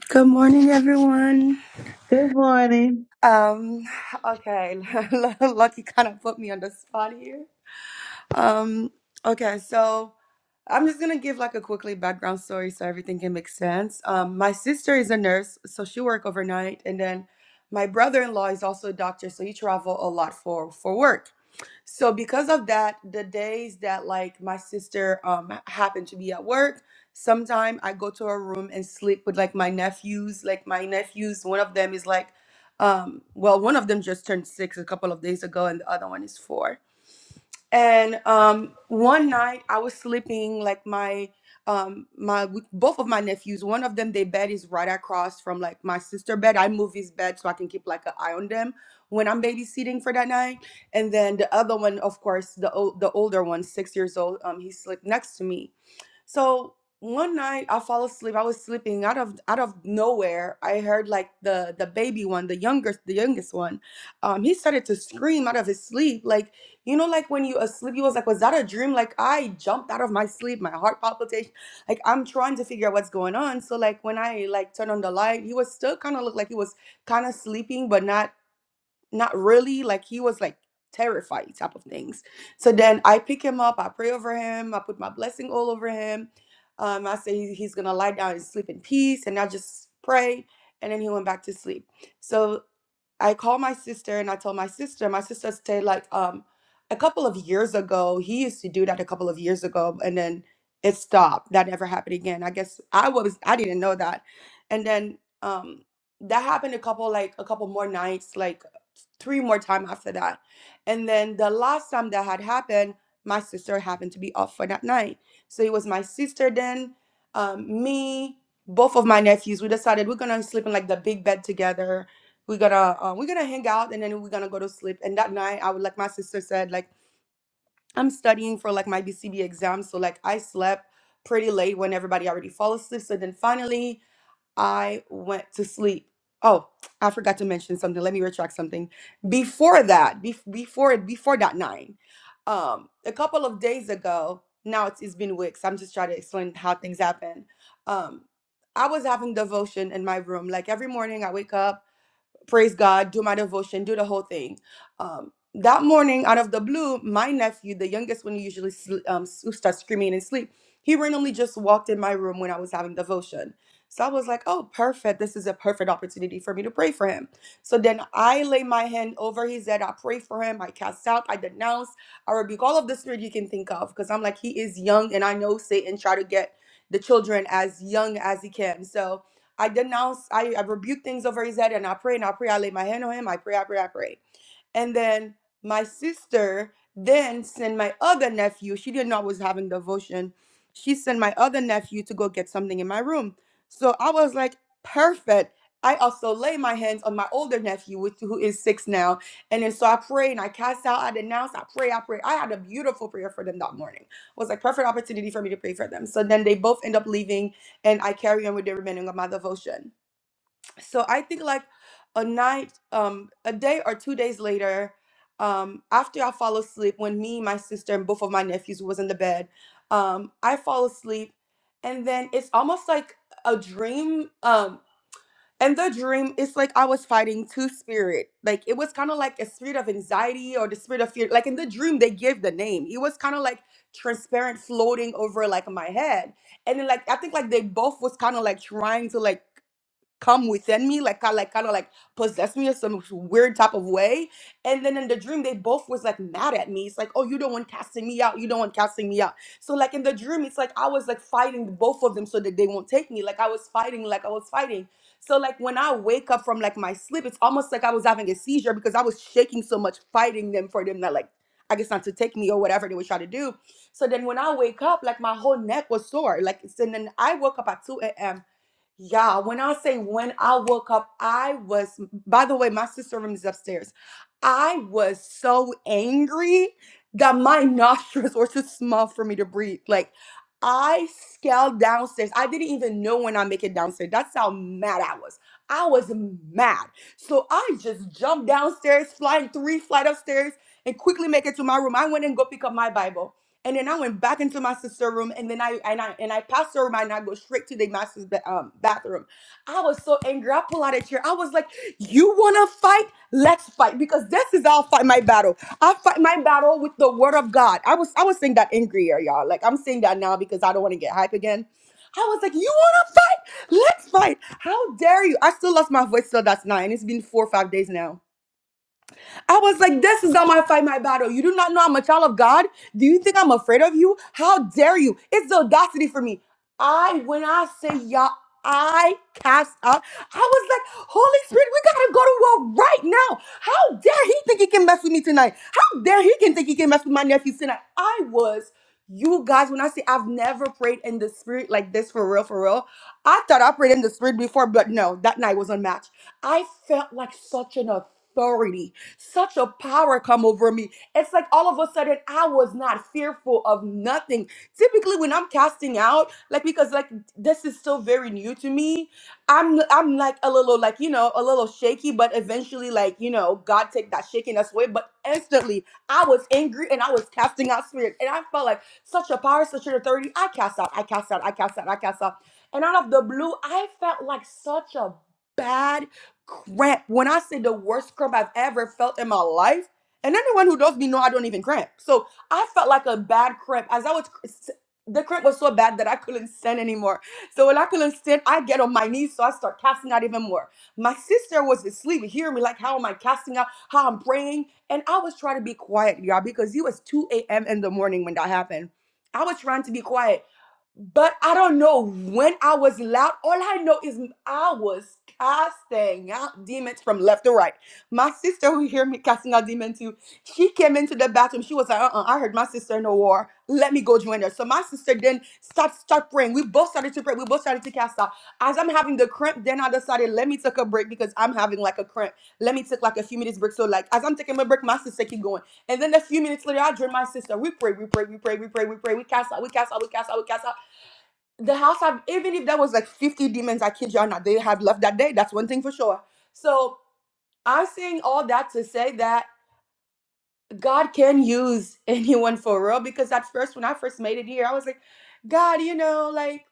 [SPEAKER 15] Good morning, everyone.
[SPEAKER 7] Good morning.
[SPEAKER 15] Um, okay, Lucky kind of put me on the spot here. Um, okay, so I'm just gonna give like a quickly background story so everything can make sense. Um, my sister is a nurse, so she work overnight, and then my brother-in-law is also a doctor, so he travel a lot for for work. So because of that, the days that like my sister um happened to be at work, sometime I go to her room and sleep with like my nephews. Like my nephews, one of them is like um well, one of them just turned six a couple of days ago and the other one is four and um, one night I was sleeping like my um my with both of my nephews. One of them, their bed is right across from like my sister bed. I move his bed so I can keep like an eye on them when I'm babysitting for that night. And then the other one, of course, the old the older one, six years old, um, he slept next to me so one night I fall asleep. I was sleeping out of out of nowhere. I heard like the the baby one, the youngest, the youngest one. Um, he started to scream out of his sleep, like you know, like when you asleep. He was like, "Was that a dream?" Like I jumped out of my sleep, my heart palpitation. Like I'm trying to figure out what's going on. So like when I like turned on the light, he was still kind of looked like he was kind of sleeping, but not not really like he was like terrified type of things so then i pick him up i pray over him i put my blessing all over him um, i say he- he's gonna lie down and sleep in peace and i just pray and then he went back to sleep so i call my sister and i tell my sister my sister said like um a couple of years ago he used to do that a couple of years ago and then it stopped that never happened again i guess i was i didn't know that and then um that happened a couple like a couple more nights like three more time after that. And then the last time that had happened, my sister happened to be off for that night. So it was my sister then, um, me, both of my nephews. We decided we're gonna sleep in like the big bed together. We're gonna uh, we're gonna hang out and then we're gonna go to sleep. And that night, I would like my sister said like I'm studying for like my BCB exam, so like I slept pretty late when everybody already fall asleep. So then finally I went to sleep. Oh, I forgot to mention something. Let me retract something. Before that, bef before before that nine, um, a couple of days ago. Now it's, it's been weeks. I'm just trying to explain how things happen. Um, I was having devotion in my room. Like every morning, I wake up praise God, do my devotion, do the whole thing. Um, that morning, out of the blue, my nephew, the youngest one who usually sl- um, s- who starts screaming and sleep, he randomly just walked in my room when I was having devotion. So I was like, oh, perfect. This is a perfect opportunity for me to pray for him. So then I lay my hand over his head. I pray for him. I cast out. I denounce. I rebuke all of the spirit you can think of because I'm like, he is young and I know Satan try to get the children as young as he can. So I denounce, I, I rebuke things over his head and I pray and I pray. I lay my hand on him. I pray, I pray, I pray and then my sister then sent my other nephew she didn't know i was having devotion she sent my other nephew to go get something in my room so i was like perfect i also lay my hands on my older nephew which, who is six now and then so i pray and i cast out i denounce i pray i pray i had a beautiful prayer for them that morning it was like perfect opportunity for me to pray for them so then they both end up leaving and i carry on with the remaining of my devotion so I think like a night, um, a day or two days later, um, after I fall asleep, when me, my sister, and both of my nephews was in the bed, um, I fall asleep, and then it's almost like a dream. Um, and the dream is like I was fighting two spirit. Like it was kind of like a spirit of anxiety or the spirit of fear. Like in the dream, they gave the name. It was kind of like transparent, floating over like my head, and then like I think like they both was kind of like trying to like come within me, like kind like kind of like possess me in some weird type of way. And then in the dream, they both was like mad at me. It's like, oh, you don't want casting me out. You don't want casting me out. So like in the dream, it's like I was like fighting both of them so that they won't take me. Like I was fighting, like I was fighting. So like when I wake up from like my sleep, it's almost like I was having a seizure because I was shaking so much, fighting them for them not like I guess not to take me or whatever they were trying to do. So then when I wake up, like my whole neck was sore. Like and then I woke up at 2 a.m. Yeah, when I say when I woke up, I was, by the way, my sister room is upstairs. I was so angry that my nostrils were too small for me to breathe. Like, I scaled downstairs. I didn't even know when I make it downstairs. That's how mad I was. I was mad. So I just jumped downstairs, flying three flight upstairs, and quickly make it to my room. I went and go pick up my Bible. And then I went back into my sister's room, and then I and I and I passed her by, and I go straight to the master's ba- um, bathroom. I was so angry. I pulled out a chair. I was like, "You wanna fight? Let's fight because this is how I fight my battle. I fight my battle with the word of God." I was I was saying that angrier, y'all. Like I'm saying that now because I don't want to get hype again. I was like, "You wanna fight? Let's fight! How dare you!" I still lost my voice till that's 9 it's been four or five days now. I was like, this is not my fight, my battle. You do not know I'm a child of God. Do you think I'm afraid of you? How dare you? It's the audacity for me. I, when I say y'all, I cast out. I was like, Holy Spirit, we gotta go to war right now. How dare he think he can mess with me tonight? How dare he can think he can mess with my nephews tonight? I was, you guys, when I say I've never prayed in the spirit like this for real, for real, I thought I prayed in the spirit before, but no, that night was unmatched. I felt like such an authority. Such a power come over me. It's like all of a sudden I was not fearful of nothing. Typically, when I'm casting out, like because like this is still very new to me, I'm I'm like a little like you know a little shaky, but eventually like you know God take that shakiness away. But instantly I was angry and I was casting out spirit, and I felt like such a power, such an authority. I cast out, I cast out, I cast out, I cast out, and out of the blue I felt like such a bad cramp. When I say the worst cramp I've ever felt in my life, and anyone who knows me know I don't even cramp. So I felt like a bad cramp as I was. The cramp was so bad that I couldn't stand anymore. So when I couldn't stand, I get on my knees, so I start casting out even more. My sister was asleep, hearing me like, how am I casting out? How I'm praying, and I was trying to be quiet, y'all, because it was 2 a.m. in the morning when that happened. I was trying to be quiet. But I don't know when I was loud. All I know is I was casting out demons from left to right. My sister, who hear me casting out demons too, she came into the bathroom. She was like, uh-uh, I heard my sister in the war. Let me go join her. So my sister then start start praying. We both started to pray. We both started to cast out. As I'm having the cramp, then I decided, let me take a break because I'm having like a cramp. Let me take like a few minutes break. So like as I'm taking my break, my sister keep going. And then a few minutes later, I join my sister. We pray, we pray, we pray, we pray, we pray, we cast out, we cast out, we cast out, we cast out the house have even if there was like 50 demons i kid y'all not they have left that day that's one thing for sure so i'm saying all that to say that god can use anyone for real because at first when i first made it here i was like god you know like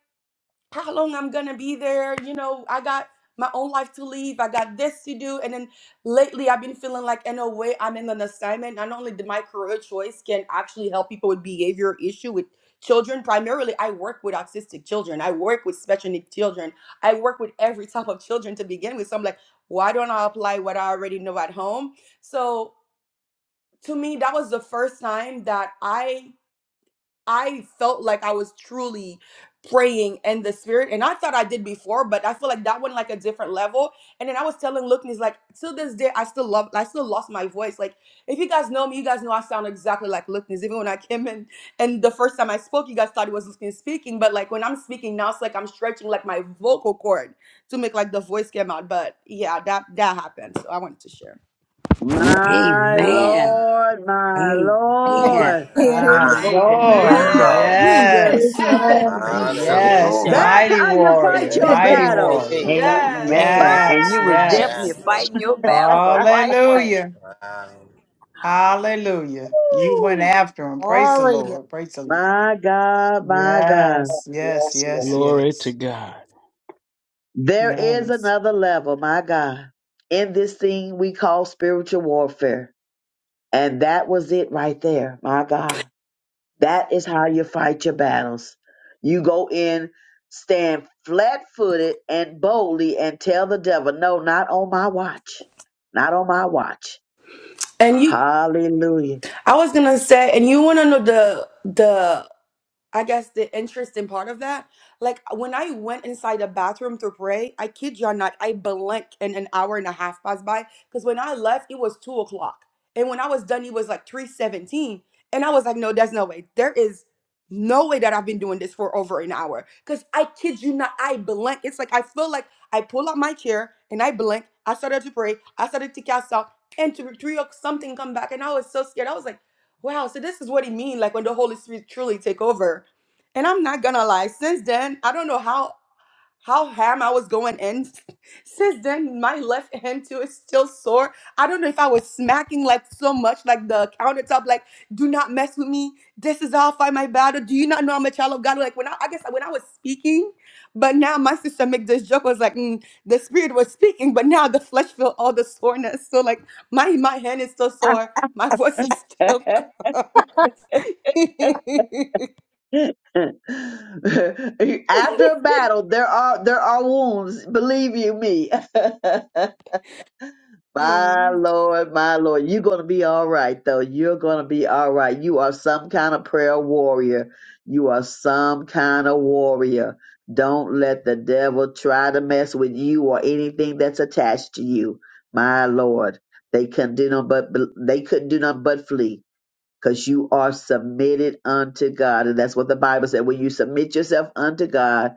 [SPEAKER 15] how long I'm gonna be there. You know, I got my own life to live. I got this to do. And then lately, I've been feeling like, in a way, I'm in an assignment. Not only did my career choice can actually help people with behavior issue with children. Primarily, I work with autistic children. I work with special needs children. I work with every type of children to begin with. So I'm like, why don't I apply what I already know at home? So to me, that was the first time that I I felt like I was truly praying in the spirit. And I thought I did before, but I feel like that went like a different level. And then I was telling Luke, and he's like, till this day, I still love, I still lost my voice. Like, if you guys know me, you guys know I sound exactly like Luke Nez. Even when I came in and the first time I spoke, you guys thought it was Luke Nez speaking. But like when I'm speaking now, it's like I'm stretching like my vocal cord to make like the voice come out. But yeah, that that happened. So I wanted to share.
[SPEAKER 7] My
[SPEAKER 17] Amen.
[SPEAKER 7] Lord, my
[SPEAKER 1] Amen.
[SPEAKER 17] Amen.
[SPEAKER 7] Lord.
[SPEAKER 1] Amen.
[SPEAKER 9] My
[SPEAKER 12] God,
[SPEAKER 18] Oh,
[SPEAKER 7] Woo,
[SPEAKER 12] my
[SPEAKER 9] Lord.
[SPEAKER 17] Wow.
[SPEAKER 12] God,
[SPEAKER 7] Jesus.
[SPEAKER 9] Yes.
[SPEAKER 3] you.
[SPEAKER 17] Praise the
[SPEAKER 9] Yes.
[SPEAKER 12] Hallelujah.
[SPEAKER 17] Lord.
[SPEAKER 8] Amen.
[SPEAKER 7] That's
[SPEAKER 9] Mighty
[SPEAKER 7] how you
[SPEAKER 9] warrior.
[SPEAKER 7] fight
[SPEAKER 12] Bless
[SPEAKER 7] your
[SPEAKER 12] your
[SPEAKER 9] Mighty
[SPEAKER 12] name,
[SPEAKER 7] battles.
[SPEAKER 9] warrior.
[SPEAKER 12] Jesus.
[SPEAKER 8] Yes.
[SPEAKER 7] Fire!
[SPEAKER 17] Amen. And
[SPEAKER 9] Yes.
[SPEAKER 17] you was definitely
[SPEAKER 12] Yes,
[SPEAKER 8] Yes.
[SPEAKER 9] Yes.
[SPEAKER 12] Lord.
[SPEAKER 17] fighting your battle the right way.
[SPEAKER 9] Hallelujah.
[SPEAKER 12] Wow.
[SPEAKER 17] Wow.
[SPEAKER 9] Hallelujah. You went
[SPEAKER 7] Woo!
[SPEAKER 9] after him. Praise the
[SPEAKER 1] Warrior.
[SPEAKER 9] Lord. Praise the Lord.
[SPEAKER 7] My God, my God.
[SPEAKER 9] Yes. Yes.
[SPEAKER 18] Yes,
[SPEAKER 9] Yes.
[SPEAKER 18] Glory to
[SPEAKER 9] Yes.
[SPEAKER 18] God.
[SPEAKER 7] There is
[SPEAKER 9] Yes.
[SPEAKER 7] another level, my God, in this thing we call spiritual warfare. And that was it right there, my God. That is how you fight your battles. You go in, stand flat footed and boldly, and tell the devil, no, not on my watch. Not on my watch.
[SPEAKER 15] And you
[SPEAKER 7] Hallelujah.
[SPEAKER 15] I was gonna say, and you wanna know the the I guess the interesting part of that, like when I went inside the bathroom to pray, I kid you not, I blinked and an hour and a half passed by. Because when I left, it was two o'clock, and when I was done, it was like three seventeen, and I was like, no, there's no way. There is no way that I've been doing this for over an hour. Because I kid you not, I blinked. It's like I feel like I pull up my chair and I blink. I started to pray. I started to cast out, and to three o'clock something come back, and I was so scared. I was like. Wow, so this is what it means like when the Holy Spirit truly take over and I'm not gonna lie, since then, I don't know how how ham I was going in. Since then, my left hand too is still sore. I don't know if I was smacking like so much, like the countertop, like, do not mess with me. This is how I fight my battle. Do you not know I'm a child of God? Like when I, I guess when I was speaking, but now my sister make this joke was like, mm, the spirit was speaking, but now the flesh feel all the soreness. So like my my hand is still sore. My voice is still calm.
[SPEAKER 7] After a battle, there are there are wounds. Believe you me.
[SPEAKER 15] yeah.
[SPEAKER 7] my Lord, my Lord, you're gonna be all right though. You're gonna be all right. You are some kind of prayer warrior. You are some kind of warrior. Don't let the devil try to mess with you or anything that's attached to you. My Lord, they couldn't do no but they couldn't do nothing but flee because you are submitted unto God. And that's what the Bible said. When you submit yourself unto God,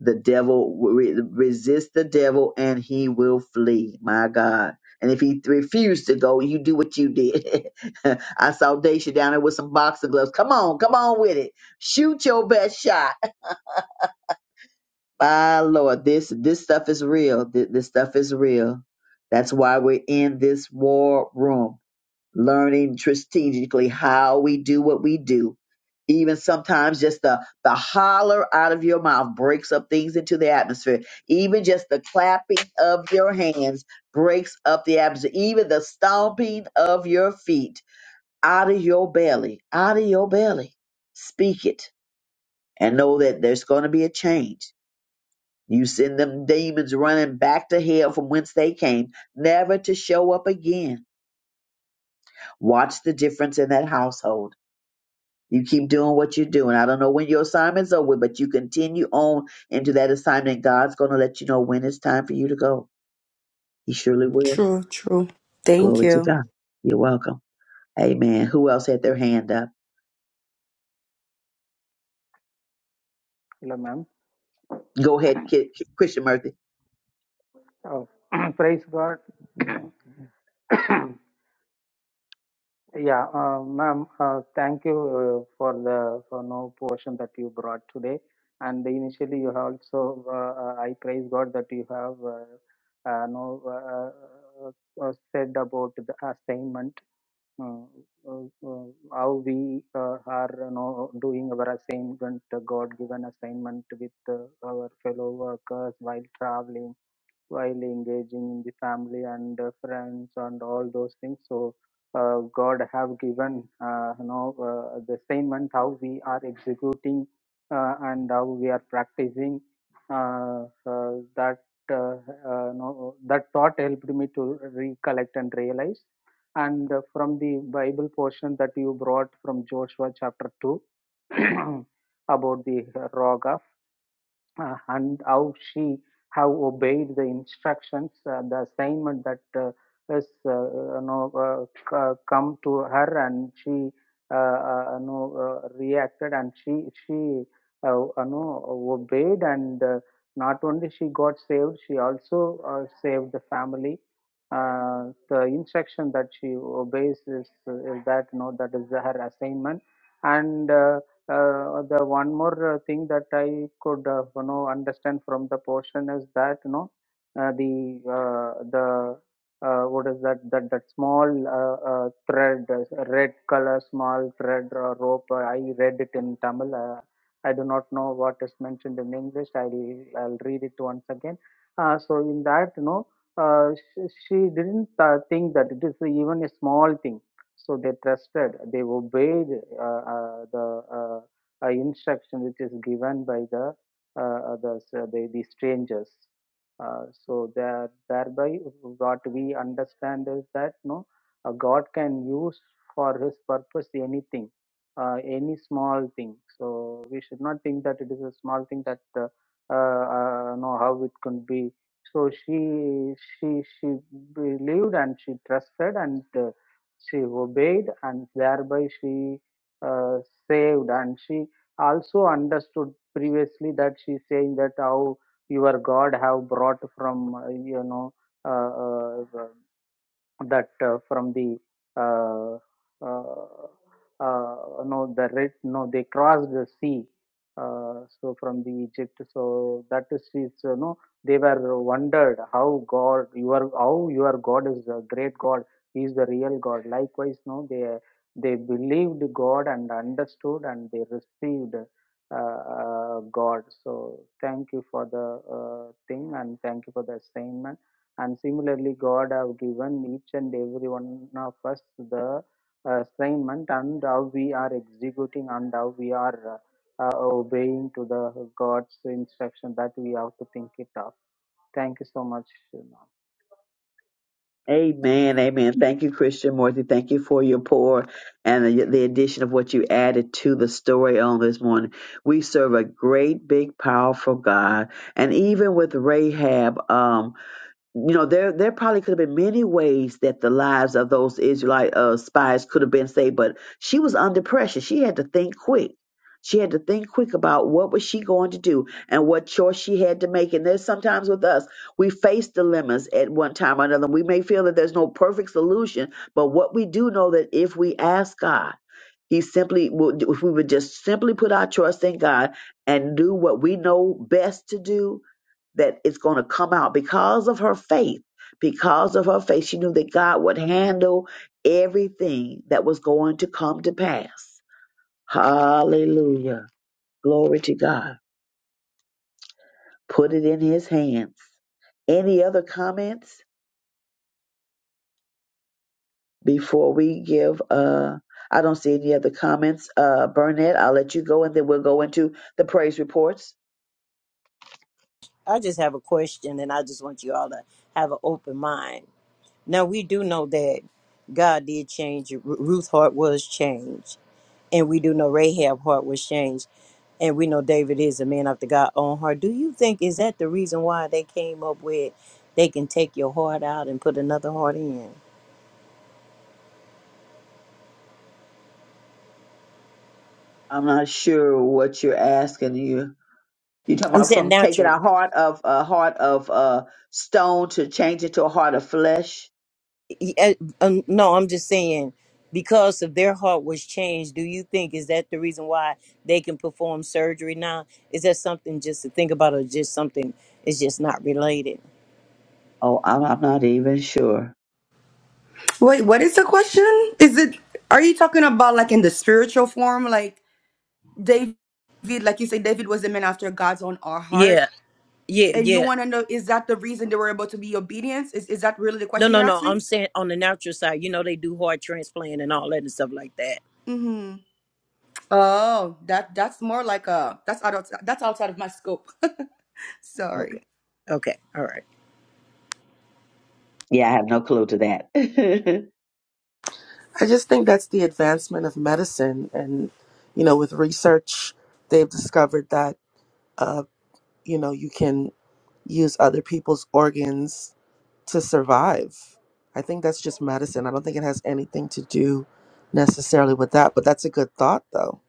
[SPEAKER 7] the devil, re- resist the devil and he will flee. My God. And if he refused to go, you do what you did. I saw Daisha down there with some boxing gloves. Come on, come on with it. Shoot your best shot. My Lord, this this stuff is real. Th- This stuff is real. That's why we're in this war room learning strategically how we do what we do. Even sometimes just the, the holler out of your mouth breaks up things into the atmosphere. Even just the clapping of your hands breaks up the atmosphere. Even the stomping of your feet out of your belly, out of your belly. Speak it and know that there's going to be a change. You send them demons running back to hell from whence they came, never to show up again. Watch the difference in that household You keep doing what you're doing. I don't know when your assignment's over, but you continue on into that assignment. God's going to let you know when it's time for you to go. He surely will.
[SPEAKER 15] True, true. Thank
[SPEAKER 7] Glory to
[SPEAKER 15] you.
[SPEAKER 7] God. You're welcome. Amen. Who else had their hand up?
[SPEAKER 6] Hello, ma'am.
[SPEAKER 7] Go ahead, Ki- Ki- Christian Murphy.
[SPEAKER 6] Oh, praise God. yeah, uh, ma'am. Uh, thank you uh, for the for no portion that you brought today. And initially, you have also. Uh, uh, I praise God that you have uh, uh, no uh, uh, uh, said about the assignment uh, uh, uh, how we uh, are you know, doing our assignment, uh, God given assignment with uh, our fellow workers while traveling while engaging in the family and uh, friends and all those things so uh, god have given uh, you know uh, the assignment how we are executing uh, and how we are practicing uh, uh, that uh, uh, no, that thought helped me to recollect and realize and uh, from the bible portion that you brought from joshua chapter 2 about the uh, rock of uh, and how she have obeyed the instructions, uh, the assignment that uh, has uh, you know, uh, c- uh, come to her, and she uh, uh, you know, uh, reacted, and she she uh, you know, obeyed, and uh, not only she got saved, she also uh, saved the family. Uh, the instruction that she obeys is, is that you know, that is her assignment, and. Uh, uh, the one more uh, thing that I could uh, you know understand from the portion is that you know uh, the uh, the uh, what is that that that small uh, uh, thread uh, red color small thread or rope uh, I read it in Tamil uh, I do not know what is mentioned in English I'll I'll read it once again uh, so in that you know uh, she, she didn't uh, think that it is even a small thing so they trusted they obeyed uh, uh, the uh, uh, instruction which is given by the uh, uh, the, uh, the the strangers uh, so there thereby what we understand is that no uh, god can use for his purpose anything uh, any small thing so we should not think that it is a small thing that uh, uh, uh, know how it could be so she she she believed and she trusted and uh, she obeyed and thereby she uh, saved and she also understood previously that she's saying that how your god have brought from uh, you know uh, uh, that uh, from the uh, uh, uh, no the red no they crossed the sea uh, so from the egypt so that is is you know they were wondered how god your how your god is a great god he is the real god likewise no they they believed god and understood and they received uh, uh, god so thank you for the uh, thing and thank you for the assignment and similarly, God have given each and every one of us the uh, assignment and how we are executing and how we are uh, uh, obeying to the God's instruction that we have to think it up. Thank you so much.
[SPEAKER 7] Amen. Amen. Thank you, Christian Murphy. Thank you for your pour and the, the addition of what you added to the story on this morning. We serve a great, big, powerful God. And even with Rahab, um, you know there there probably could have been many ways that the lives of those israelite uh, spies could have been saved but she was under pressure she had to think quick she had to think quick about what was she going to do and what choice she had to make and there's sometimes with us we face dilemmas at one time or another we may feel that there's no perfect solution but what we do know that if we ask god he simply, would- if we would just simply put our trust in God and do what we know best to do, that it's going to come out because of her faith. Because of her faith, she knew that God would handle everything that was going to come to pass. Hallelujah. Glory to God. Put it in his hands. Any other comments before we give? Uh, I don't see any other comments. Uh, Burnett, I'll let you go and then we'll go into the praise reports.
[SPEAKER 14] I just have a question, and I just want you all to have an open mind Now we do know that God did change. Ru- Ruth's heart was changed, and we do know Rahab's heart was changed, and we know David is a man after God's own heart. Do you think is that the reason why they came up with they can take your heart out and put another heart in?
[SPEAKER 7] I'm not sure what you're asking. You you talking
[SPEAKER 14] I'm
[SPEAKER 7] about
[SPEAKER 14] saying
[SPEAKER 7] from taking
[SPEAKER 14] naturally.
[SPEAKER 7] a heart of a heart of uh stone to change it to a heart of flesh?
[SPEAKER 14] Y- uh, um, No, I'm just saying because of their heart was changed. Do you think is that the reason why they can perform surgery now? Is that something just to think about, or just something is just not related?
[SPEAKER 7] Oh, I'm, I'm not even sure.
[SPEAKER 15] Wait, what is the question? Is it are you talking about like in the spiritual form? Like David, like you say, David was a man after God's own our heart.
[SPEAKER 14] Yeah, yeah,
[SPEAKER 15] And you
[SPEAKER 14] yeah.
[SPEAKER 15] wanna know is that the reason they were able to be obedient? Is is that really the
[SPEAKER 14] No,
[SPEAKER 15] question you're
[SPEAKER 14] no, no.
[SPEAKER 15] asking?
[SPEAKER 14] I'm saying on the natural side, you know, they do heart transplant and all that and stuff like that.
[SPEAKER 15] Mm-hmm. Oh, that that's more like a that's out of, that's outside of my scope.
[SPEAKER 14] Okay.
[SPEAKER 15] Sorry.
[SPEAKER 14] Okay. All right.
[SPEAKER 7] Yeah, I have no clue to that. and
[SPEAKER 10] I just think that's the advancement of medicine. And, you know, with research, they've discovered that, uh, you know, you can use other people's organs to survive. I think that's just medicine. I don't think it has anything to do necessarily with that, but that's a good thought though.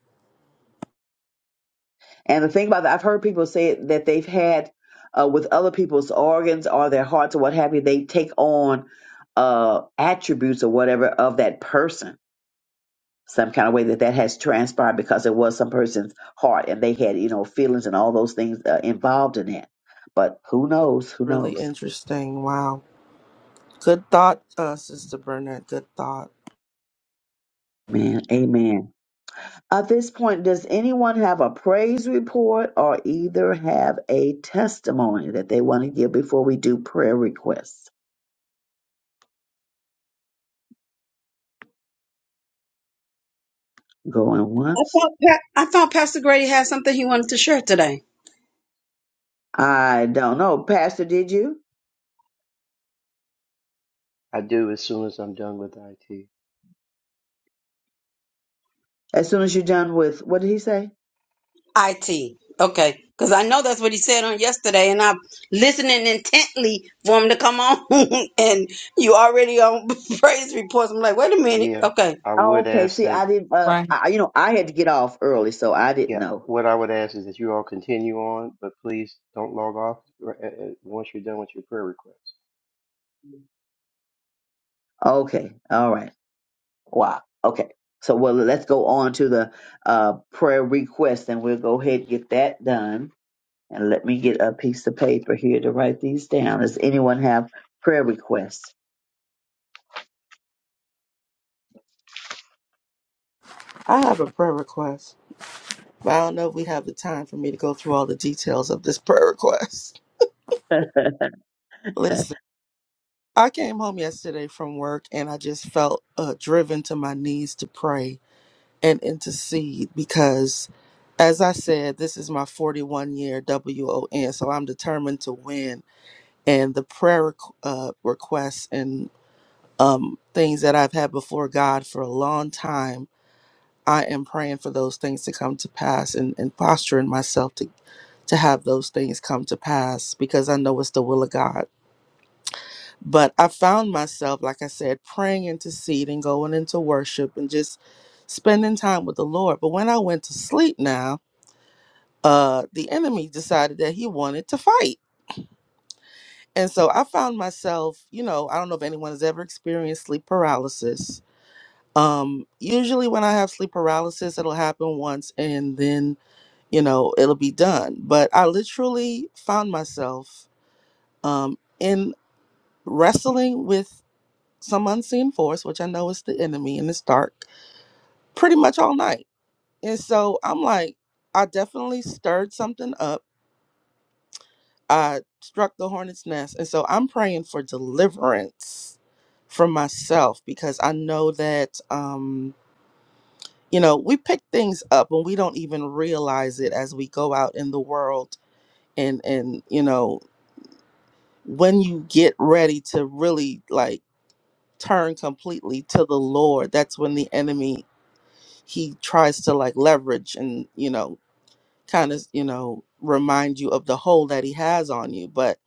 [SPEAKER 7] the thing about that, I've heard people say that they've had uh, with other people's organs or their hearts or what have you, they take on uh attributes or whatever of that person some kind of way that that has transpired because it was some person's heart and they had you know feelings and all those things uh, involved in it but who
[SPEAKER 10] Which is
[SPEAKER 7] knows who
[SPEAKER 10] really
[SPEAKER 7] knows
[SPEAKER 10] interesting. Wow. Good thought, uh, Sister Burnett. Good thought.
[SPEAKER 7] man amen at this point does anyone have a praise report or either have a testimony that they want to give before we do prayer requests going
[SPEAKER 16] I
[SPEAKER 7] once
[SPEAKER 16] thought, Pa- I thought Pastor Grady had something he wanted to share today.
[SPEAKER 7] i don't know pastor did you
[SPEAKER 2] I do as soon as I'm done with IT.
[SPEAKER 7] as soon as you're done with what did he say
[SPEAKER 16] IT. Okay. Because I know that's what he said on yesterday, and I'm listening intently for him to come on. and you already on praise reports. I'm like, wait a minute.
[SPEAKER 2] Yeah,
[SPEAKER 16] Okay.
[SPEAKER 2] I
[SPEAKER 7] oh,
[SPEAKER 2] would
[SPEAKER 7] okay
[SPEAKER 2] ask
[SPEAKER 7] see
[SPEAKER 2] that.
[SPEAKER 7] i didn't uh,
[SPEAKER 9] Right.
[SPEAKER 7] I, you know i had to get off early so i didn't
[SPEAKER 2] Yeah,
[SPEAKER 7] know
[SPEAKER 2] what I would ask is that you all continue on, but please don't log off r- uh, uh, once you're done with your prayer requests.
[SPEAKER 7] okay all right Wow. Okay. So well, let's go on to the uh, prayer request, and we'll go ahead and get that done. And let me get a piece of paper here to write these down. Does anyone have prayer requests?
[SPEAKER 10] I have a prayer request. But I don't know if we have the time for me to go through all the details of this prayer request. Listen, I came home yesterday from work and I just felt uh, driven to my knees to pray and intercede because, as I said, this is my 41 year WON, so I'm determined to win. And the prayer requ- uh, requests and um, things that I've had before God for a long time, I am praying for those things to come to pass and, and posturing myself to to have those things come to pass because I know it's the will of God. But I found myself, like I said, praying, interceding, going into worship, and just spending time with the Lord. But when I went to sleep now, uh, the enemy decided that he wanted to fight. And so I found myself, you know, I don't know if anyone has ever experienced sleep paralysis. Um, usually when I have sleep paralysis, it'll happen once and then, you know, it'll be done. But I literally found myself um, in wrestling with some unseen force, which I know is the enemy and it's dark, pretty much all night. And so I'm like, I definitely stirred something up. I struck the hornet's nest. And so I'm praying for deliverance from myself because I know that, um, you know, we pick things up and we don't even realize it as we go out in the world. And, and, you know, when you get ready to really like turn completely to the Lord, that's when the enemy he tries to like leverage and you know kind of you know remind you of the hold that he has on you but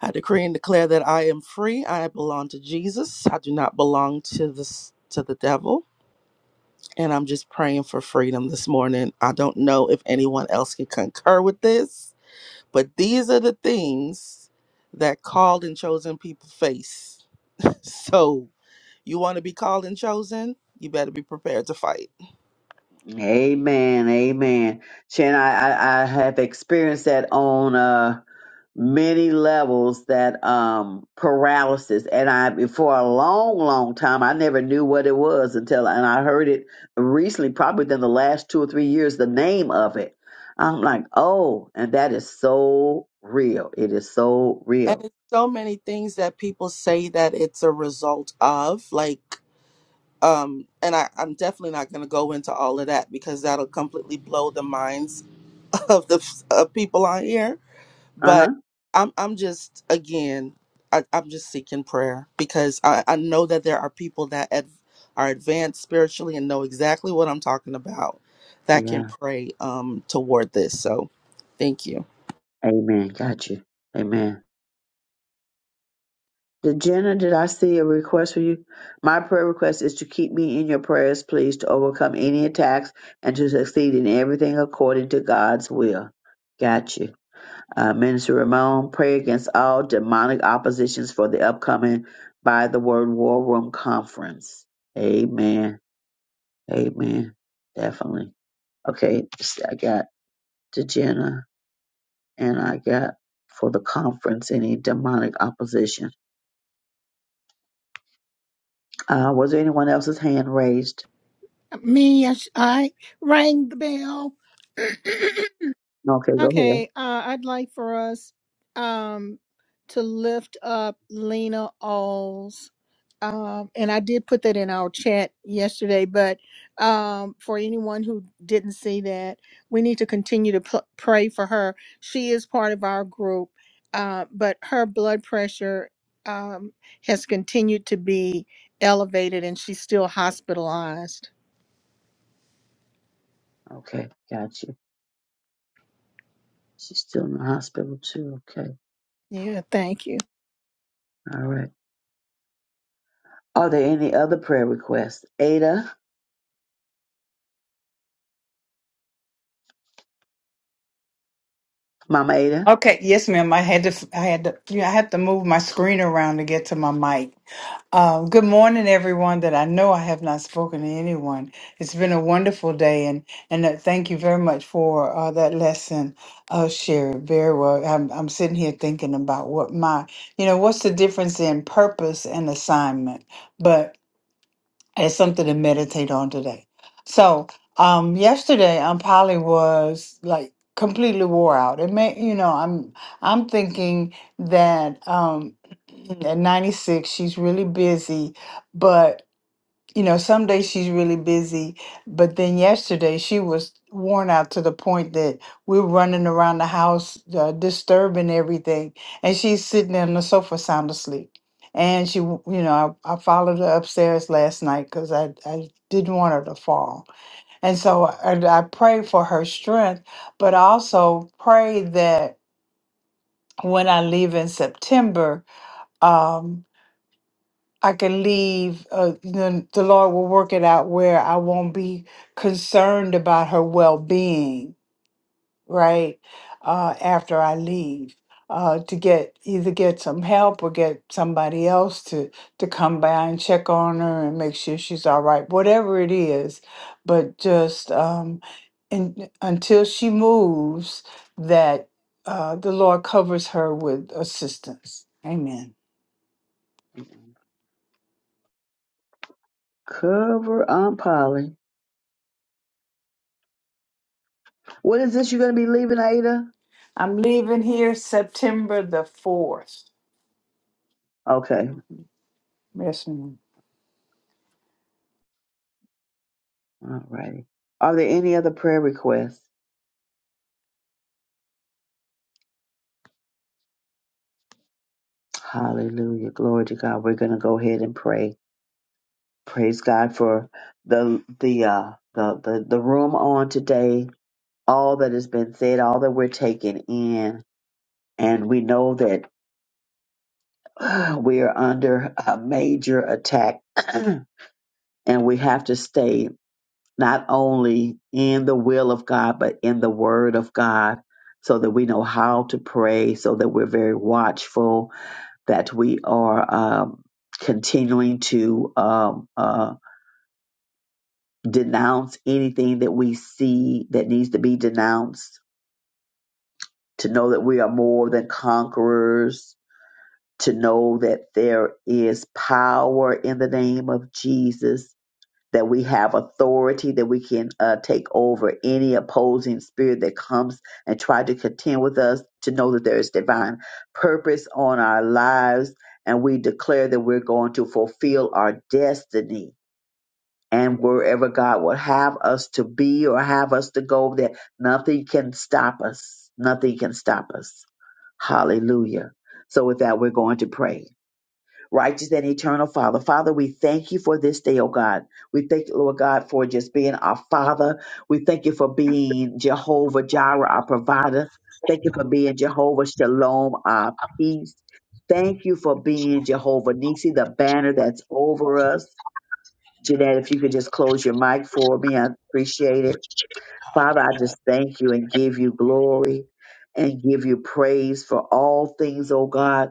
[SPEAKER 10] i decree and declare that i am free i belong to jesus i do not belong to this to the devil and i'm just praying for freedom this morning i don't know if anyone else can concur with this but these are the things that called and chosen people face so You want to be called and chosen? You better be prepared to fight.
[SPEAKER 7] Amen. Amen. Shannon, I, I, I have experienced that on uh, many levels that um paralysis and i for a long long time i never knew what it was until and i heard it recently probably within the last two or three years the name of it i'm like oh and that is so real it is so
[SPEAKER 10] And
[SPEAKER 7] real
[SPEAKER 10] it's so many things that people say that it's a result of, like, um, and I, I'm definitely not going to go into all of that because that'll completely blow the minds of the of people on here.
[SPEAKER 7] uh-huh
[SPEAKER 10] but I'm I'm just again I, I'm just seeking prayer because I, I know that there are people that ad, are advanced spiritually and know exactly what I'm talking about that can
[SPEAKER 7] yeah
[SPEAKER 10] pray um toward this. So thank you.
[SPEAKER 7] amen got you Amen. Did Jenna, did I see a request for you? My prayer request is to keep me in your prayers, please, to overcome any attacks and to succeed in everything according to God's will. Got you. Uh, Minister Ramon, pray against all demonic oppositions for the upcoming By the Word War Room Conference. Amen. Amen. Definitely. Okay, I got to Jenna and I got for the conference any demonic opposition. Uh, was there anyone else's hand raised?
[SPEAKER 1] Me, yes, I rang the bell.
[SPEAKER 7] No, Okay, go ahead.
[SPEAKER 1] okay, uh, I'd like for us um, to lift up Lena Alls. um, and I did put that in our chat yesterday, but um, for anyone who didn't see that, we need to continue to p- pray for her. She is part of our group, uh, but her blood pressure um, has continued to be elevated and she's still hospitalized.
[SPEAKER 7] Okay, got you. She's still in the hospital too. Okay,
[SPEAKER 1] Yeah, thank you.
[SPEAKER 7] all right. Are there any other prayer requests? Ada, Mama Ada,
[SPEAKER 9] Okay. Yes, ma'am. I had to I had to yeah, I had to move my screen around to get to my mic. Um, good morning, everyone. That I know I have not spoken to anyone. It's been a wonderful day, and and uh, thank you very much for uh, that lesson, uh, Sherry. Very well. I'm I'm sitting here thinking about what my you know what's the difference in purpose and assignment, but it's something to meditate on today. So, um, yesterday I probably was like completely wore out. It may, you know, I'm I'm thinking that um, at 96 she's really busy, but you know, some days she's really busy, but then yesterday she was worn out to the point that we're running around the house, uh, disturbing everything, and she's sitting on the sofa sound asleep. And she, w- you know, I, I followed her upstairs last night because I, I didn't want her to fall. And so I, I prayed for her strength, but I also prayed that when I leave in September, um, I can leave. Uh, you know, the Lord will work it out where I won't be concerned about her well-being, right? Uh, after I leave, uh, to get either get some help or get somebody else to to come by and check on her and make sure she's all right, whatever it is. But just um, and until she moves, that uh, the Lord covers her with assistance. Amen.
[SPEAKER 7] cover Aunt Polly. What is this? You're gonna be leaving, Ada?
[SPEAKER 9] I'm leaving here September the 4th.
[SPEAKER 7] Okay,
[SPEAKER 9] Yes, ma'am.
[SPEAKER 7] all righty. Are there any other prayer requests? Hallelujah, glory to God. We're gonna go ahead and pray. Praise God for the the uh the the, the room on today. All that has been said, all that we're taking in, and we know that we are under a major attack and we have to stay not only in the will of God, but in the word of God so that we know how to pray, so that we're very watchful, that we are um, continuing to um, uh, denounce anything that we see that needs to be denounced, to know that we are more than conquerors. To know that there is power in the name of Jesus, that we have authority, that we can uh, take over any opposing spirit that comes and try to contend with us, to know that there is divine purpose on our lives. And we declare that we're going to fulfill our destiny. And wherever God will have us to be or have us to go, that nothing can stop us. Nothing can stop us. Hallelujah. So, with that, we're going to pray. Righteous and eternal Father. Father, we thank you for this day, oh God. We thank you, Lord God, for just being our Father. We thank you for being Jehovah Jireh, our provider. Thank you for being Jehovah Shalom, our peace. Thank you for being Jehovah Nisi, the banner that's over us. Jeanette, if you could just close your mic for me, I appreciate it. Father, I just thank you and give you glory and give you praise for all things, oh God.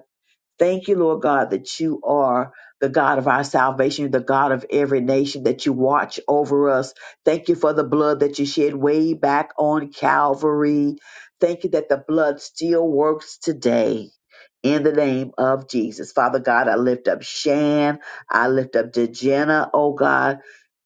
[SPEAKER 7] Thank you, Lord God, that you are the God of our salvation, the God of every nation, that you watch over us. Thank you for the blood that you shed way back on Calvary. Thank you that the blood still works today. In the name of Jesus. Father God, I lift up Shan. I lift up Dejana, oh God.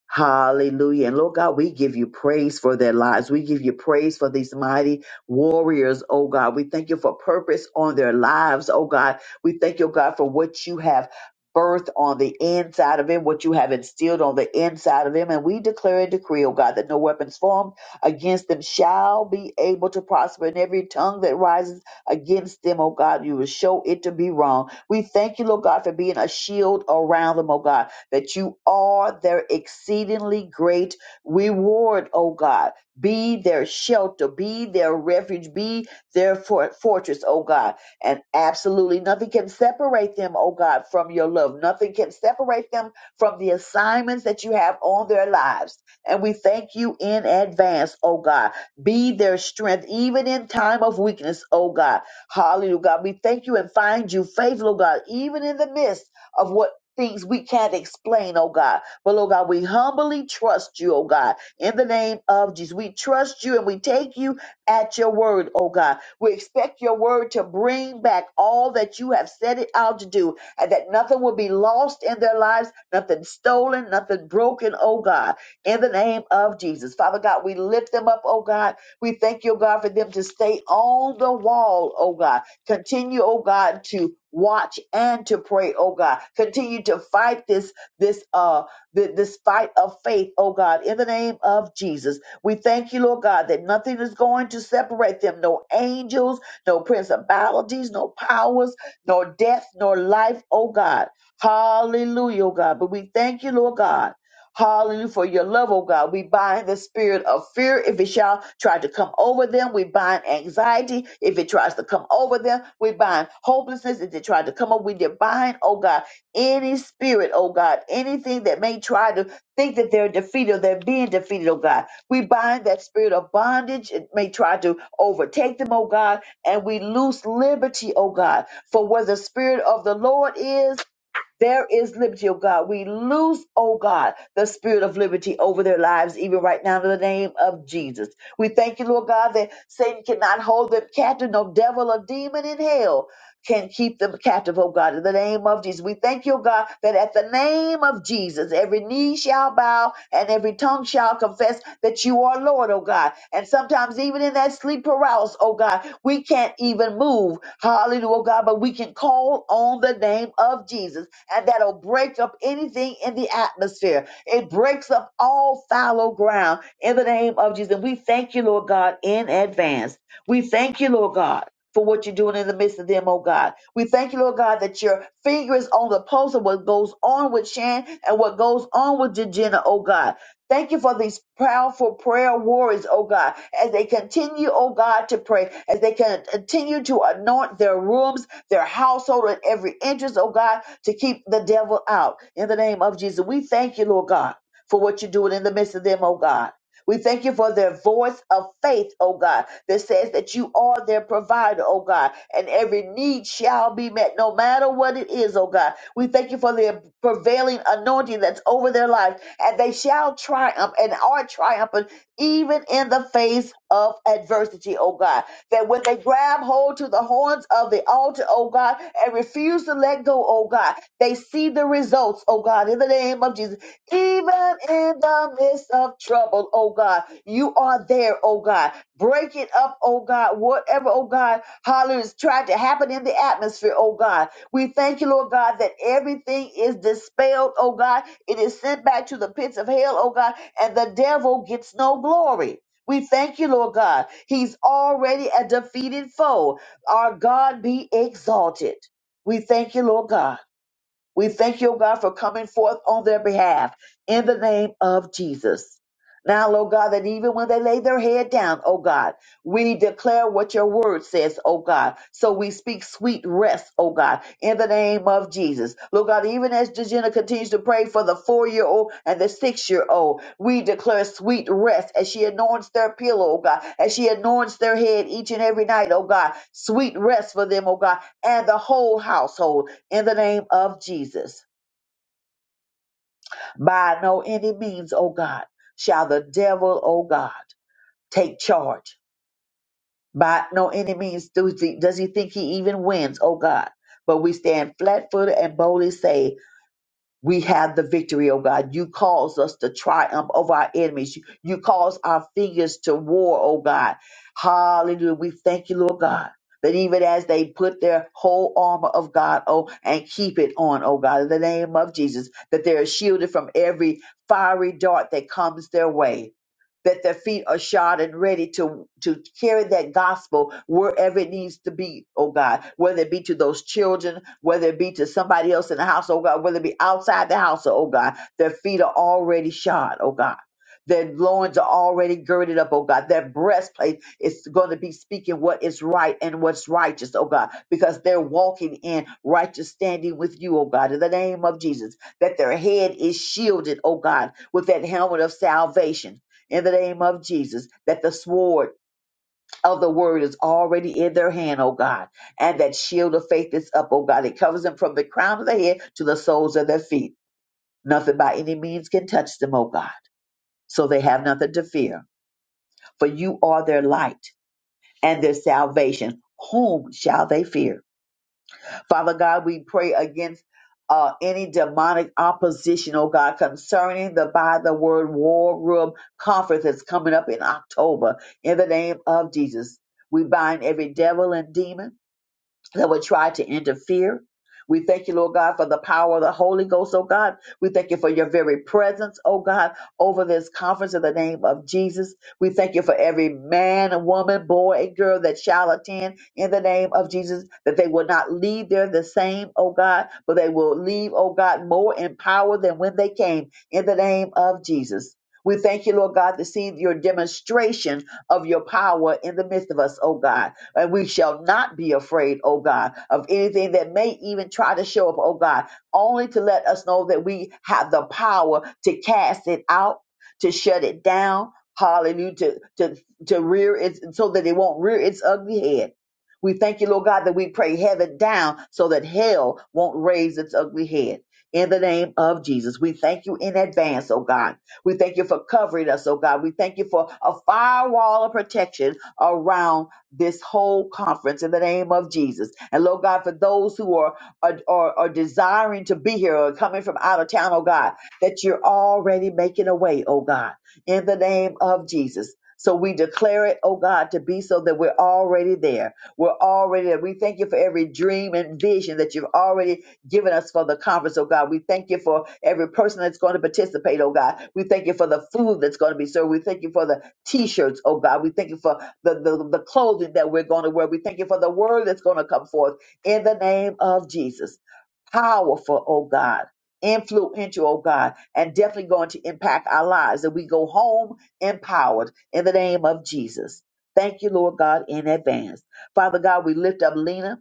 [SPEAKER 7] Hallelujah. And Lord God, we give you praise for their lives. We give you praise for these mighty warriors, oh God. We thank you for purpose on their lives, oh God. We thank you, God, for what you have birthed on the inside of him, what you have instilled on the inside of him. And we declare and decree, oh God, that no weapons formed against them shall be able to prosper. And every tongue that rises against them, oh God, you will show it to be wrong. We thank you, Lord God, for being a shield around them, oh God that you are their exceedingly great reward, O God. Be their shelter, be their refuge, be their for- fortress, O God. And absolutely nothing can separate them, O God, from your love. Nothing can separate them from the assignments that you have on their lives. And we thank you in advance, O God. Be their strength, even in time of weakness, O God. Hallelujah, God. We thank you and find you faithful, O God, even in the midst of what things we can't explain, oh God. But, oh God, we humbly trust you, oh God, in the name of Jesus. We trust you and we take you at your word, oh God. We expect your word to bring back all that you have set it out to do and that nothing will be lost in their lives, nothing stolen, nothing broken, oh God, in the name of Jesus. Father God, we lift them up, oh God. We thank you, oh God, for them to stay on the wall, oh God Continue, oh God, to watch and to pray, oh God. Continue to fight this this uh th- this fight of faith, oh God, in the name of Jesus. We thank you, Lord God, that nothing is going to separate them. No angels, no principalities, no powers, nor death, nor life, oh God. Hallelujah, oh God. But we thank you, Lord God. Hallelujah for your love, oh God. We bind the spirit of fear if it shall try to come over them. We bind anxiety if it tries to come over them. We bind hopelessness if it tried to come over. We did bind, oh God, any spirit, oh God, anything that may try to think that they're defeated or they're being defeated, oh God. We bind that spirit of bondage. It may try to overtake them, oh God, and we loose liberty, oh God, for where the spirit of the Lord is. There is liberty, oh God. We lose, oh God, the spirit of liberty over their lives, even right now, in the name of Jesus. We thank you, Lord God, that Satan cannot hold them captive, no devil or demon in hell can keep them captive, oh God, in the name of Jesus. We thank you, oh God, that at the name of Jesus, every knee shall bow and every tongue shall confess that you are Lord, oh God. And sometimes, even in that sleep paralysis, oh God, we can't even move. Hallelujah, oh God, but we can call on the name of Jesus, and that'll break up anything in the atmosphere. It breaks up all fallow ground in the name of Jesus. And we thank you, Lord God, in advance. We thank you, Lord God for what you're doing in the midst of them, oh God. We thank you, Lord God, that your finger is on the pulse of what goes on with Shan and what goes on with Jejena, oh God. Thank you for these powerful prayer warriors, oh God, as they continue, oh God, to pray, as they can continue to anoint their rooms, their household, and every interest, oh God, to keep the devil out. In the name of Jesus, we thank you, Lord God, for what you're doing in the midst of them, oh God. We thank you for their voice of faith, O God, that says that you are their provider, O God, and every need shall be met, no matter what it is, O God. We thank you for the prevailing anointing that's over their life, and they shall triumph and are triumphant even in the face of adversity, O God. That when they grab hold to the horns of the altar, O God, and refuse to let go, O God, they see the results, O God, in the name of Jesus even in the midst of trouble, oh God. You are there, oh God. Break it up, oh God. Whatever, oh God, hallelujah, is trying to happen in the atmosphere, oh God. We thank you, Lord God, that everything is dispelled, oh God. It is sent back to the pits of hell, oh God, and the devil gets no glory. We thank you, Lord God. He's already a defeated foe. Our God be exalted. We thank you, Lord God. We thank you, O God, for coming forth on their behalf in the name of Jesus. Now, Lord God, that even when they lay their head down, oh God, we declare what your word says, oh God. So we speak sweet rest, oh God, in the name of Jesus. Lord God, even as Dejena continues to pray for the four year old and the six year old, we declare sweet rest as she anoints their pillow, oh God, as she anoints their head each and every night, oh God. Sweet rest for them, oh God, and the whole household in the name of Jesus. By no any means, O God, shall the devil, O God, take charge. By no any means does he, does he think he even wins, O God. But we stand flat footed and boldly say, we have the victory, oh God. You cause us to triumph over our enemies. You, you cause our fingers to war, oh God. Hallelujah. We thank you, Lord God. That even as they put their whole armor of God, oh, and keep it on, oh God, in the name of Jesus, that they are shielded from every fiery dart that comes their way that their feet are shod and ready to to carry that gospel wherever it needs to be, oh God, whether it be to those children, whether it be to somebody else in the house, oh God, whether it be outside the house, oh God, their feet are already shod, oh God. Their loins are already girded up, oh God. Their breastplate is going to be speaking what is right and what's righteous, oh God, because they're walking in righteous standing with you, oh God, in the name of Jesus. That their head is shielded, oh God, with that helmet of salvation in the name of Jesus, that the sword of the word is already in their hand, oh God, and that shield of faith is up, oh God. It covers them from the crown of their head to the soles of their feet. Nothing by any means can touch them, oh God. So they have nothing to fear, for you are their light and their salvation. Whom shall they fear? Father God, we pray against uh, any demonic opposition, oh God, concerning the by the word war room conference that's coming up in October. In the name of Jesus, we bind every devil and demon that would try to interfere. We thank you, Lord God, for the power of the Holy Ghost, oh God. We thank you for your very presence, oh God, over this conference in the name of Jesus. We thank you for every man, woman, boy, and girl that shall attend in the name of Jesus, that they will not leave there the same, oh God, but they will leave, oh God, more empowered than when they came in the name of Jesus. We thank you, Lord God, to see your demonstration of your power in the midst of us, oh God. And we shall not be afraid, oh God, of anything that may even try to show up, oh God, only to let us know that we have the power to cast it out, to shut it down, hallelujah, to, to, to rear it so that it won't rear its ugly head. We thank you, Lord God, that we pray heaven down so that hell won't raise its ugly head. In the name of Jesus, we thank you in advance, oh God. We thank you for covering us, oh God. We thank you for a firewall of protection around this whole conference in the name of Jesus. And Lord God, for those who are are, are, are desiring to be here or coming from out of town, oh God, that you're already making a way, oh God, in the name of Jesus. So we declare it, oh God, to be so that we're already there. We're already there. We thank you for every dream and vision that you've already given us for the conference, oh God. We thank you for every person that's going to participate, oh God. We thank you for the food that's going to be served. We thank you for the t-shirts, oh God. We thank you for the, the, the clothing that we're going to wear. We thank you for the word that's going to come forth in the name of Jesus. Powerful, oh God. Influential, oh God, and definitely going to impact our lives. That we go home empowered in the name of Jesus. Thank you, Lord God, in advance. Father God, we lift up Lena.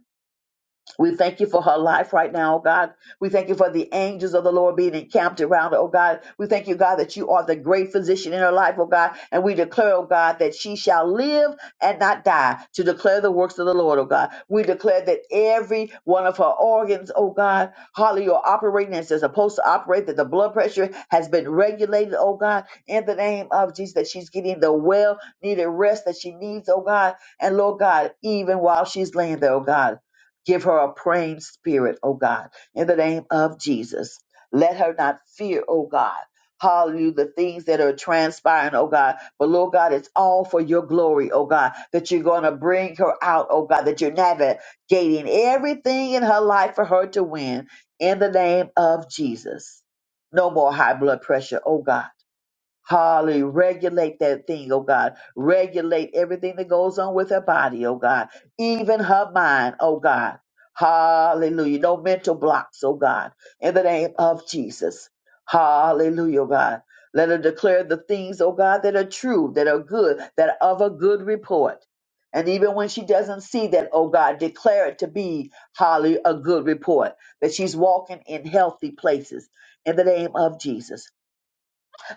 [SPEAKER 7] We thank you for her life right now, oh God. We thank you for the angels of the Lord being encamped around her, oh God. We thank you, God, that you are the great physician in her life, oh God. And we declare, oh God, that she shall live and not die to declare the works of the Lord, oh God. We declare that every one of her organs, oh God, hallelujah, are operating as they're supposed to operate, that the blood pressure has been regulated, oh God, in the name of Jesus, that she's getting the well needed rest that she needs, oh God. And Lord God, even while she's laying there, oh God. Give her a praying spirit, O God, in the name of Jesus. Let her not fear, O God. Hallelujah, the things that are transpiring, oh God. But Lord God, it's all for your glory, oh God, that you're going to bring her out, oh God, that you're navigating everything in her life for her to win in the name of Jesus. No more high blood pressure, oh God Hallelujah. Regulate that thing, oh God. Regulate everything that goes on with her body, oh God. Even her mind, oh God. Hallelujah. No mental blocks, oh God. In the name of Jesus. Hallelujah, oh God. Let her declare the things, oh God, that are true, that are good, that are of a good report. And even when she doesn't see that, oh God, declare it to be, hallelujah, a good report, that she's walking in healthy places in the name of Jesus.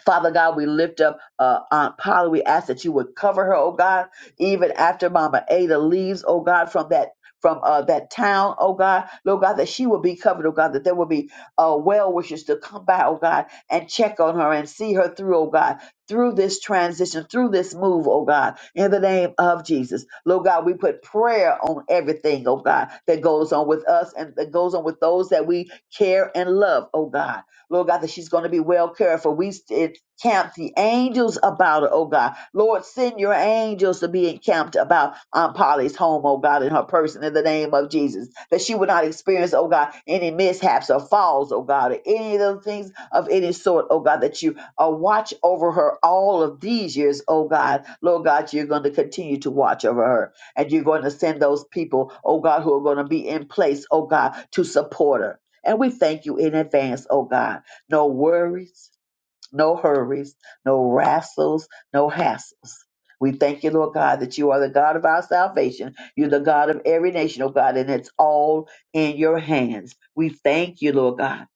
[SPEAKER 7] Father God, we lift up uh, Aunt Polly. We ask that you would cover her, oh God, even after Mama Ada leaves, oh God, from that from uh, that town, oh God, Lord God, that she will be covered, oh God, that there will be uh, well wishes to come by, oh God, and check on her and see her through, oh God, through this transition, through this move, oh God, in the name of Jesus. Lord God, we put prayer on everything, oh God, that goes on with us and that goes on with those that we care and love, oh God. Lord God, that she's going to be well cared for. We st- encamp the angels about her, oh God. Lord, send your angels to be encamped about Aunt Polly's home, oh God, in her person in the name of Jesus. That she would not experience, oh God, any mishaps or falls, oh God, or any of those things of any sort, oh God, that you uh, watch over her all of these years, oh God. Lord God, you're going to continue to watch over her. And you're going to send those people, oh God, who are going to be in place, oh God, to support her. And we thank you in advance, oh God no worries, no hurries, no wrestles, no hassles. We thank you, Lord God, that you are the God of our salvation. You're the God of every nation, oh God, and it's all in your hands. We thank you, Lord God.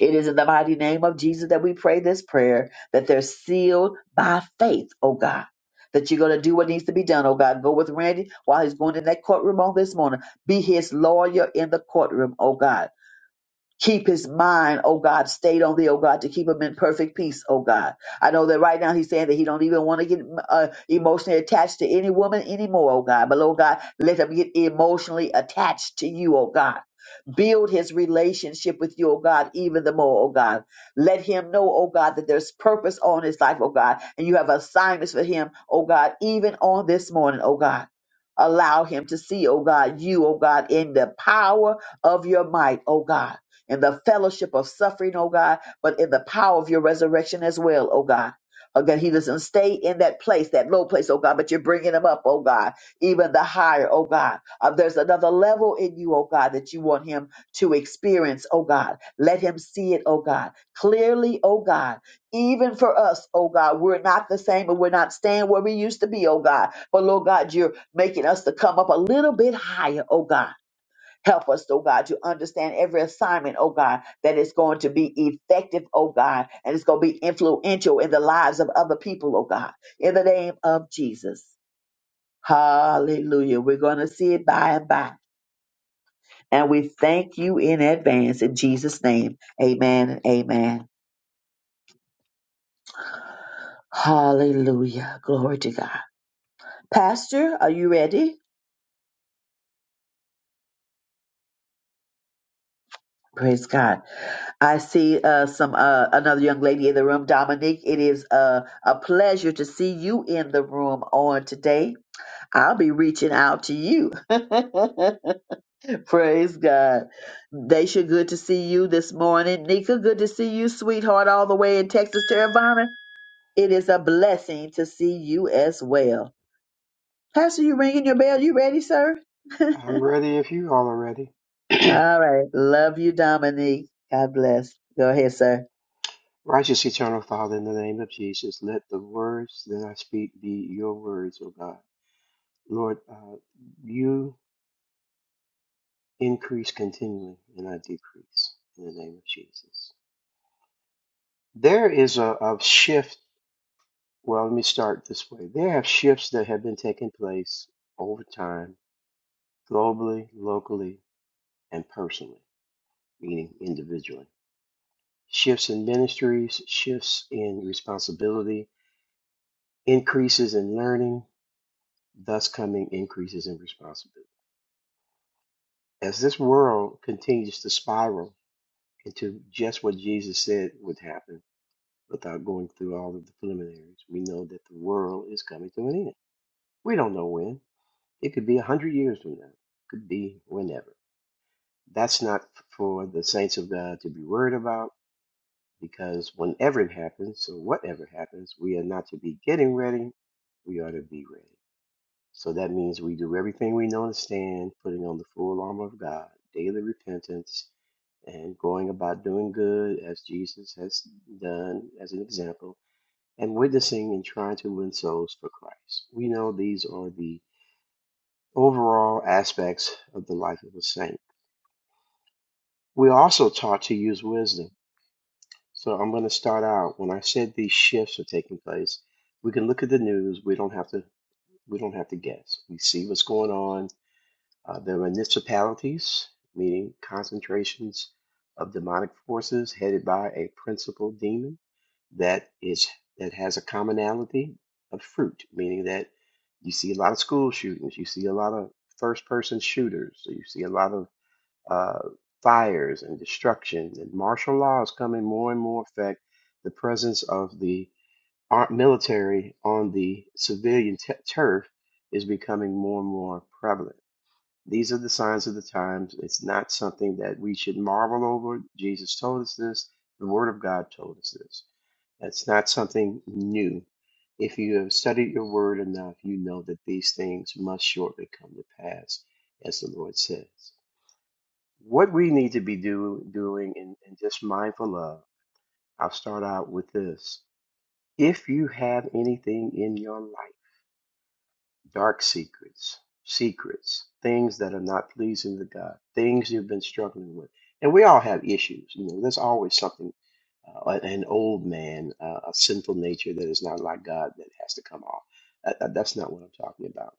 [SPEAKER 7] It is in the mighty name of Jesus that we pray this prayer, that they're sealed by faith, oh God. That you're going to do what needs to be done, oh God. Go with Randy while he's going in that courtroom on this morning. Be his lawyer in the courtroom, oh God Keep his mind, oh God, stayed on thee, oh God, to keep him in perfect peace, oh God. I know that right now he's saying that he don't even want to get uh, emotionally attached to any woman anymore, oh God. But oh God, let him get emotionally attached to you, oh God build his relationship with you, oh God, even the more, oh God. Let him know, oh God, that there's purpose on his life, oh God, and you have assignments for him, oh God, even on this morning, oh God. Allow him to see, oh God, you, oh God, in the power of your might, oh God in the fellowship of suffering, oh God, but in the power of your resurrection as well, oh God. Oh God, he doesn't stay in that place, that low place, oh God, but you're bringing him up, oh God, even the higher, oh God. Uh, there's another level in you, oh God, that you want him to experience, oh God. Let him see it, oh God, clearly, oh God. Even for us, oh God, we're not the same and we're not staying where we used to be, oh God. But Lord God, you're making us to come up a little bit higher, oh God Help us, oh God, to understand every assignment, oh God, that is going to be effective, oh God, and it's going to be influential in the lives of other people, oh God, in the name of Jesus. Hallelujah. We're going to see it by and by. And we thank you in advance in Jesus' name. Amen and amen. Hallelujah. Glory to God. Pastor, are you ready? Praise God. I see uh, some uh, another young lady in the room, Dominique. It is uh, a pleasure to see you in the room on today. I'll be reaching out to you. Praise God. Daisha, good to see you this morning. Nika, good to see you, sweetheart, all the way in Texas, Terravana. It is a blessing to see you as well. Pastor, you ringing your bell? You ready, sir? all
[SPEAKER 2] I'm ready if you all are ready.
[SPEAKER 7] right. Love you, Dominique. God bless. Go ahead, sir.
[SPEAKER 2] Righteous Eternal Father, in the name of Jesus, let the words that I speak be your words, O God. Lord, uh, you. increase continually and I decrease in the name of Jesus. There is a, a shift. Well, let me start this way. There have shifts that have been taking place over time, globally, locally, and personally, meaning individually. Shifts in ministries, shifts in responsibility, increases in learning, thus coming increases in responsibility. As this world continues to spiral into just what Jesus said would happen, without going through all of the preliminaries. We know that the world is coming to an end. We don't know when. It could be a hundred years from now. it Could be whenever. That's not for the saints of God to be worried about because whenever it happens or whatever happens, we are not to be getting ready. We are to be ready. So that means we do everything we know and stand, putting on the full armor of God, daily repentance, and going about doing good as Jesus has done as an example and witnessing and trying to win souls for Christ. We know these are the overall aspects of the life of a saint. We're also taught to use wisdom. So I'm going to start out when I said these shifts are taking place. We can look at the news. We don't have to. We don't have to guess. We see what's going on Uh, the municipalities, meaning concentrations of demonic forces headed by a principal demon that is that has a commonality of fruit, meaning that you see a lot of school shootings, you see a lot of first-person shooters, so you see a lot of uh, fires and destruction, and martial law is coming more and more effect. The presence of the ar- military on the civilian t- turf is becoming more and more prevalent these are the signs of the times. It's not something that we should marvel over. Jesus told us this. The Word of God told us this. That's not something new. If you have studied your Word enough, you know that these things must shortly come to pass, as the Lord says. What we need to be do, doing and, and just mindful of, I'll start out with this. If you have anything in your life, dark secrets, secrets, things that are not pleasing to God, things you've been struggling with. And we all have issues. You know, there's always something, uh, an old man, uh, a sinful nature that is not like God that has to come off. That- that- that's not what I'm talking about.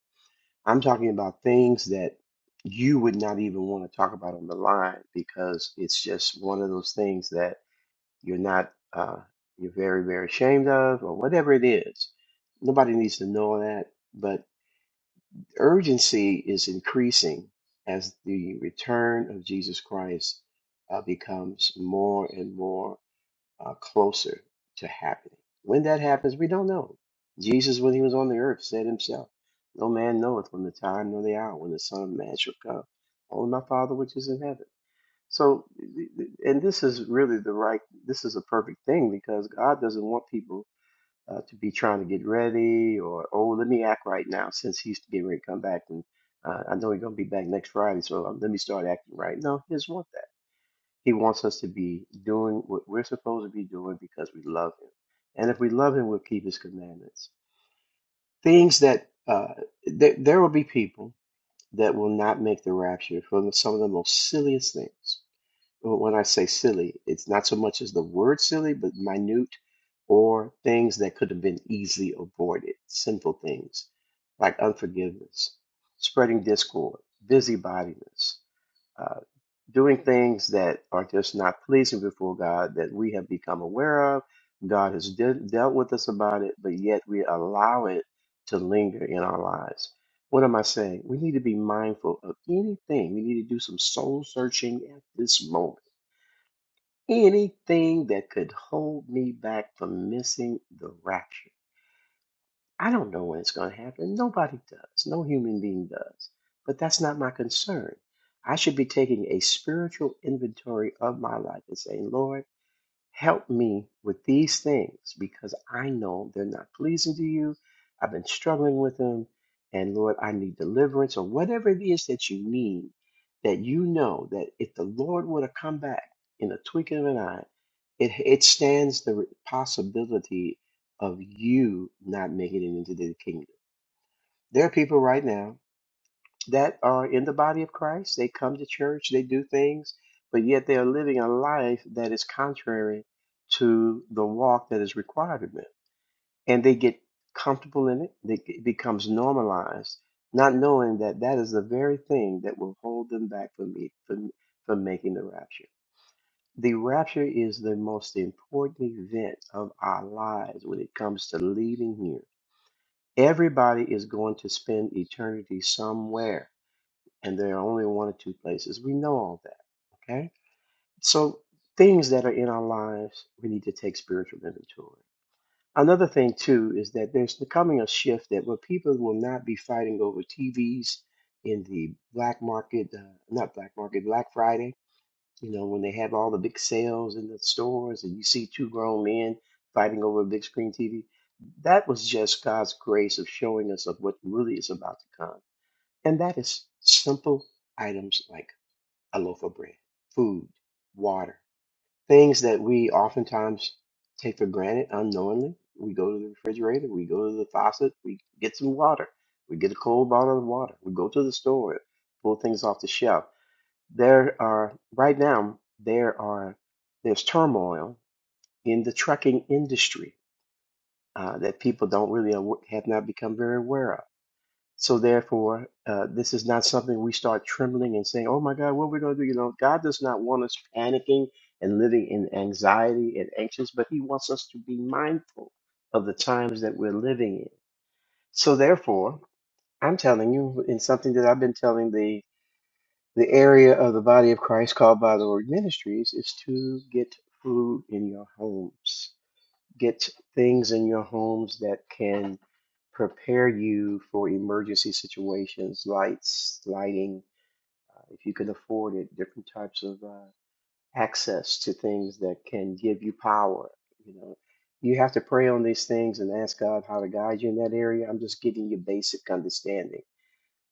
[SPEAKER 2] I'm talking about things that you would not even want to talk about on the line because it's just one of those things that you're not, uh, you're very, very ashamed of or whatever it is. Nobody needs to know that but urgency is increasing as the return of Jesus Christ uh, becomes more and more uh, closer to happening. When that happens, we don't know. Jesus, when he was on the earth, said himself, No man knoweth when the time nor the hour when the Son of Man shall come. Only my Father which is in heaven. So, and this is really the right, this is a perfect thing because God doesn't want people uh, to be trying to get ready or oh let me act right now since he's getting ready to come back and uh, I know he's gonna be back next Friday so um, let me start acting right. No, he doesn't want that. He wants us to be doing what we're supposed to be doing because we love him, and if we love him, we'll keep his commandments. Things that uh, th- there will be people that will not make the rapture for some of the most silliest things when I say silly, it's not so much as the word silly, but minute or things that could have been easily avoided, simple things like unforgiveness, spreading discord, busybodiness, uh, doing things that are just not pleasing before God that we have become aware of. God has de- dealt with us about it, but yet we allow it to linger in our lives. What am I saying? We need to be mindful of anything. We need to do some soul searching at this moment anything that could hold me back from missing the rapture. I don't know when it's going to happen. Nobody does. No human being does. But that's not my concern. I should be taking a spiritual inventory of my life and saying, Lord, Help me with these things because I know they're not pleasing to you. I've been struggling with them. And Lord, I need deliverance or whatever it is that you need that you know that if the Lord were to come back in a twinkling of an eye, it, it stands the possibility of you not making it into the kingdom. There are people right now that are in the body of Christ. They come to church, they do things, but yet they are living a life that is contrary to the walk that is required of them. And they get comfortable in it, they, it becomes normalized, not knowing that that is the very thing that will hold them back from, me, from, from making the rapture. The rapture is the most important event of our lives when it comes to leaving here. Everybody is going to spend eternity somewhere and there are only one or two places. We know all that, okay? So things that are in our lives, we need to take spiritual inventory. Another thing too is that there's becoming a shift that where people will not be fighting over TVs in the black market, uh, not black market, Black Friday. You know when they have all the big sales in the stores, and you see two grown men fighting over a big screen TV. That was just God's grace of showing us of what really is about to come, and that is simple items like a loaf of bread, food, water, things that we oftentimes take for granted unknowingly. We go to the refrigerator, we go to the faucet, we get some water, we get a cold bottle of water, we go to the store, pull things off the shelf. There are right now there are there's turmoil in the trucking industry uh, that people don't really aw- have not become very aware of so therefore, uh, this is not something we start trembling and saying, "Oh my God, what are we going to do?" You know, God does not want us panicking and living in anxiety and anxious, but He wants us to be mindful of the times that we're living in. So therefore, I'm telling you, in something that I've been telling the the area of the body of Christ called by the Lord Ministries is to get food in your homes get things in your homes that can prepare you for emergency situations, lights, lighting, if you can afford it, different types of uh, access to things that can give you power. You know, you have to pray on these things and ask God how to guide you in that area. I'm just giving you basic understanding.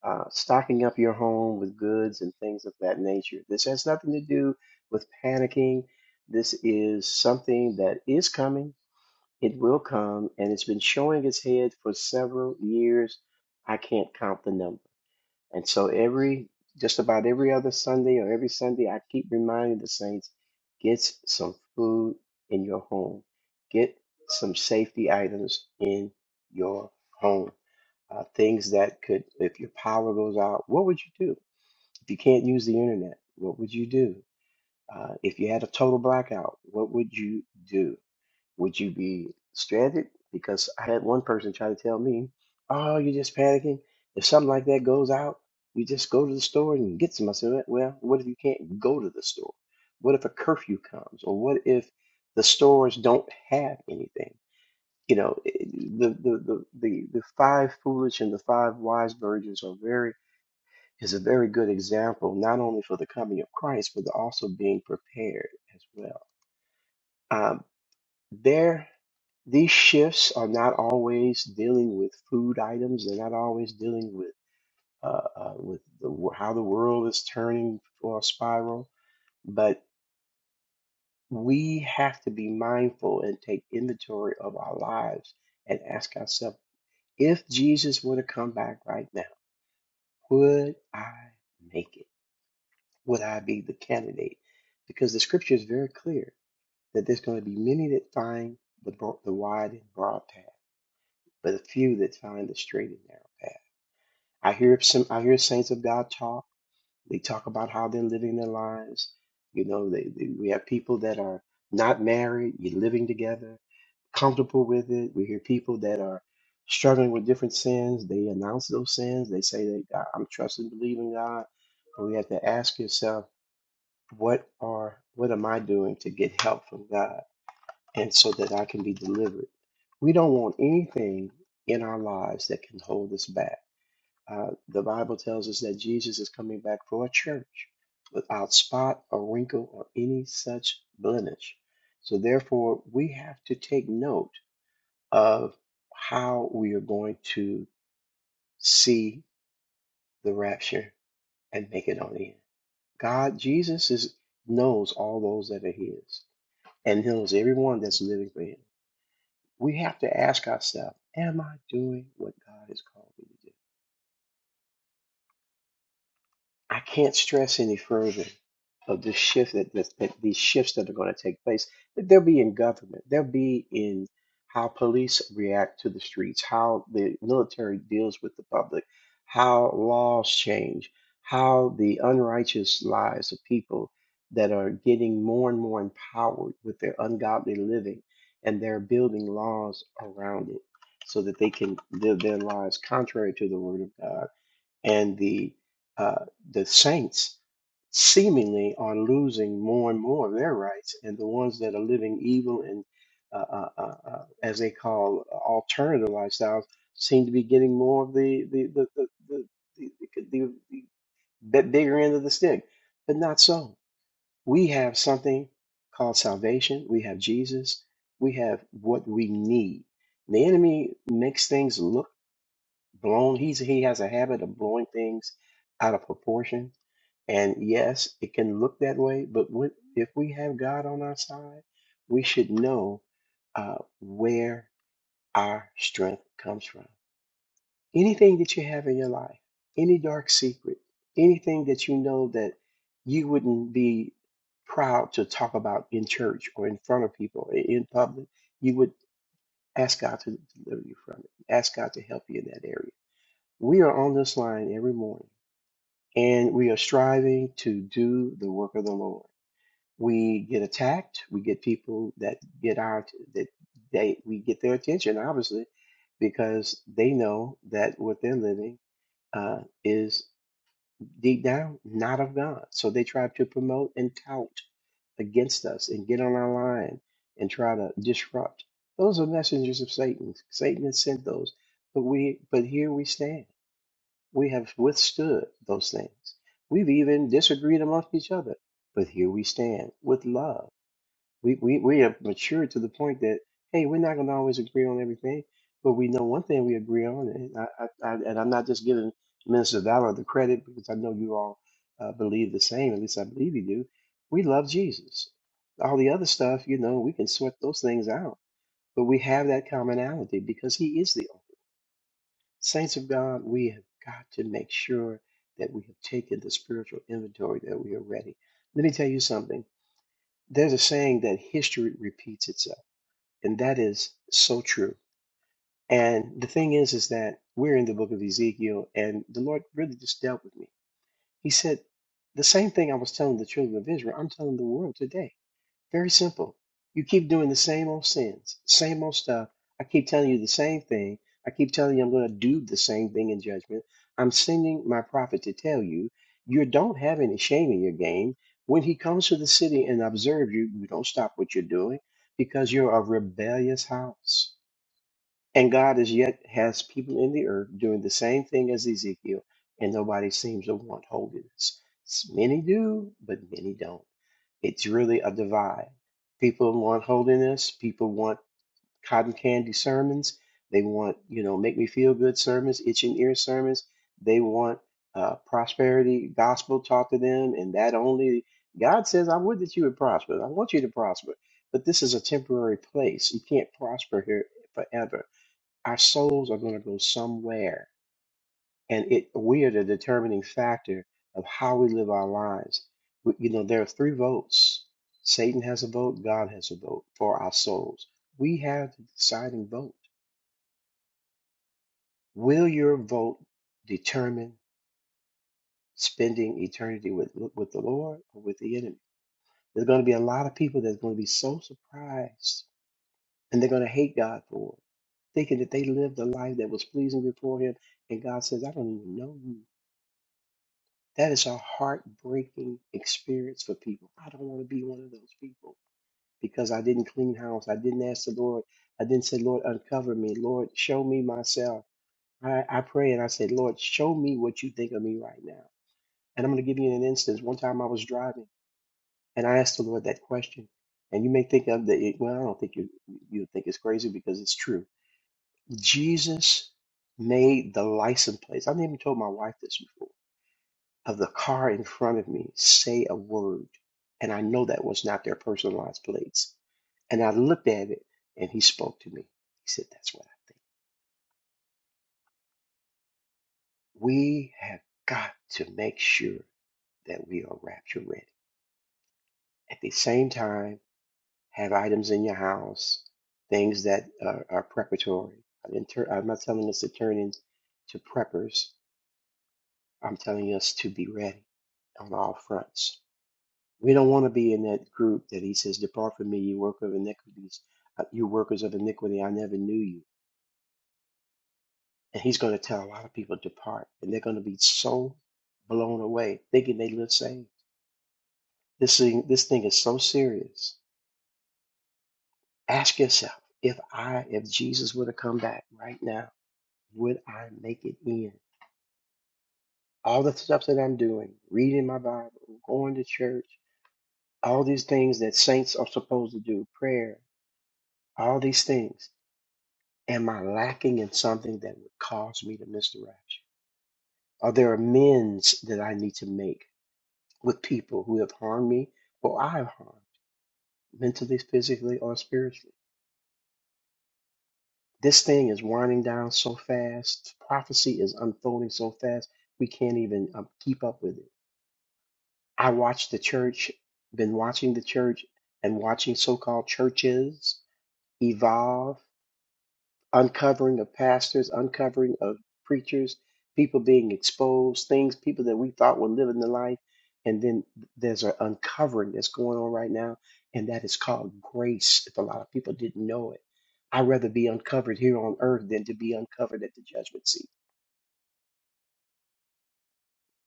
[SPEAKER 2] Uh, stocking up your home with goods and things of that nature. This has nothing to do with panicking. This is something that is coming it will come, and it's been showing its head for several years. I can't count the number. And so every, just about every other Sunday or every Sunday, I keep reminding the saints, get some food in your home. Get some safety items in your home. Uh, things that could, if your power goes out, what would you do? If you can't use the internet, what would you do? Uh, if you had a total blackout, what would you do? would you be stranded? Because I had one person try to tell me, "Oh, you're just panicking. If something like that goes out, you just go to the store and get some." I said, "Well, well, what if you can't go to the store? What if a curfew comes, or what if the stores don't have anything?" You know, it- the the the the, the five foolish and the five wise virgins are very is a very good example, not only for the coming of Christ, but also being prepared as well Um, there, these shifts are not always dealing with food items. They're not always dealing with uh, uh, with the, wo- how the world is turning or a spiral. But we have to be mindful and take inventory of our lives and ask ourselves: If Jesus were to come back right now, would I make it? Would I be the candidate? Because the scripture is very clear that there's going to be many that find the bro- the wide and broad path but a few that find the straight and narrow path. I hear some I hear saints of God talk. They talk about how they're living their lives. You know, they, they, we have people that are not married, you're living together, comfortable with it. We hear people that are struggling with different sins. They announce those sins. They say that "God, I'm trusting, believing God. But we have to ask yourself, what are what am I doing to get help from God? and so that I can be delivered. We don't want anything in our lives that can hold us back. Uh, the Bible tells us that Jesus is coming back for a church without spot or wrinkle or any such blemish. So, therefore, we have to take note of how we are going to see the rapture and make it on in. God, Jesus is knows all those that are His and knows everyone that's living for Him. we have to ask ourselves, am I doing what God has called me to do? I can't stress any further of the shift that, that, that these shifts that are going to take place. That they'll be in government. They'll be in how police react to the streets, how the military deals with the public, how laws change, how the unrighteous lives of people that are getting more and more empowered with their ungodly living, and they're building laws around it so that they can live their lives contrary to the word of God and the uh, the saints seemingly are losing more and more of their rights, and the ones that are living evil and uh, uh, uh, uh, as they call uh, alternative lifestyles seem to be getting more of the the the the, the, the, the, the bit bigger end of the stick, but not so. We have something called salvation. We have Jesus. We have what we need. The enemy makes things look blown he's he has a habit of blowing things out of proportion and yes it can look that way but when, if we have god on our side we should know uh, where our strength comes from anything that you have in your life any dark secret anything that you know that you wouldn't be proud to talk about in church or in front of people i- in public you would ask god to deliver you from it ask god to help you in that area we are on this line every morning and we are striving to do the work of the Lord. We get attacked, we get people that get our that they we get their attention obviously because they know that what they're living uh, is deep down not of God. So they try to promote and tout against us and get on our line and try to disrupt. Those are messengers of Satan. Satan has sent those, but we but here we stand we have withstood those things. We've even disagreed amongst each other. But here we stand with love. We, we, we have matured to the point that, hey, we're not going to always agree on everything, but we know one thing we agree on. And, I, I, I, and I'm not just giving Minister Valor the credit because I know you all uh, believe the same. At least I believe you do. We love Jesus. All the other stuff, you know, we can sweat those things out. But we have that commonality because he is the only. Saints of God, we have got to make sure that we have taken the spiritual inventory that we are ready. Let me tell you something. There's a saying that history repeats itself, and that is so true. And the thing is, is that we're in the book of Ezekiel, and the Lord really just dealt with me. He said, The same thing I was telling the children of Israel, I'm telling the world today very simple. You keep doing the same old sins, same old stuff. I keep telling you the same thing. I keep telling you I'm going to do the same thing in judgment. I'm sending my prophet to tell you you don't have any shame in your game. When he comes to the city and observes you, you don't stop what you're doing because you're a rebellious house. And God as yet has people in the earth doing the same thing as Ezekiel, and nobody seems to want holiness. Many do, but many don't. It's really a divide. People want holiness. People want cotton candy sermons. They want, you know, make me feel good sermons, itch ear sermons. They want uh, prosperity gospel taught to them, and that only God says, "I would that you would prosper. I want you to prosper." But this is a temporary place. You can't prosper here forever. Our souls are going to go somewhere and it we are the determining factor of how we live our lives. We, you know, there are three votes. Satan has a vote. God has a vote for our souls. We have the deciding vote. Will your vote determine spending eternity with with the Lord or with the enemy? There's going to be a lot of people that's going to be so surprised, and they're going to hate God for it, thinking that they lived a life that was pleasing before Him, and God says, "I don't even know you." That is a heartbreaking experience for people. I don't want to be one of those people because I didn't clean house. I didn't ask the Lord. I didn't say, Lord, uncover me. Lord, show me myself. I, I pray and I say, Lord, show me what you think of me right now. And I'm going to give you an instance. One time I was driving and I asked the Lord that question. And you may think of the, well, I don't think you, you think it's crazy because it's true. Jesus made the license plates. I've even told my wife this before. of the car in front of me say a word, and I know that was not their personalized plates. And I looked at it, and he spoke to me. He said, That's what I think. We have got to make sure that we are rapture ready. At the same time, have items in your house, things that are, are preparatory. I didn't tur- I'm not telling us to turn into preppers. I'm telling us to be ready on all fronts. We don't want to be in that group that he says, Depart from me, you worker of iniquities, uh, you workers of iniquity, I never knew you. And he's going to tell a lot of people, Depart. And they're going to be so blown away, thinking they live saved. This thing, this thing is so serious. Ask yourself, if I, if Jesus were to come back right now, would I make it in? All the stuff that I'm doing, reading my Bible, going to church, all these things that saints are supposed to do, prayer, all these things Am I lacking in something that would cause me to misdirection? Are there amends that I need to make with people who have harmed me or I have harmed, mentally, physically, or spiritually? This thing is winding down so fast. Prophecy is unfolding so fast, we can't even um, keep up with it. I watch the church, been watching the church and watching so called churches evolve uncovering of pastors, uncovering of preachers, people being exposed, things, people that we thought were living the life. And then there's an uncovering that's going on right now, and that is called grace. If a lot of people didn't know it, I'd rather be uncovered here on earth than to be uncovered at the judgment seat.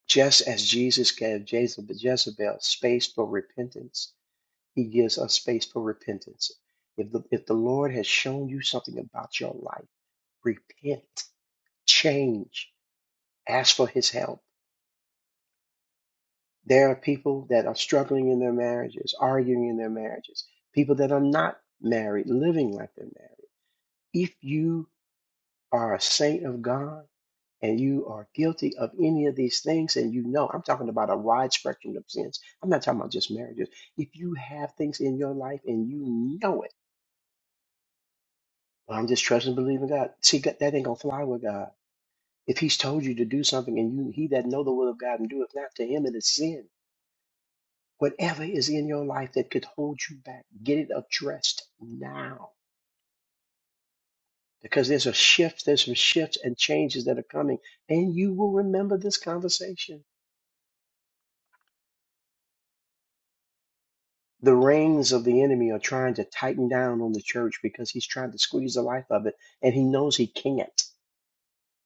[SPEAKER 2] Just as Jesus gave Jezebel, Jezebel space for repentance, he gives us space for repentance. If the, if the Lord has shown you something about your life, repent, change ask for his help. There are people that are struggling in their marriages, arguing in their marriages, people that are not married, living like they're married. If you are a saint of God and you are guilty of any of these things, and you know, I'm talking about a wide spectrum of sins, I'm not talking about just marriages. If you have things in your life and you know it, well, I'm just trusting and believing God. See, that that ain't gonna fly with God. If He's told you to do something and you, He that know the will of God and doeth not to Him, it is sin Whatever is in your life that could hold you back, get it addressed now. Because there's a shift, there's some shifts and changes that are coming, and you will remember this conversation. The reins of the enemy are trying to tighten down on the church because he's trying to squeeze the life of it, and he knows he can't.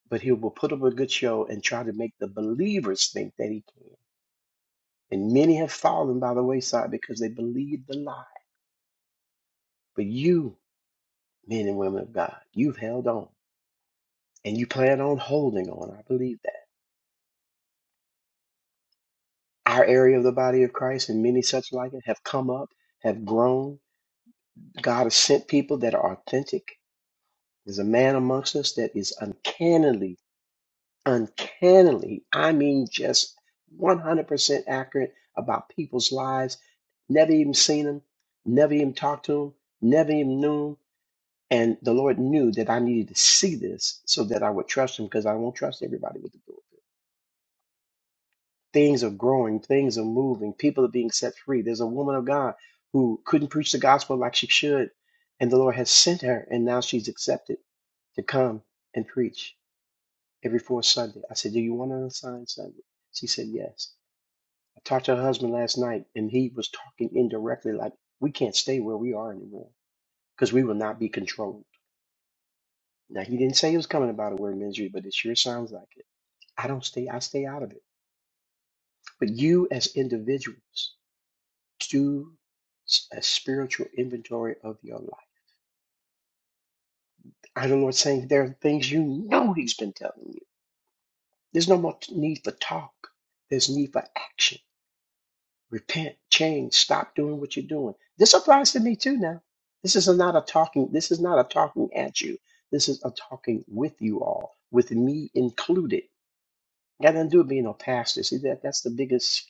[SPEAKER 2] But he will put up a good show and try to make the believers think that he can. And many have fallen by the wayside because they believed the lie. But you, men and women of God, you've held on and you plan on holding on. I believe that. Our area of the body of Christ and many such like it have come up, have grown. God has sent people that are authentic. There's a man amongst us that is uncannily, uncannily, I mean, just 100% accurate about people's lives. Never even seen him, never even talked to him, never even knew them. And the Lord knew that I needed to see this so that I would trust him because I won't trust everybody with the Lord. Things are growing, things are moving, people are being set free. There's a woman of God who couldn't preach the gospel like she should, and the Lord has sent her, and now she's accepted to come and preach every fourth Sunday. I said, Do you want an assigned Sunday? She said, Yes. I talked to her husband last night, and he was talking indirectly like, We can't stay where we are anymore because we will not be controlled. Now, he didn't say he was coming about a word ministry, but it sure sounds like it. I don't stay, I stay out of it. But you as individuals, do a spiritual inventory of your life. I know the Lord saying there are things you know He's been telling you. There's no more need for talk. There's need for action. Repent, change, stop doing what you're doing. This applies to me too now. This is not a talking, this is not a talking at you. This is a talking with you all, with me included. Got nothing to do with being a pastor. See that that's the biggest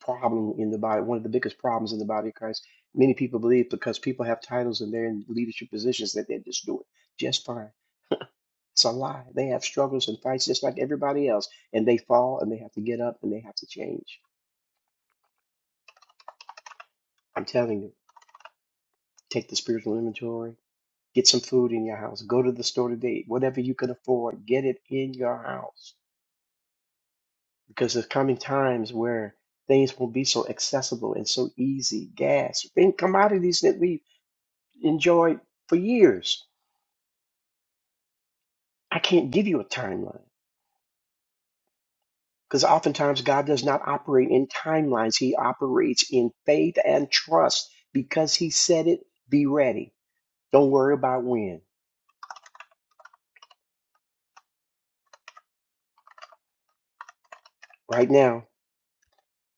[SPEAKER 2] problem in the body, one of the biggest problems in the body of Christ. Many people believe because people have titles and they're in leadership positions that they're just doing just fine. It's a lie. They have struggles and fights just like everybody else, and they fall and they have to get up and they have to change. I'm telling you, take the spiritual inventory, get some food in your house, go to the store today, whatever you can afford, get it in your house. Because there's coming times where things won't be so accessible and so easy. Gas, things, commodities that we enjoyed for years I can't give you a timeline because oftentimes God does not operate in timelines. He operates in faith and trust because He said it, be ready. Don't worry about when. Right now,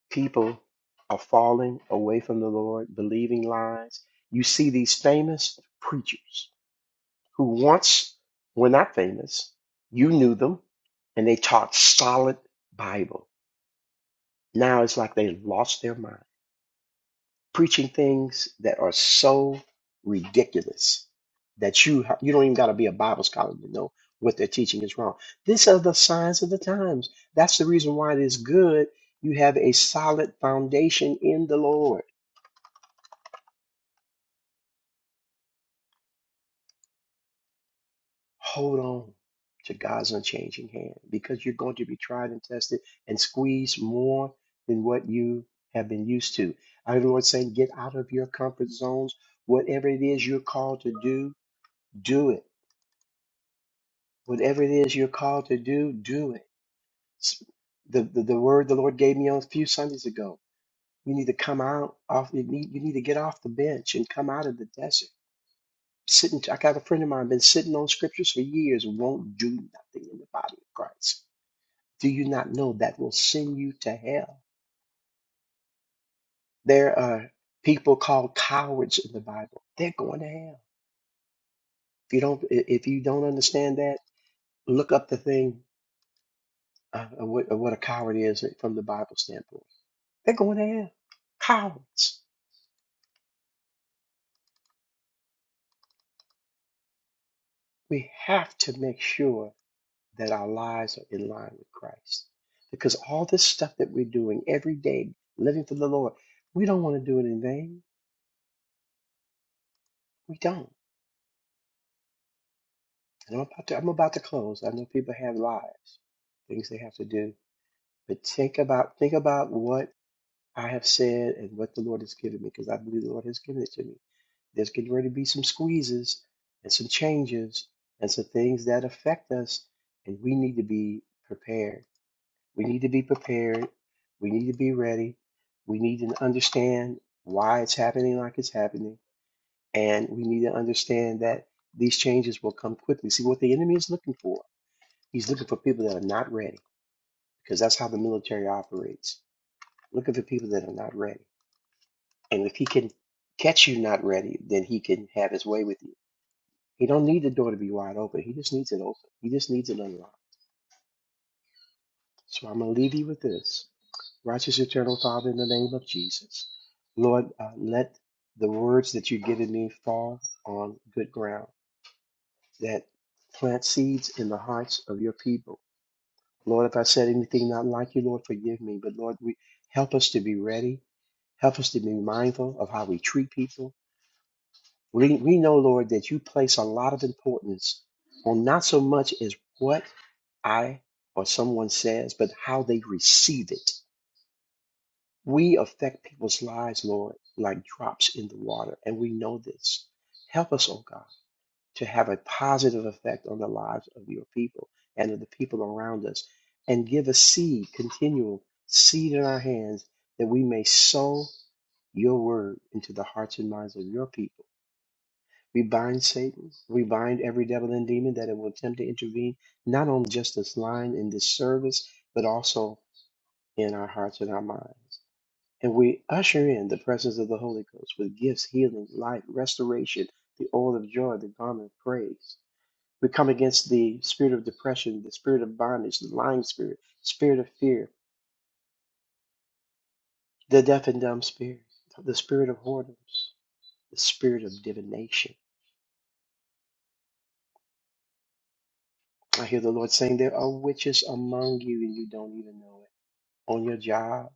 [SPEAKER 2] people are falling away from the Lord, believing lies. You see these famous preachers who once were not famous. You knew them and they taught solid Bible. Now it's like they lost their mind preaching things that are so ridiculous that you ha- you don't even got to be a Bible scholar to know what they're teaching is wrong. These are the signs of the times. That's the reason why it is good you have a solid foundation in the Lord. Hold on to God's unchanging hand because you're going to be tried and tested and squeezed more than what you have been used to. I heard the Lord saying, get out of your comfort zones. Whatever it is you're called to do, do it Whatever it is you're called to do, do it. S- The, the, the word the Lord gave me on a few Sundays ago. You need to come out off. You need you need to get off the bench and come out of the desert. Sitting, I got a friend of mine been sitting on scriptures for years and won't do nothing in the body of Christ. Do you not know that will send you to hell? There are people called cowards in the Bible. They're going to hell. If you don't i- if you don't understand that, look up the thing uh, of what, of what a coward is from the Bible standpoint They're going to hell. Cowards. We have to make sure that our lives are in line with Christ. Because all this stuff that we're doing every day, living for the Lord, we don't want to do it in vain. We don't. And I'm about to I'm about to close. I know people have lives, things they have to do. But think about think about what I have said and what the Lord has given me, because I believe the Lord has given it to me. There's getting ready to be some squeezes and some changes and some things that affect us, and we need to be prepared. We need to be prepared. We need to be ready. We need to understand why it's happening like it's happening, and we need to understand that these changes will come quickly. See what the enemy is looking for. He's looking for people that are not ready, because that's how the military operates. Looking for people that are not ready And if he can catch you not ready, then he can have his way with you. He don't need the door to be wide open. He just needs it open. He just needs it unlocked. So I'm gonna leave you with this. Righteous eternal Father, in the name of Jesus. Lord, uh, let the words that you've given me fall on good ground, that plant seeds in the hearts of your people. Lord, if I said anything not like you, Lord, forgive me. But Lord, we, help us to be ready. Help us to be mindful of how we treat people. We, we know, Lord, that you place a lot of importance on not so much as what I or someone says, but how they receive it. We affect people's lives, Lord, like drops in the water, and we know this. Help us, oh God, to have a positive effect on the lives of your people and of the people around us, and give a seed, continual seed in our hands, that we may sow your word into the hearts and minds of your people we bind Satan. We bind every devil and demon that it will attempt to intervene, not only just this line in this service, but also in our hearts and our minds. And we usher in the presence of the Holy Ghost with gifts, healing, light, restoration, the oil of joy, the garment of praise. We come against the spirit of depression, the spirit of bondage, the lying spirit, spirit of fear, the deaf and dumb spirit, the spirit of whoredoms, the spirit of divination I hear the Lord saying there are witches among you and you don't even know it. On your job,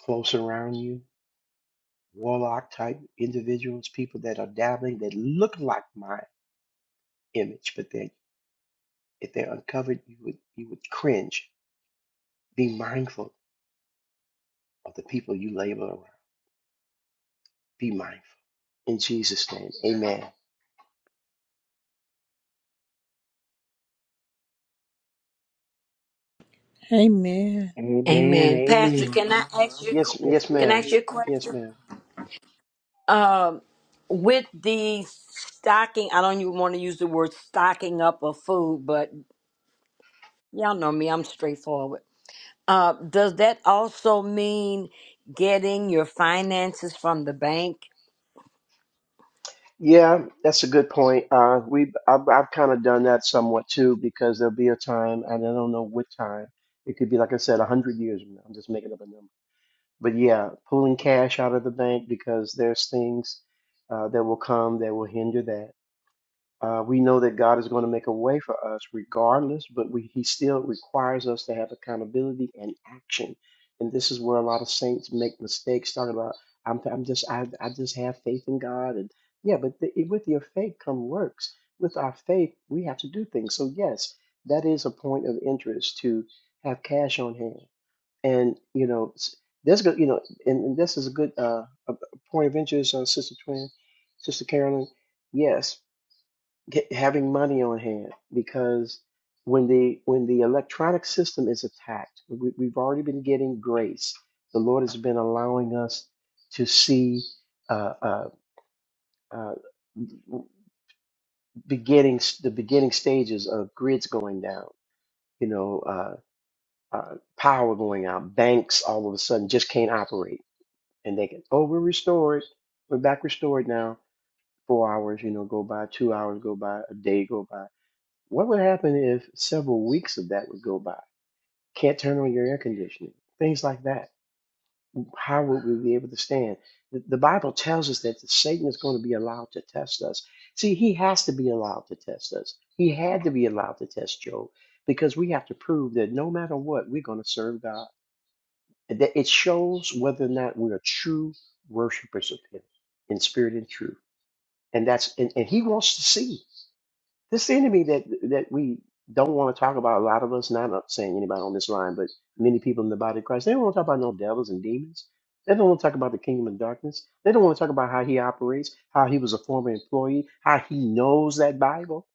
[SPEAKER 2] close around you, warlock type individuals, people that are dabbling that look like my image, but they if they're uncovered, you would you would cringe. Be mindful of the people you label around. Be mindful. In Jesus' name. Amen.
[SPEAKER 1] Amen.
[SPEAKER 7] Amen.
[SPEAKER 17] Amen. Pastor,
[SPEAKER 7] Amen.
[SPEAKER 17] can I ask you a
[SPEAKER 2] Yes,
[SPEAKER 17] que-
[SPEAKER 7] Yes,
[SPEAKER 2] yes,
[SPEAKER 17] can I
[SPEAKER 7] yes,
[SPEAKER 2] ma'am.
[SPEAKER 17] ask you a
[SPEAKER 2] Yes,
[SPEAKER 17] question?
[SPEAKER 2] ma'am.
[SPEAKER 17] Um with the stocking, I don't even want to use the word stocking up of food, but y'all know me, I'm straightforward. Uh, does that also mean getting your finances from the bank?
[SPEAKER 2] Yeah, that's a good point. Uh, we I've, I've kind of done that somewhat too because there'll be a time, and I don't know what time. It could be, like I said, a hundred years from now. I'm just making up a number. But yeah, pulling cash out of the bank because there's things uh, that will come that will hinder that. Uh, we know that God is going to make a way for us regardless, but we, He still requires us to have accountability and action. And this is where a lot of saints make mistakes, talking about, I'm, I'm just, I, I just have faith in God. And yeah, but the, with your faith come works. With our faith, we have to do things. So yes, that is a point of interest to have cash on hand. And, you know, s- there's good, you know, and, and this is a good uh, a a point of interest, uh, Sister Twin, Sister Carolyn. Yes, get, having money on hand because when the when the electronic system is attacked, we, we've already been getting grace. The Lord has been allowing us to see uh, uh, uh, beginning the beginning stages of grids going down. You know, uh, uh, power going out. Banks all of a sudden just can't operate, and they can oh we're restored, we're back restored now. Four hours, you know, go by. Two hours go by. A day go by What would happen if several weeks of that would go by? Can't turn on your air conditioning, things like that. How would we be able to stand? The, the Bible tells us that Satan is going to be allowed to test us. See, he has to be allowed to test us. He had to be allowed to test Job because we have to prove that no matter what, we're going to serve God. And That it shows whether or not we are true worshipers of Him in spirit and truth. And that's and, and He wants to see. This seemed to me that that we don't want to talk about a lot of us, not uh, saying anybody on this line, but many people in the body of Christ, they don't want to talk about no devils and demons. They don't want to talk about the kingdom of darkness. They don't want to talk about how he operates, how he was a former employee, how he knows that Bible.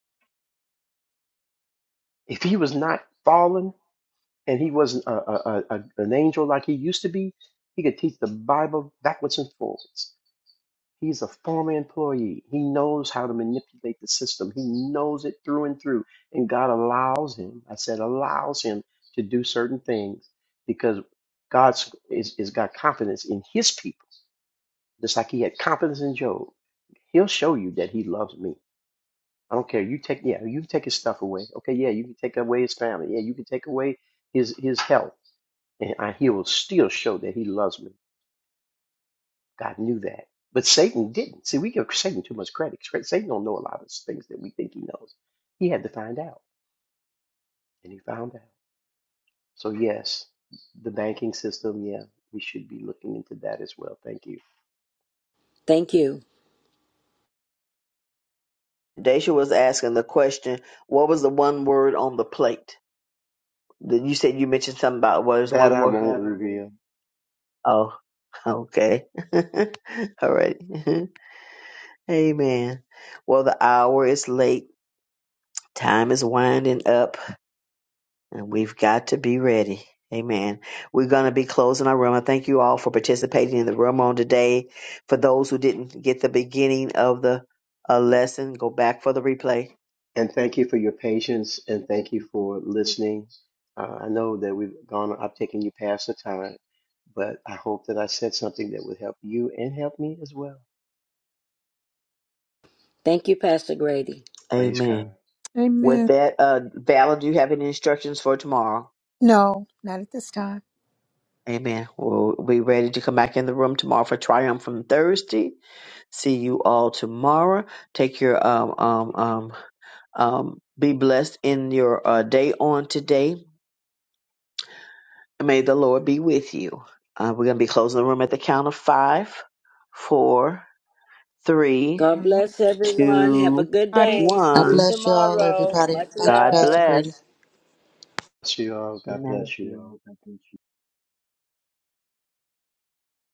[SPEAKER 2] If he was not fallen and he wasn't a, a, a, a- an angel like he used to be, he could teach the Bible backwards and forwards. He's a former employee. He knows how to manipulate the system. He knows it through and through. And God allows him, I said, allows him to do certain things because God is, is got confidence in his people, just like he had confidence in Job. He'll show you that he loves me. I don't care. You take yeah, you can take his stuff away. Okay, yeah, you can take away his family. Yeah, you can take away his his health. And I, he will still show that he loves me. God knew that. But Satan didn't. See, we give Satan too much credit. Satan don't know a lot of things that we think he knows. He had to find out, and he found out. So yes, the banking system, yeah, we should be looking into that as well. Thank you.
[SPEAKER 17] Thank you.
[SPEAKER 7] Daisha was asking the question, what was the one word on the plate? Then You said you mentioned something about what is
[SPEAKER 2] That
[SPEAKER 7] one
[SPEAKER 2] I
[SPEAKER 7] word?
[SPEAKER 2] won't reveal.
[SPEAKER 7] Oh, okay. All right. Amen. Well, the hour is late. Time is winding up. And we've got to be ready. Amen. We're going to be closing our room. I thank you all for participating in the room on today. For those who didn't get the beginning of the uh, lesson, go back for the replay. And
[SPEAKER 2] And
[SPEAKER 7] thank
[SPEAKER 2] thank you
[SPEAKER 7] you
[SPEAKER 2] for
[SPEAKER 7] for
[SPEAKER 2] your
[SPEAKER 7] your patience
[SPEAKER 2] patience,
[SPEAKER 7] and
[SPEAKER 2] and
[SPEAKER 7] thank
[SPEAKER 2] thank you
[SPEAKER 7] you for
[SPEAKER 2] for
[SPEAKER 7] your
[SPEAKER 2] listening. Uh, I know that we've gone, I've taken you past the time, but I hope that I said something that would help you and help me as well.
[SPEAKER 17] Thank you, Pastor Grady.
[SPEAKER 2] Praise God.
[SPEAKER 7] Amen. With
[SPEAKER 1] Amen.
[SPEAKER 7] that, uh, Vala, do you have any instructions for tomorrow?
[SPEAKER 1] No, not at this time.
[SPEAKER 7] Amen. We'll be ready to come back in the room tomorrow for Triumph from Thursday. See you all tomorrow. Take your um, um, um, Um, be blessed in your uh, day on today. May the Lord be with you. Uh, we're going to be closing the room at the count of five, four, three,
[SPEAKER 17] God
[SPEAKER 1] Allah.
[SPEAKER 17] bless everyone. Have a
[SPEAKER 7] two,
[SPEAKER 17] good day. See
[SPEAKER 5] I
[SPEAKER 17] you
[SPEAKER 7] one.
[SPEAKER 5] bless you all,
[SPEAKER 17] tomorrow.
[SPEAKER 5] everybody.
[SPEAKER 17] Much
[SPEAKER 5] Thank you,
[SPEAKER 7] God
[SPEAKER 5] Pastor
[SPEAKER 17] love.
[SPEAKER 7] bless.
[SPEAKER 5] Grady.
[SPEAKER 2] Bless you all. God
[SPEAKER 7] Amen.
[SPEAKER 2] bless you all.